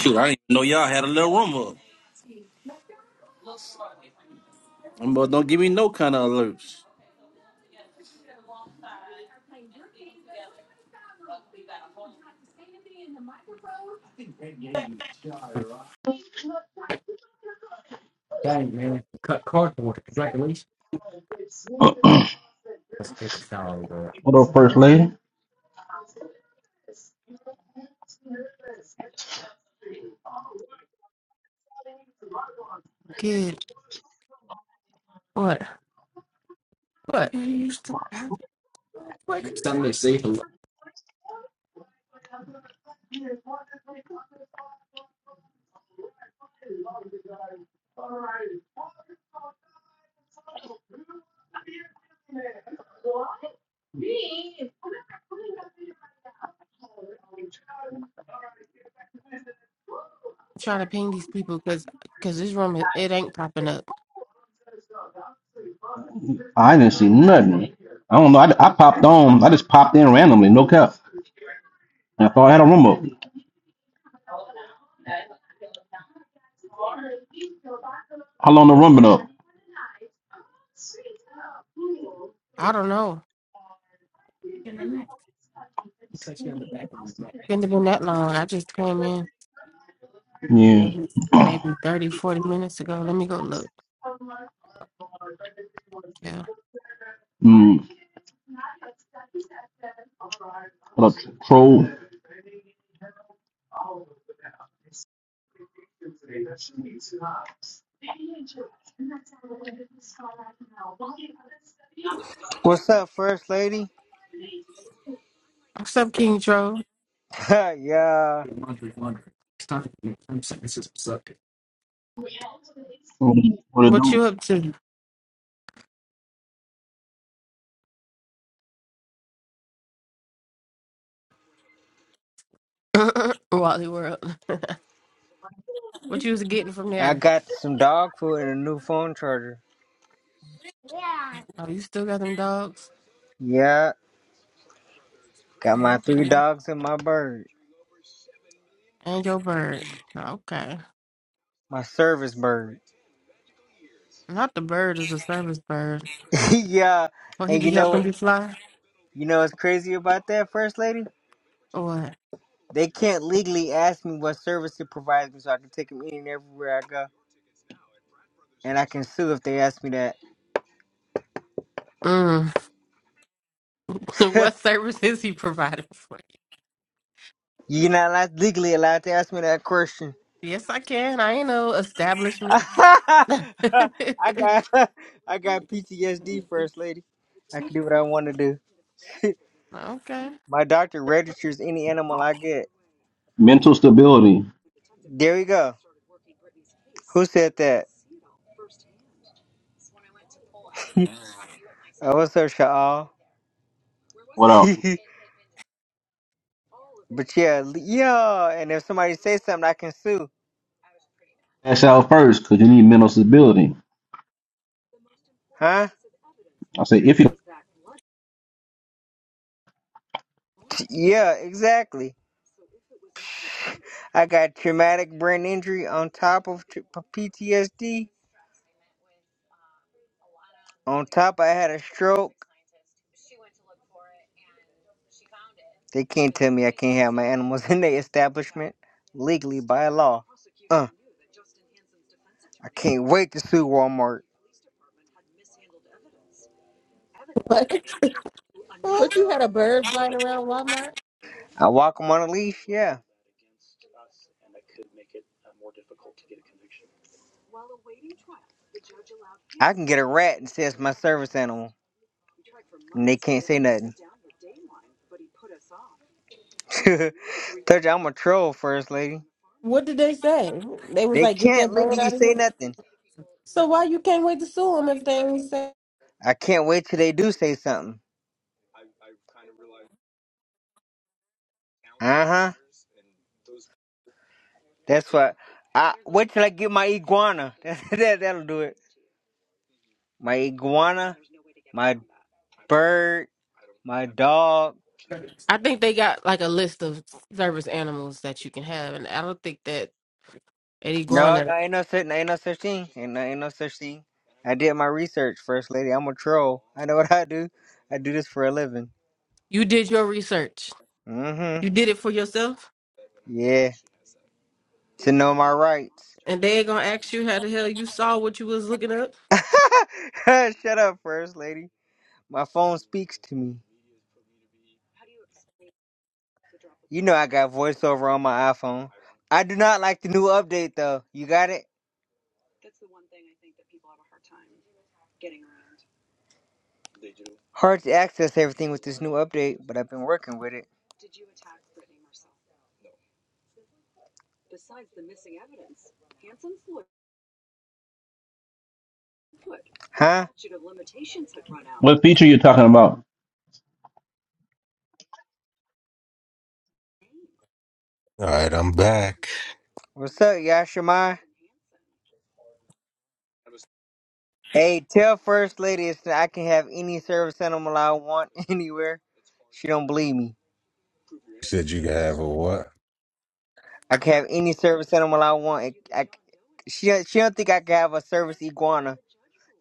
[SPEAKER 10] Shoot, I didn't even know y'all had a little room up. Them boys don't give me no kind of alerts.
[SPEAKER 9] man. Cut cardboard. Congratulations. Let's get a shower, over. Good. What? What? What? Something to see. Because it popping up.
[SPEAKER 10] I don't know. I popped. I just popped. I thought,
[SPEAKER 9] I don't know. You touched me on the back of the neck. Couldn't have been that long. I just came in maybe, maybe 30, forty minutes ago. Let me go look. Yeah.
[SPEAKER 11] What's up, First Lady?
[SPEAKER 9] Oh.
[SPEAKER 11] [laughs] yeah,
[SPEAKER 9] Laundry, laundry. It's time to I'm saying this is suck. it.
[SPEAKER 10] Mm, What it
[SPEAKER 9] What
[SPEAKER 10] do?
[SPEAKER 9] you up to? [laughs] Wally World. [laughs] What you was getting from
[SPEAKER 11] I
[SPEAKER 9] there?
[SPEAKER 11] got some dog food and a new phone charger.
[SPEAKER 9] Oh, you still got them dogs?
[SPEAKER 11] Yeah, got my
[SPEAKER 9] Oh,
[SPEAKER 11] three
[SPEAKER 9] okay.
[SPEAKER 11] dogs and my bird,
[SPEAKER 9] And your bird. Oh, Okay.
[SPEAKER 11] my service bird.
[SPEAKER 9] Not the bird is a service bird.
[SPEAKER 11] [laughs] yeah,
[SPEAKER 9] Will he
[SPEAKER 11] and
[SPEAKER 9] be
[SPEAKER 11] you know
[SPEAKER 9] helping you
[SPEAKER 11] what?
[SPEAKER 9] fly?
[SPEAKER 11] You know what's crazy about that, First Lady?
[SPEAKER 9] Or what?
[SPEAKER 11] They can't legally ask me what service it provides me, so I can take them in and everywhere I go, and I can sue if they ask me that.
[SPEAKER 9] Mm. [laughs]
[SPEAKER 11] [laughs]
[SPEAKER 9] what service is he providing for you?
[SPEAKER 11] You're not allowed, legally allowed to ask me that question.
[SPEAKER 9] Yes, I can. I ain't no
[SPEAKER 11] [laughs]
[SPEAKER 9] establishment.
[SPEAKER 11] I
[SPEAKER 9] [laughs] okay.
[SPEAKER 11] got [laughs] I got PTSD first lady. I can do what I want to do. My doctor registers any animal I get.
[SPEAKER 10] Mental stability.
[SPEAKER 11] There we go. Who said that? Oh, what's up, Shaal?
[SPEAKER 10] What up?
[SPEAKER 11] [laughs] but yeah, l- yeah. And if somebody says something, I can sue,
[SPEAKER 10] Cash out first because you need mental stability.
[SPEAKER 11] huh?
[SPEAKER 10] I say, if you,
[SPEAKER 11] T- Yeah, exactly. I got traumatic brain injury on top of tr- p- PTSD. On top, I had a stroke. They can't tell me I can't have my animals [laughs] in their establishment legally by law. Uh, I can't wait to sue Walmart.
[SPEAKER 9] What? But you had a bird flying around Walmart?
[SPEAKER 11] I walk them on a leash. Yeah, I can get a rat and say it's my service animal. Nick can't say nothing. [laughs] Told you I'm a troll, first lady.
[SPEAKER 9] What did they say? They was
[SPEAKER 11] They
[SPEAKER 9] like, get
[SPEAKER 11] can't
[SPEAKER 9] that bird
[SPEAKER 11] legally
[SPEAKER 9] out of
[SPEAKER 11] say
[SPEAKER 9] here.
[SPEAKER 11] nothing.
[SPEAKER 9] So why you can't wait to sue them if they ain't say?
[SPEAKER 11] I can't wait till they do say something. Uh huh. That's what. I wait till I get my iguana. [laughs] That, that that'll do it. My iguana, my bird, my dog.
[SPEAKER 9] I think they got like a list of service animals that you can have, and I don't think that Eddie
[SPEAKER 11] No, no,
[SPEAKER 9] Guana.
[SPEAKER 11] ain't no such, ain't no such thing. Ain't no, ain't no such thing. I did my research, first lady. I'm a troll. I know [laughs] what I do. I do this for a living.
[SPEAKER 9] You did your research.
[SPEAKER 11] Mm
[SPEAKER 9] You did it for yourself.
[SPEAKER 11] hmm. Yeah. to know my rights.
[SPEAKER 9] And they gonna ask you how the hell you saw what you was looking up.
[SPEAKER 11] [laughs] Shut up, first lady. My phone speaks to me. You know I got voiceover on my iPhone. I do not like the new update though. You got it? Hard to access everything with this new update, but I've been working with it. Huh?
[SPEAKER 10] what feature you talking about?
[SPEAKER 2] All right, I'm back.
[SPEAKER 11] What's up, Yashima? Hey, tell first lady it's I can have any service animal I want [laughs] anywhere. She don't believe me.
[SPEAKER 2] You said you could have a what?
[SPEAKER 11] I can have any service animal I want. I, I, she she don't think I can have a service iguana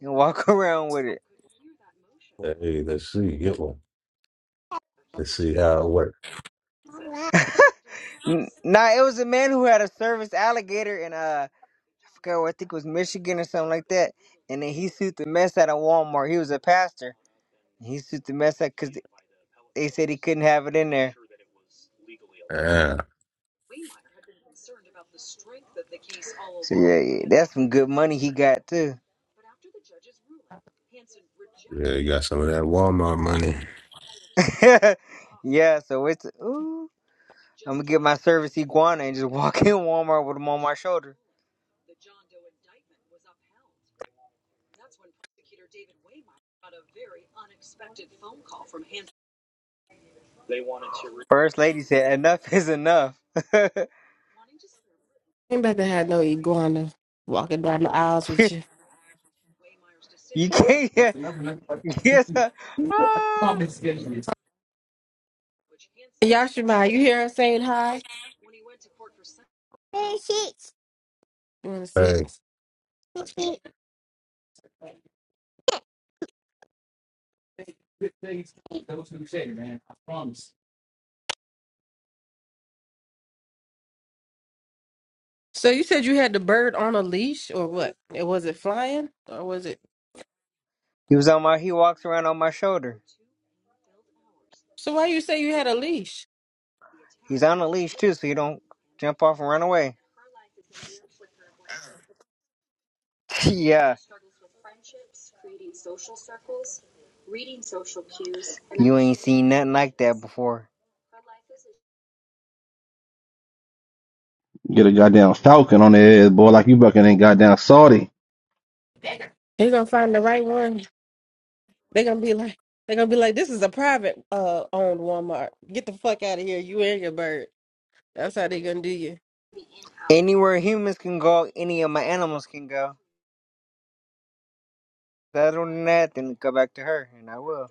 [SPEAKER 11] and walk [laughs] around with it.
[SPEAKER 2] Hey, let's see, get one. Let's see how it works.
[SPEAKER 11] [laughs] N- nah, it was a man who had a service alligator in uh, I forgot where I think it was Michigan or something like that. And then he sued the mess out of Walmart. He was a pastor. And he sued the mess out because they said he couldn't have it in there.
[SPEAKER 2] Yeah,
[SPEAKER 11] So yeah, yeah, that's some good money he got too.
[SPEAKER 2] yeah, you got some of that Walmart money.
[SPEAKER 11] [laughs] yeah, so it's ooh. I'm gonna get my service iguana and just [laughs] walk in Walmart with them on my shoulder. First lady said, "Enough is enough." [laughs]
[SPEAKER 9] Ain't about to have no iguana walking down the aisles with you.
[SPEAKER 11] you can't. Yeah, yes. uh, ah.
[SPEAKER 9] Yashima, you hear her saying hi? Hey, sit. You want to
[SPEAKER 2] Hey.
[SPEAKER 9] sit? Sit. So you said you had the bird on a leash, or what? It was it flying, or was it?
[SPEAKER 11] He was on my. He walks around on my shoulder.
[SPEAKER 9] So why you say you had a leash?
[SPEAKER 11] He's on a leash too, so he don't jump off and run away. [laughs] yeah, you ain't seen nothing like that before.
[SPEAKER 10] Get a goddamn falcon on the head, boy, like you fucking ain't goddamn Saudi.
[SPEAKER 9] He gonna find the right one. They're gonna be like, they're gonna be like, this is a private uh owned Walmart. Get the fuck out of here, you and your bird. That's how they're gonna do
[SPEAKER 11] Anywhere humans can go, any of my animals can go. Other than that, then go back to her, and I will.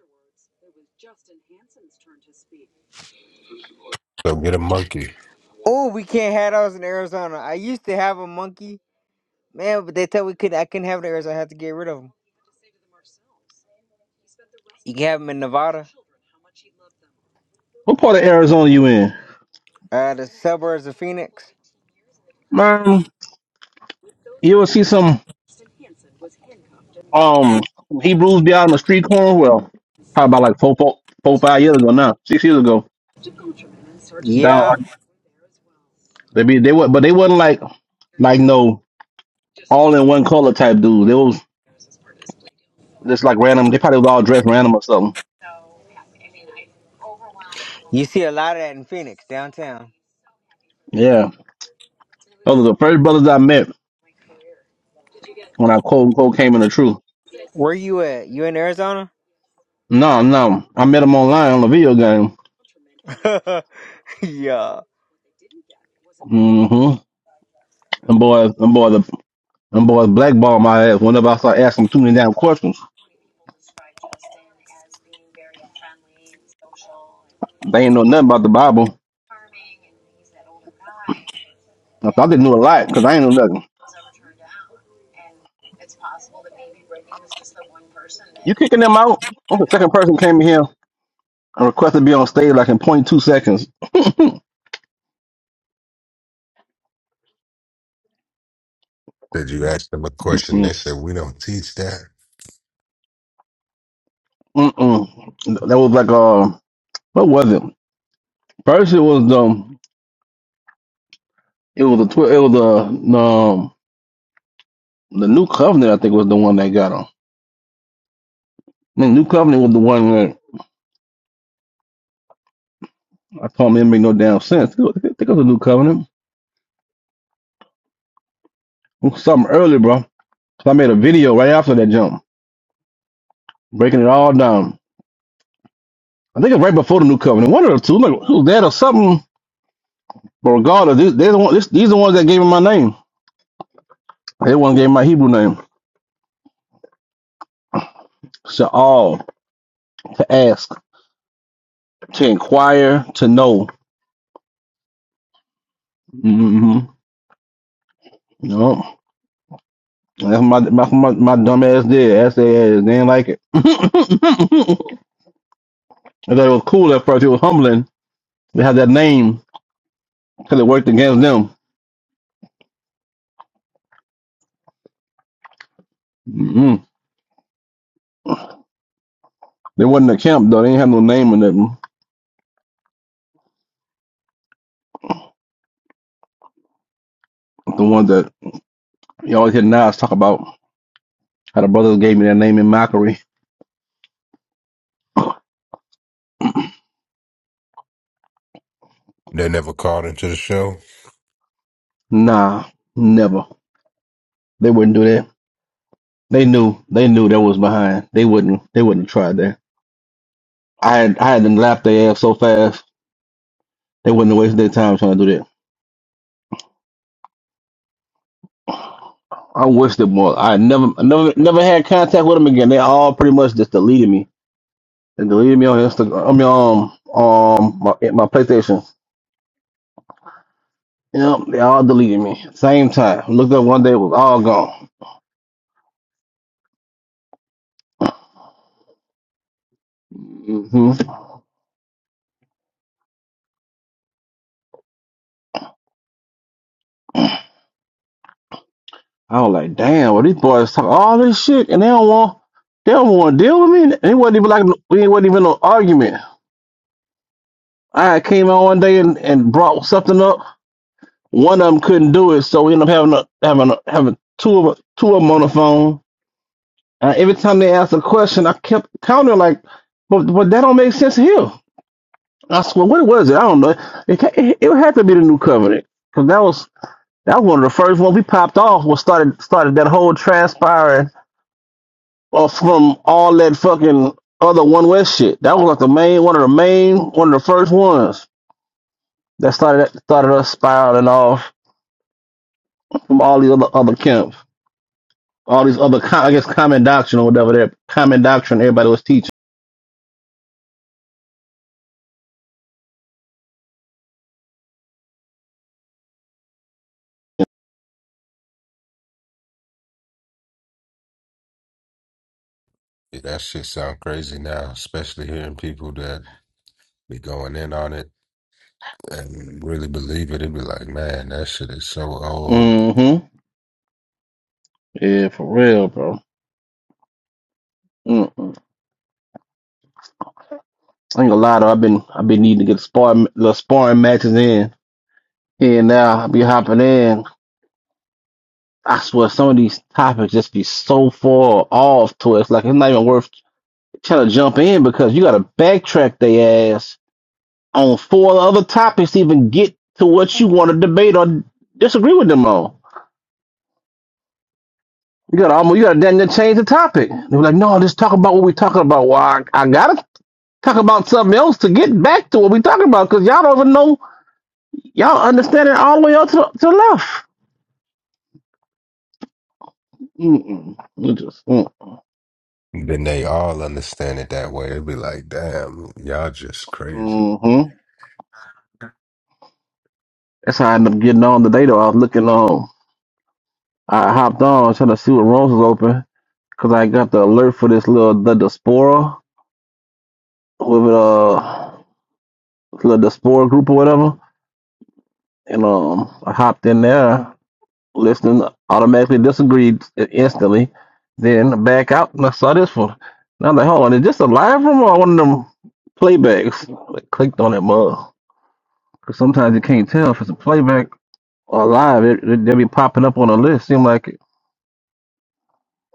[SPEAKER 2] So get a monkey.
[SPEAKER 11] Oh, we can't have those in Arizona. I used to have a monkey, man, but they tell we could. I couldn't have it in Arizona. I had to get rid of them. You can have them in Nevada,
[SPEAKER 10] What part of Arizona you in?
[SPEAKER 11] uh, the suburbs of Phoenix.
[SPEAKER 10] Man, you will see some. um Hebrews be out on the street corner. Well, probably about like four, four, four, five years ago now, six years ago. Down,
[SPEAKER 11] Yeah,
[SPEAKER 10] like, they be they were, but they wasn't like like no all in one color type dudes. They was just like random. They probably was all dressed random or something.
[SPEAKER 11] you see a lot of that in Phoenix downtown.
[SPEAKER 10] Yeah, those are the first brothers I met when I quote unquote came into truth.
[SPEAKER 11] Where you at? You in Arizona?
[SPEAKER 10] No, no, I met them online on a video game.
[SPEAKER 11] [laughs] yeah.
[SPEAKER 10] hmm And boys, and boys, and boys blackball my ass whenever I start asking too many damn questions. They ain't know nothing about the Bible. I thought they knew a lot because I ain't know nothing. You kicking them out? I'm the second person came in here and requested to be on stage like in point two seconds.
[SPEAKER 2] Said you asked them a question,
[SPEAKER 10] Mm-mm.
[SPEAKER 2] they said we don't teach that.
[SPEAKER 10] Mm-mm. That was like uh, what was it? First, it was the it was the twi- it was the the, um, the new covenant. I think was the one that got on. The new covenant was the one that I told him it didn't make no damn sense. I think it was the new covenant. It was something early, bro. So I made a video right after that jump, breaking it all down. I think it was right before the new covenant. One of the two, like it was that or something. But regardless, these, they're the one, this, these are the ones that gave him my name. They one gave my Hebrew name. Sha'al, to ask, to inquire, to know. Mm-hmm. No, that's my that's my my dumb ass did. That's their ass. They didn't like it. [laughs] I thought it was cool at first. It was humbling. They had that name because it worked against them. Mm-hmm. They wasn't a camp though. They didn't have no name in them. The ones that you always hear Nas talk about how the brothers gave me their name in mockery.
[SPEAKER 2] They never called into the show.
[SPEAKER 10] Nah, never. They wouldn't do that. They knew. They knew that was behind. They wouldn't. They wouldn't try that. I had I had them lap their ass so fast they wouldn't have wasted their time trying to do that. I wish them more. I never never never had contact with them again. They all pretty much just deleted me. They deleted me on Instagram. I mean um um my my PlayStation. Yep, they all deleted me. Same time. Looked up one day, it was all gone. hmm I was like, damn, well these boys talk all this shit and they don't want they don't want to deal with me. And it wasn't even like we wasn't even no argument. I came out one day and, and brought something up. One of them couldn't do it, so we ended up having a, having a, having two of two of them on the phone. And every time they asked a question, I kept countering like, "But but that don't make sense here." I swear, what was it? I don't know. It ca- it, it had to be the new covenant because that was that was one of the first ones we popped off. Was started started that whole transpiring uh, from all that fucking other one west shit. That was like the main one of the main one of the first ones that started started us spiraling off from all the other other camps. all these other, co- I guess, common doctrine or whatever that common doctrine everybody was teaching.
[SPEAKER 2] Yeah, that shit sound crazy now, especially hearing people that be going in on it and really believe it. It'd be like, man, that shit is so old.
[SPEAKER 10] hmm Yeah, for real, bro. Mm-mm. I ain't gonna lie though. I've been I've been needing to get sparring the sparring matches in here and now. I be hopping in. I swear some of these topics just be so far off to us. Like it's not even worth trying to jump in because you gotta backtrack they ass on four other topics to even get to what you want to debate or disagree with them on. You got to almost you got to then change the topic. They were like, no, just talk about what we're talking about. Well, I, I gotta talk about something else to get back to what we're talking about because y'all don't even know y'all understand it all the way up to to the left. Mm-mm. You just mm,
[SPEAKER 2] Then they all understand it that way. It'd be like, damn, y'all just crazy.
[SPEAKER 10] mm-hmm. That's how I ended up getting on today. Though I was looking on, I hopped on trying to see what rooms was open because I got the alert for this little the diaspora with uh little diaspora group or whatever, and um I hopped in there listening automatically disagreed instantly, then back out and I saw this one. And I'm like, hold on, is this a live room or one of them playbacks? I clicked on that mug. Because sometimes you can't tell if it's a playback or live. It, it, they'll be popping up on a list. Seem like it.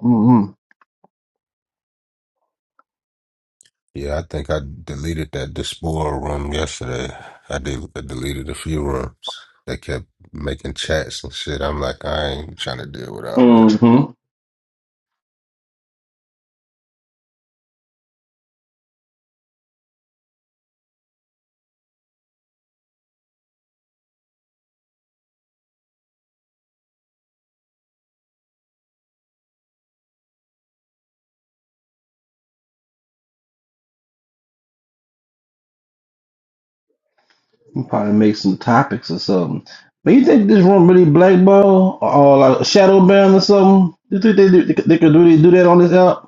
[SPEAKER 10] Mm-hmm.
[SPEAKER 2] Yeah, I think I deleted that Despoil room yesterday. I, de- I deleted a few rooms. They kept making chats and shit. I'm like, I ain't trying to deal with all this.
[SPEAKER 10] Mm-hmm. Probably make some topics or something. But you think this room really blackball or, or like shadow ban or something? You think they do, they, could- they could really do that on this app?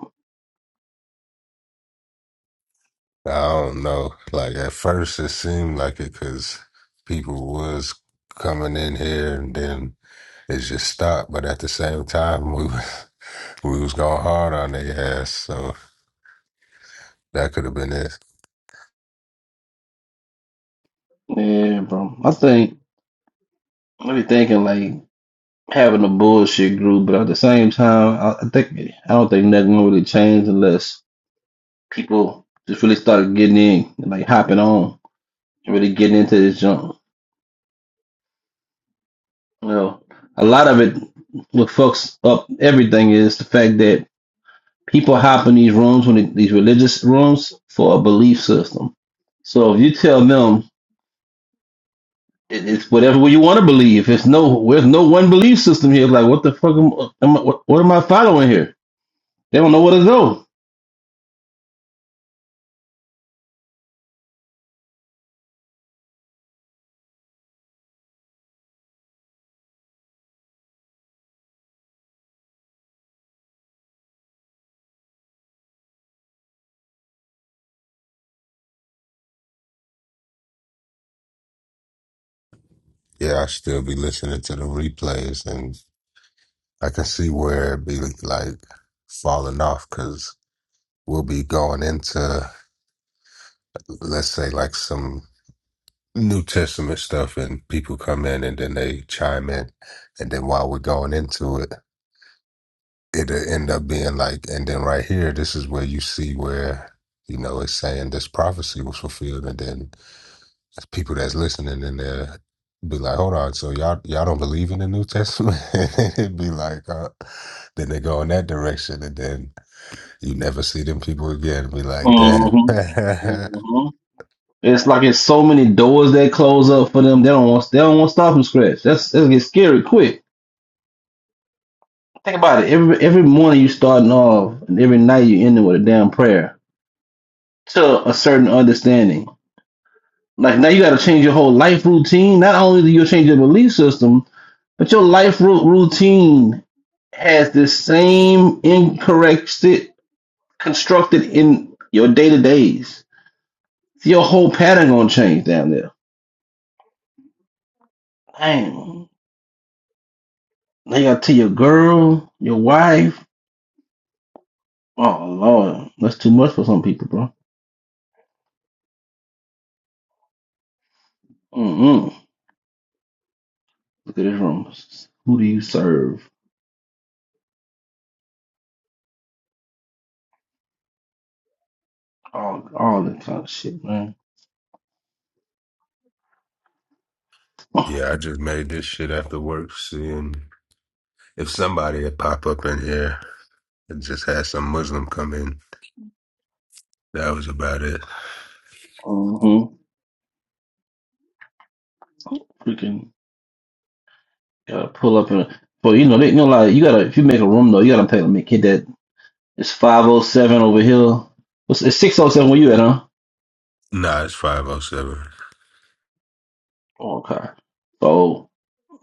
[SPEAKER 2] I don't know. Like at first, it seemed like it because people was coming in here, and then it just stopped. But at the same time, we was [laughs] we was going hard on their ass, so that could have been it.
[SPEAKER 10] Yeah, bro. I think I be thinking like having a bullshit group, but at the same time, I, I think I don't think nothing really changed unless people just really started getting in, and like hopping on, and really getting into this junk. You know, a lot of it, what fucks up everything is the fact that people hop in these rooms when it, these religious rooms for a belief system. So if you tell them it, it's whatever you want to believe, it's no, there's no one belief system here. Like what the fuck am, am I, what, what am I following here? They don't know where to go.
[SPEAKER 2] Yeah, I still be listening to the replays, and I can see where it be like falling off because we'll be going into let's say like some New Testament stuff, and people come in and then they chime in, and then while we're going into it. it'll end up being like, and then right here, this is where you see where, you know, it's saying this prophecy was fulfilled. And then there's people that's listening and they'll be like, hold on, so y'all y'all don't believe in the New Testament? [laughs] It'd be like, uh, then they go in that direction and then you never see them people again. Be like, damn. [laughs]
[SPEAKER 10] hmm
[SPEAKER 2] yeah,
[SPEAKER 10] hmm It's like it's so many doors that close up for them. They don't want they don't want to start from scratch. That's that gets scary quick. Think about it. Every every morning you starting off, and every night you ending with a damn prayer to a certain understanding. Like now you got to change your whole life routine. Not only do you change your belief system, but your life ru- routine has the same incorrect sti- constructed in your day to days. Your whole pattern gonna change down there. Dang. Now you gotta tell your girl, your wife. Oh Lord, that's too much for some people, bro. Mm-mm. Look at this room. Who do you serve? All, all that kind of shit, man.
[SPEAKER 2] I just made this shit after work, seeing if somebody had pop up in here and just had some Muslim come in. That was about it.
[SPEAKER 10] Mm-hmm. Freaking gotta pull up and, but you know, they, you know, like you gotta if you make a room though, you gotta pay to make it that. It's five oh seven over here. It's, it's six oh seven where you at, huh?
[SPEAKER 2] Nah, it's 507.
[SPEAKER 10] Oh, okay. So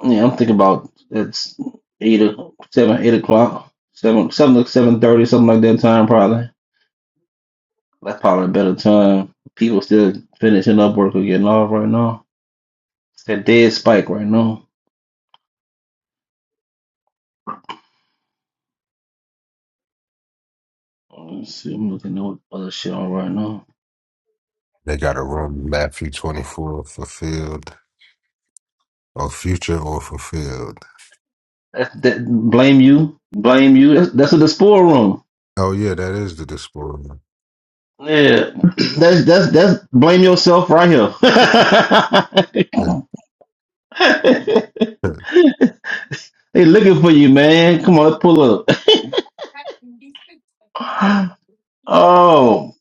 [SPEAKER 10] yeah, I'm thinking about it's eight o seven, eight o'clock, seven, seven, seven thirty, something like that time probably. That's probably a better time. People still finishing up work or getting off right now. It's that dead spike right now. Let's see, I'm looking at what other shit on right now.
[SPEAKER 2] They got a room Matthew 24 fulfilled or future or fulfilled.
[SPEAKER 10] That's that blame you. Blame you. That's, that's in the spore room.
[SPEAKER 2] Oh yeah, that is the display.
[SPEAKER 10] Yeah. [clears throat] That's that's that's blame yourself right here. [laughs]
[SPEAKER 2] [laughs]
[SPEAKER 10] they looking for you, man. Come on, let's pull up. [laughs] oh,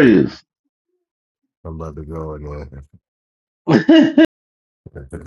[SPEAKER 2] Yeah, I'm about to go in
[SPEAKER 10] [laughs]
[SPEAKER 2] there. [laughs]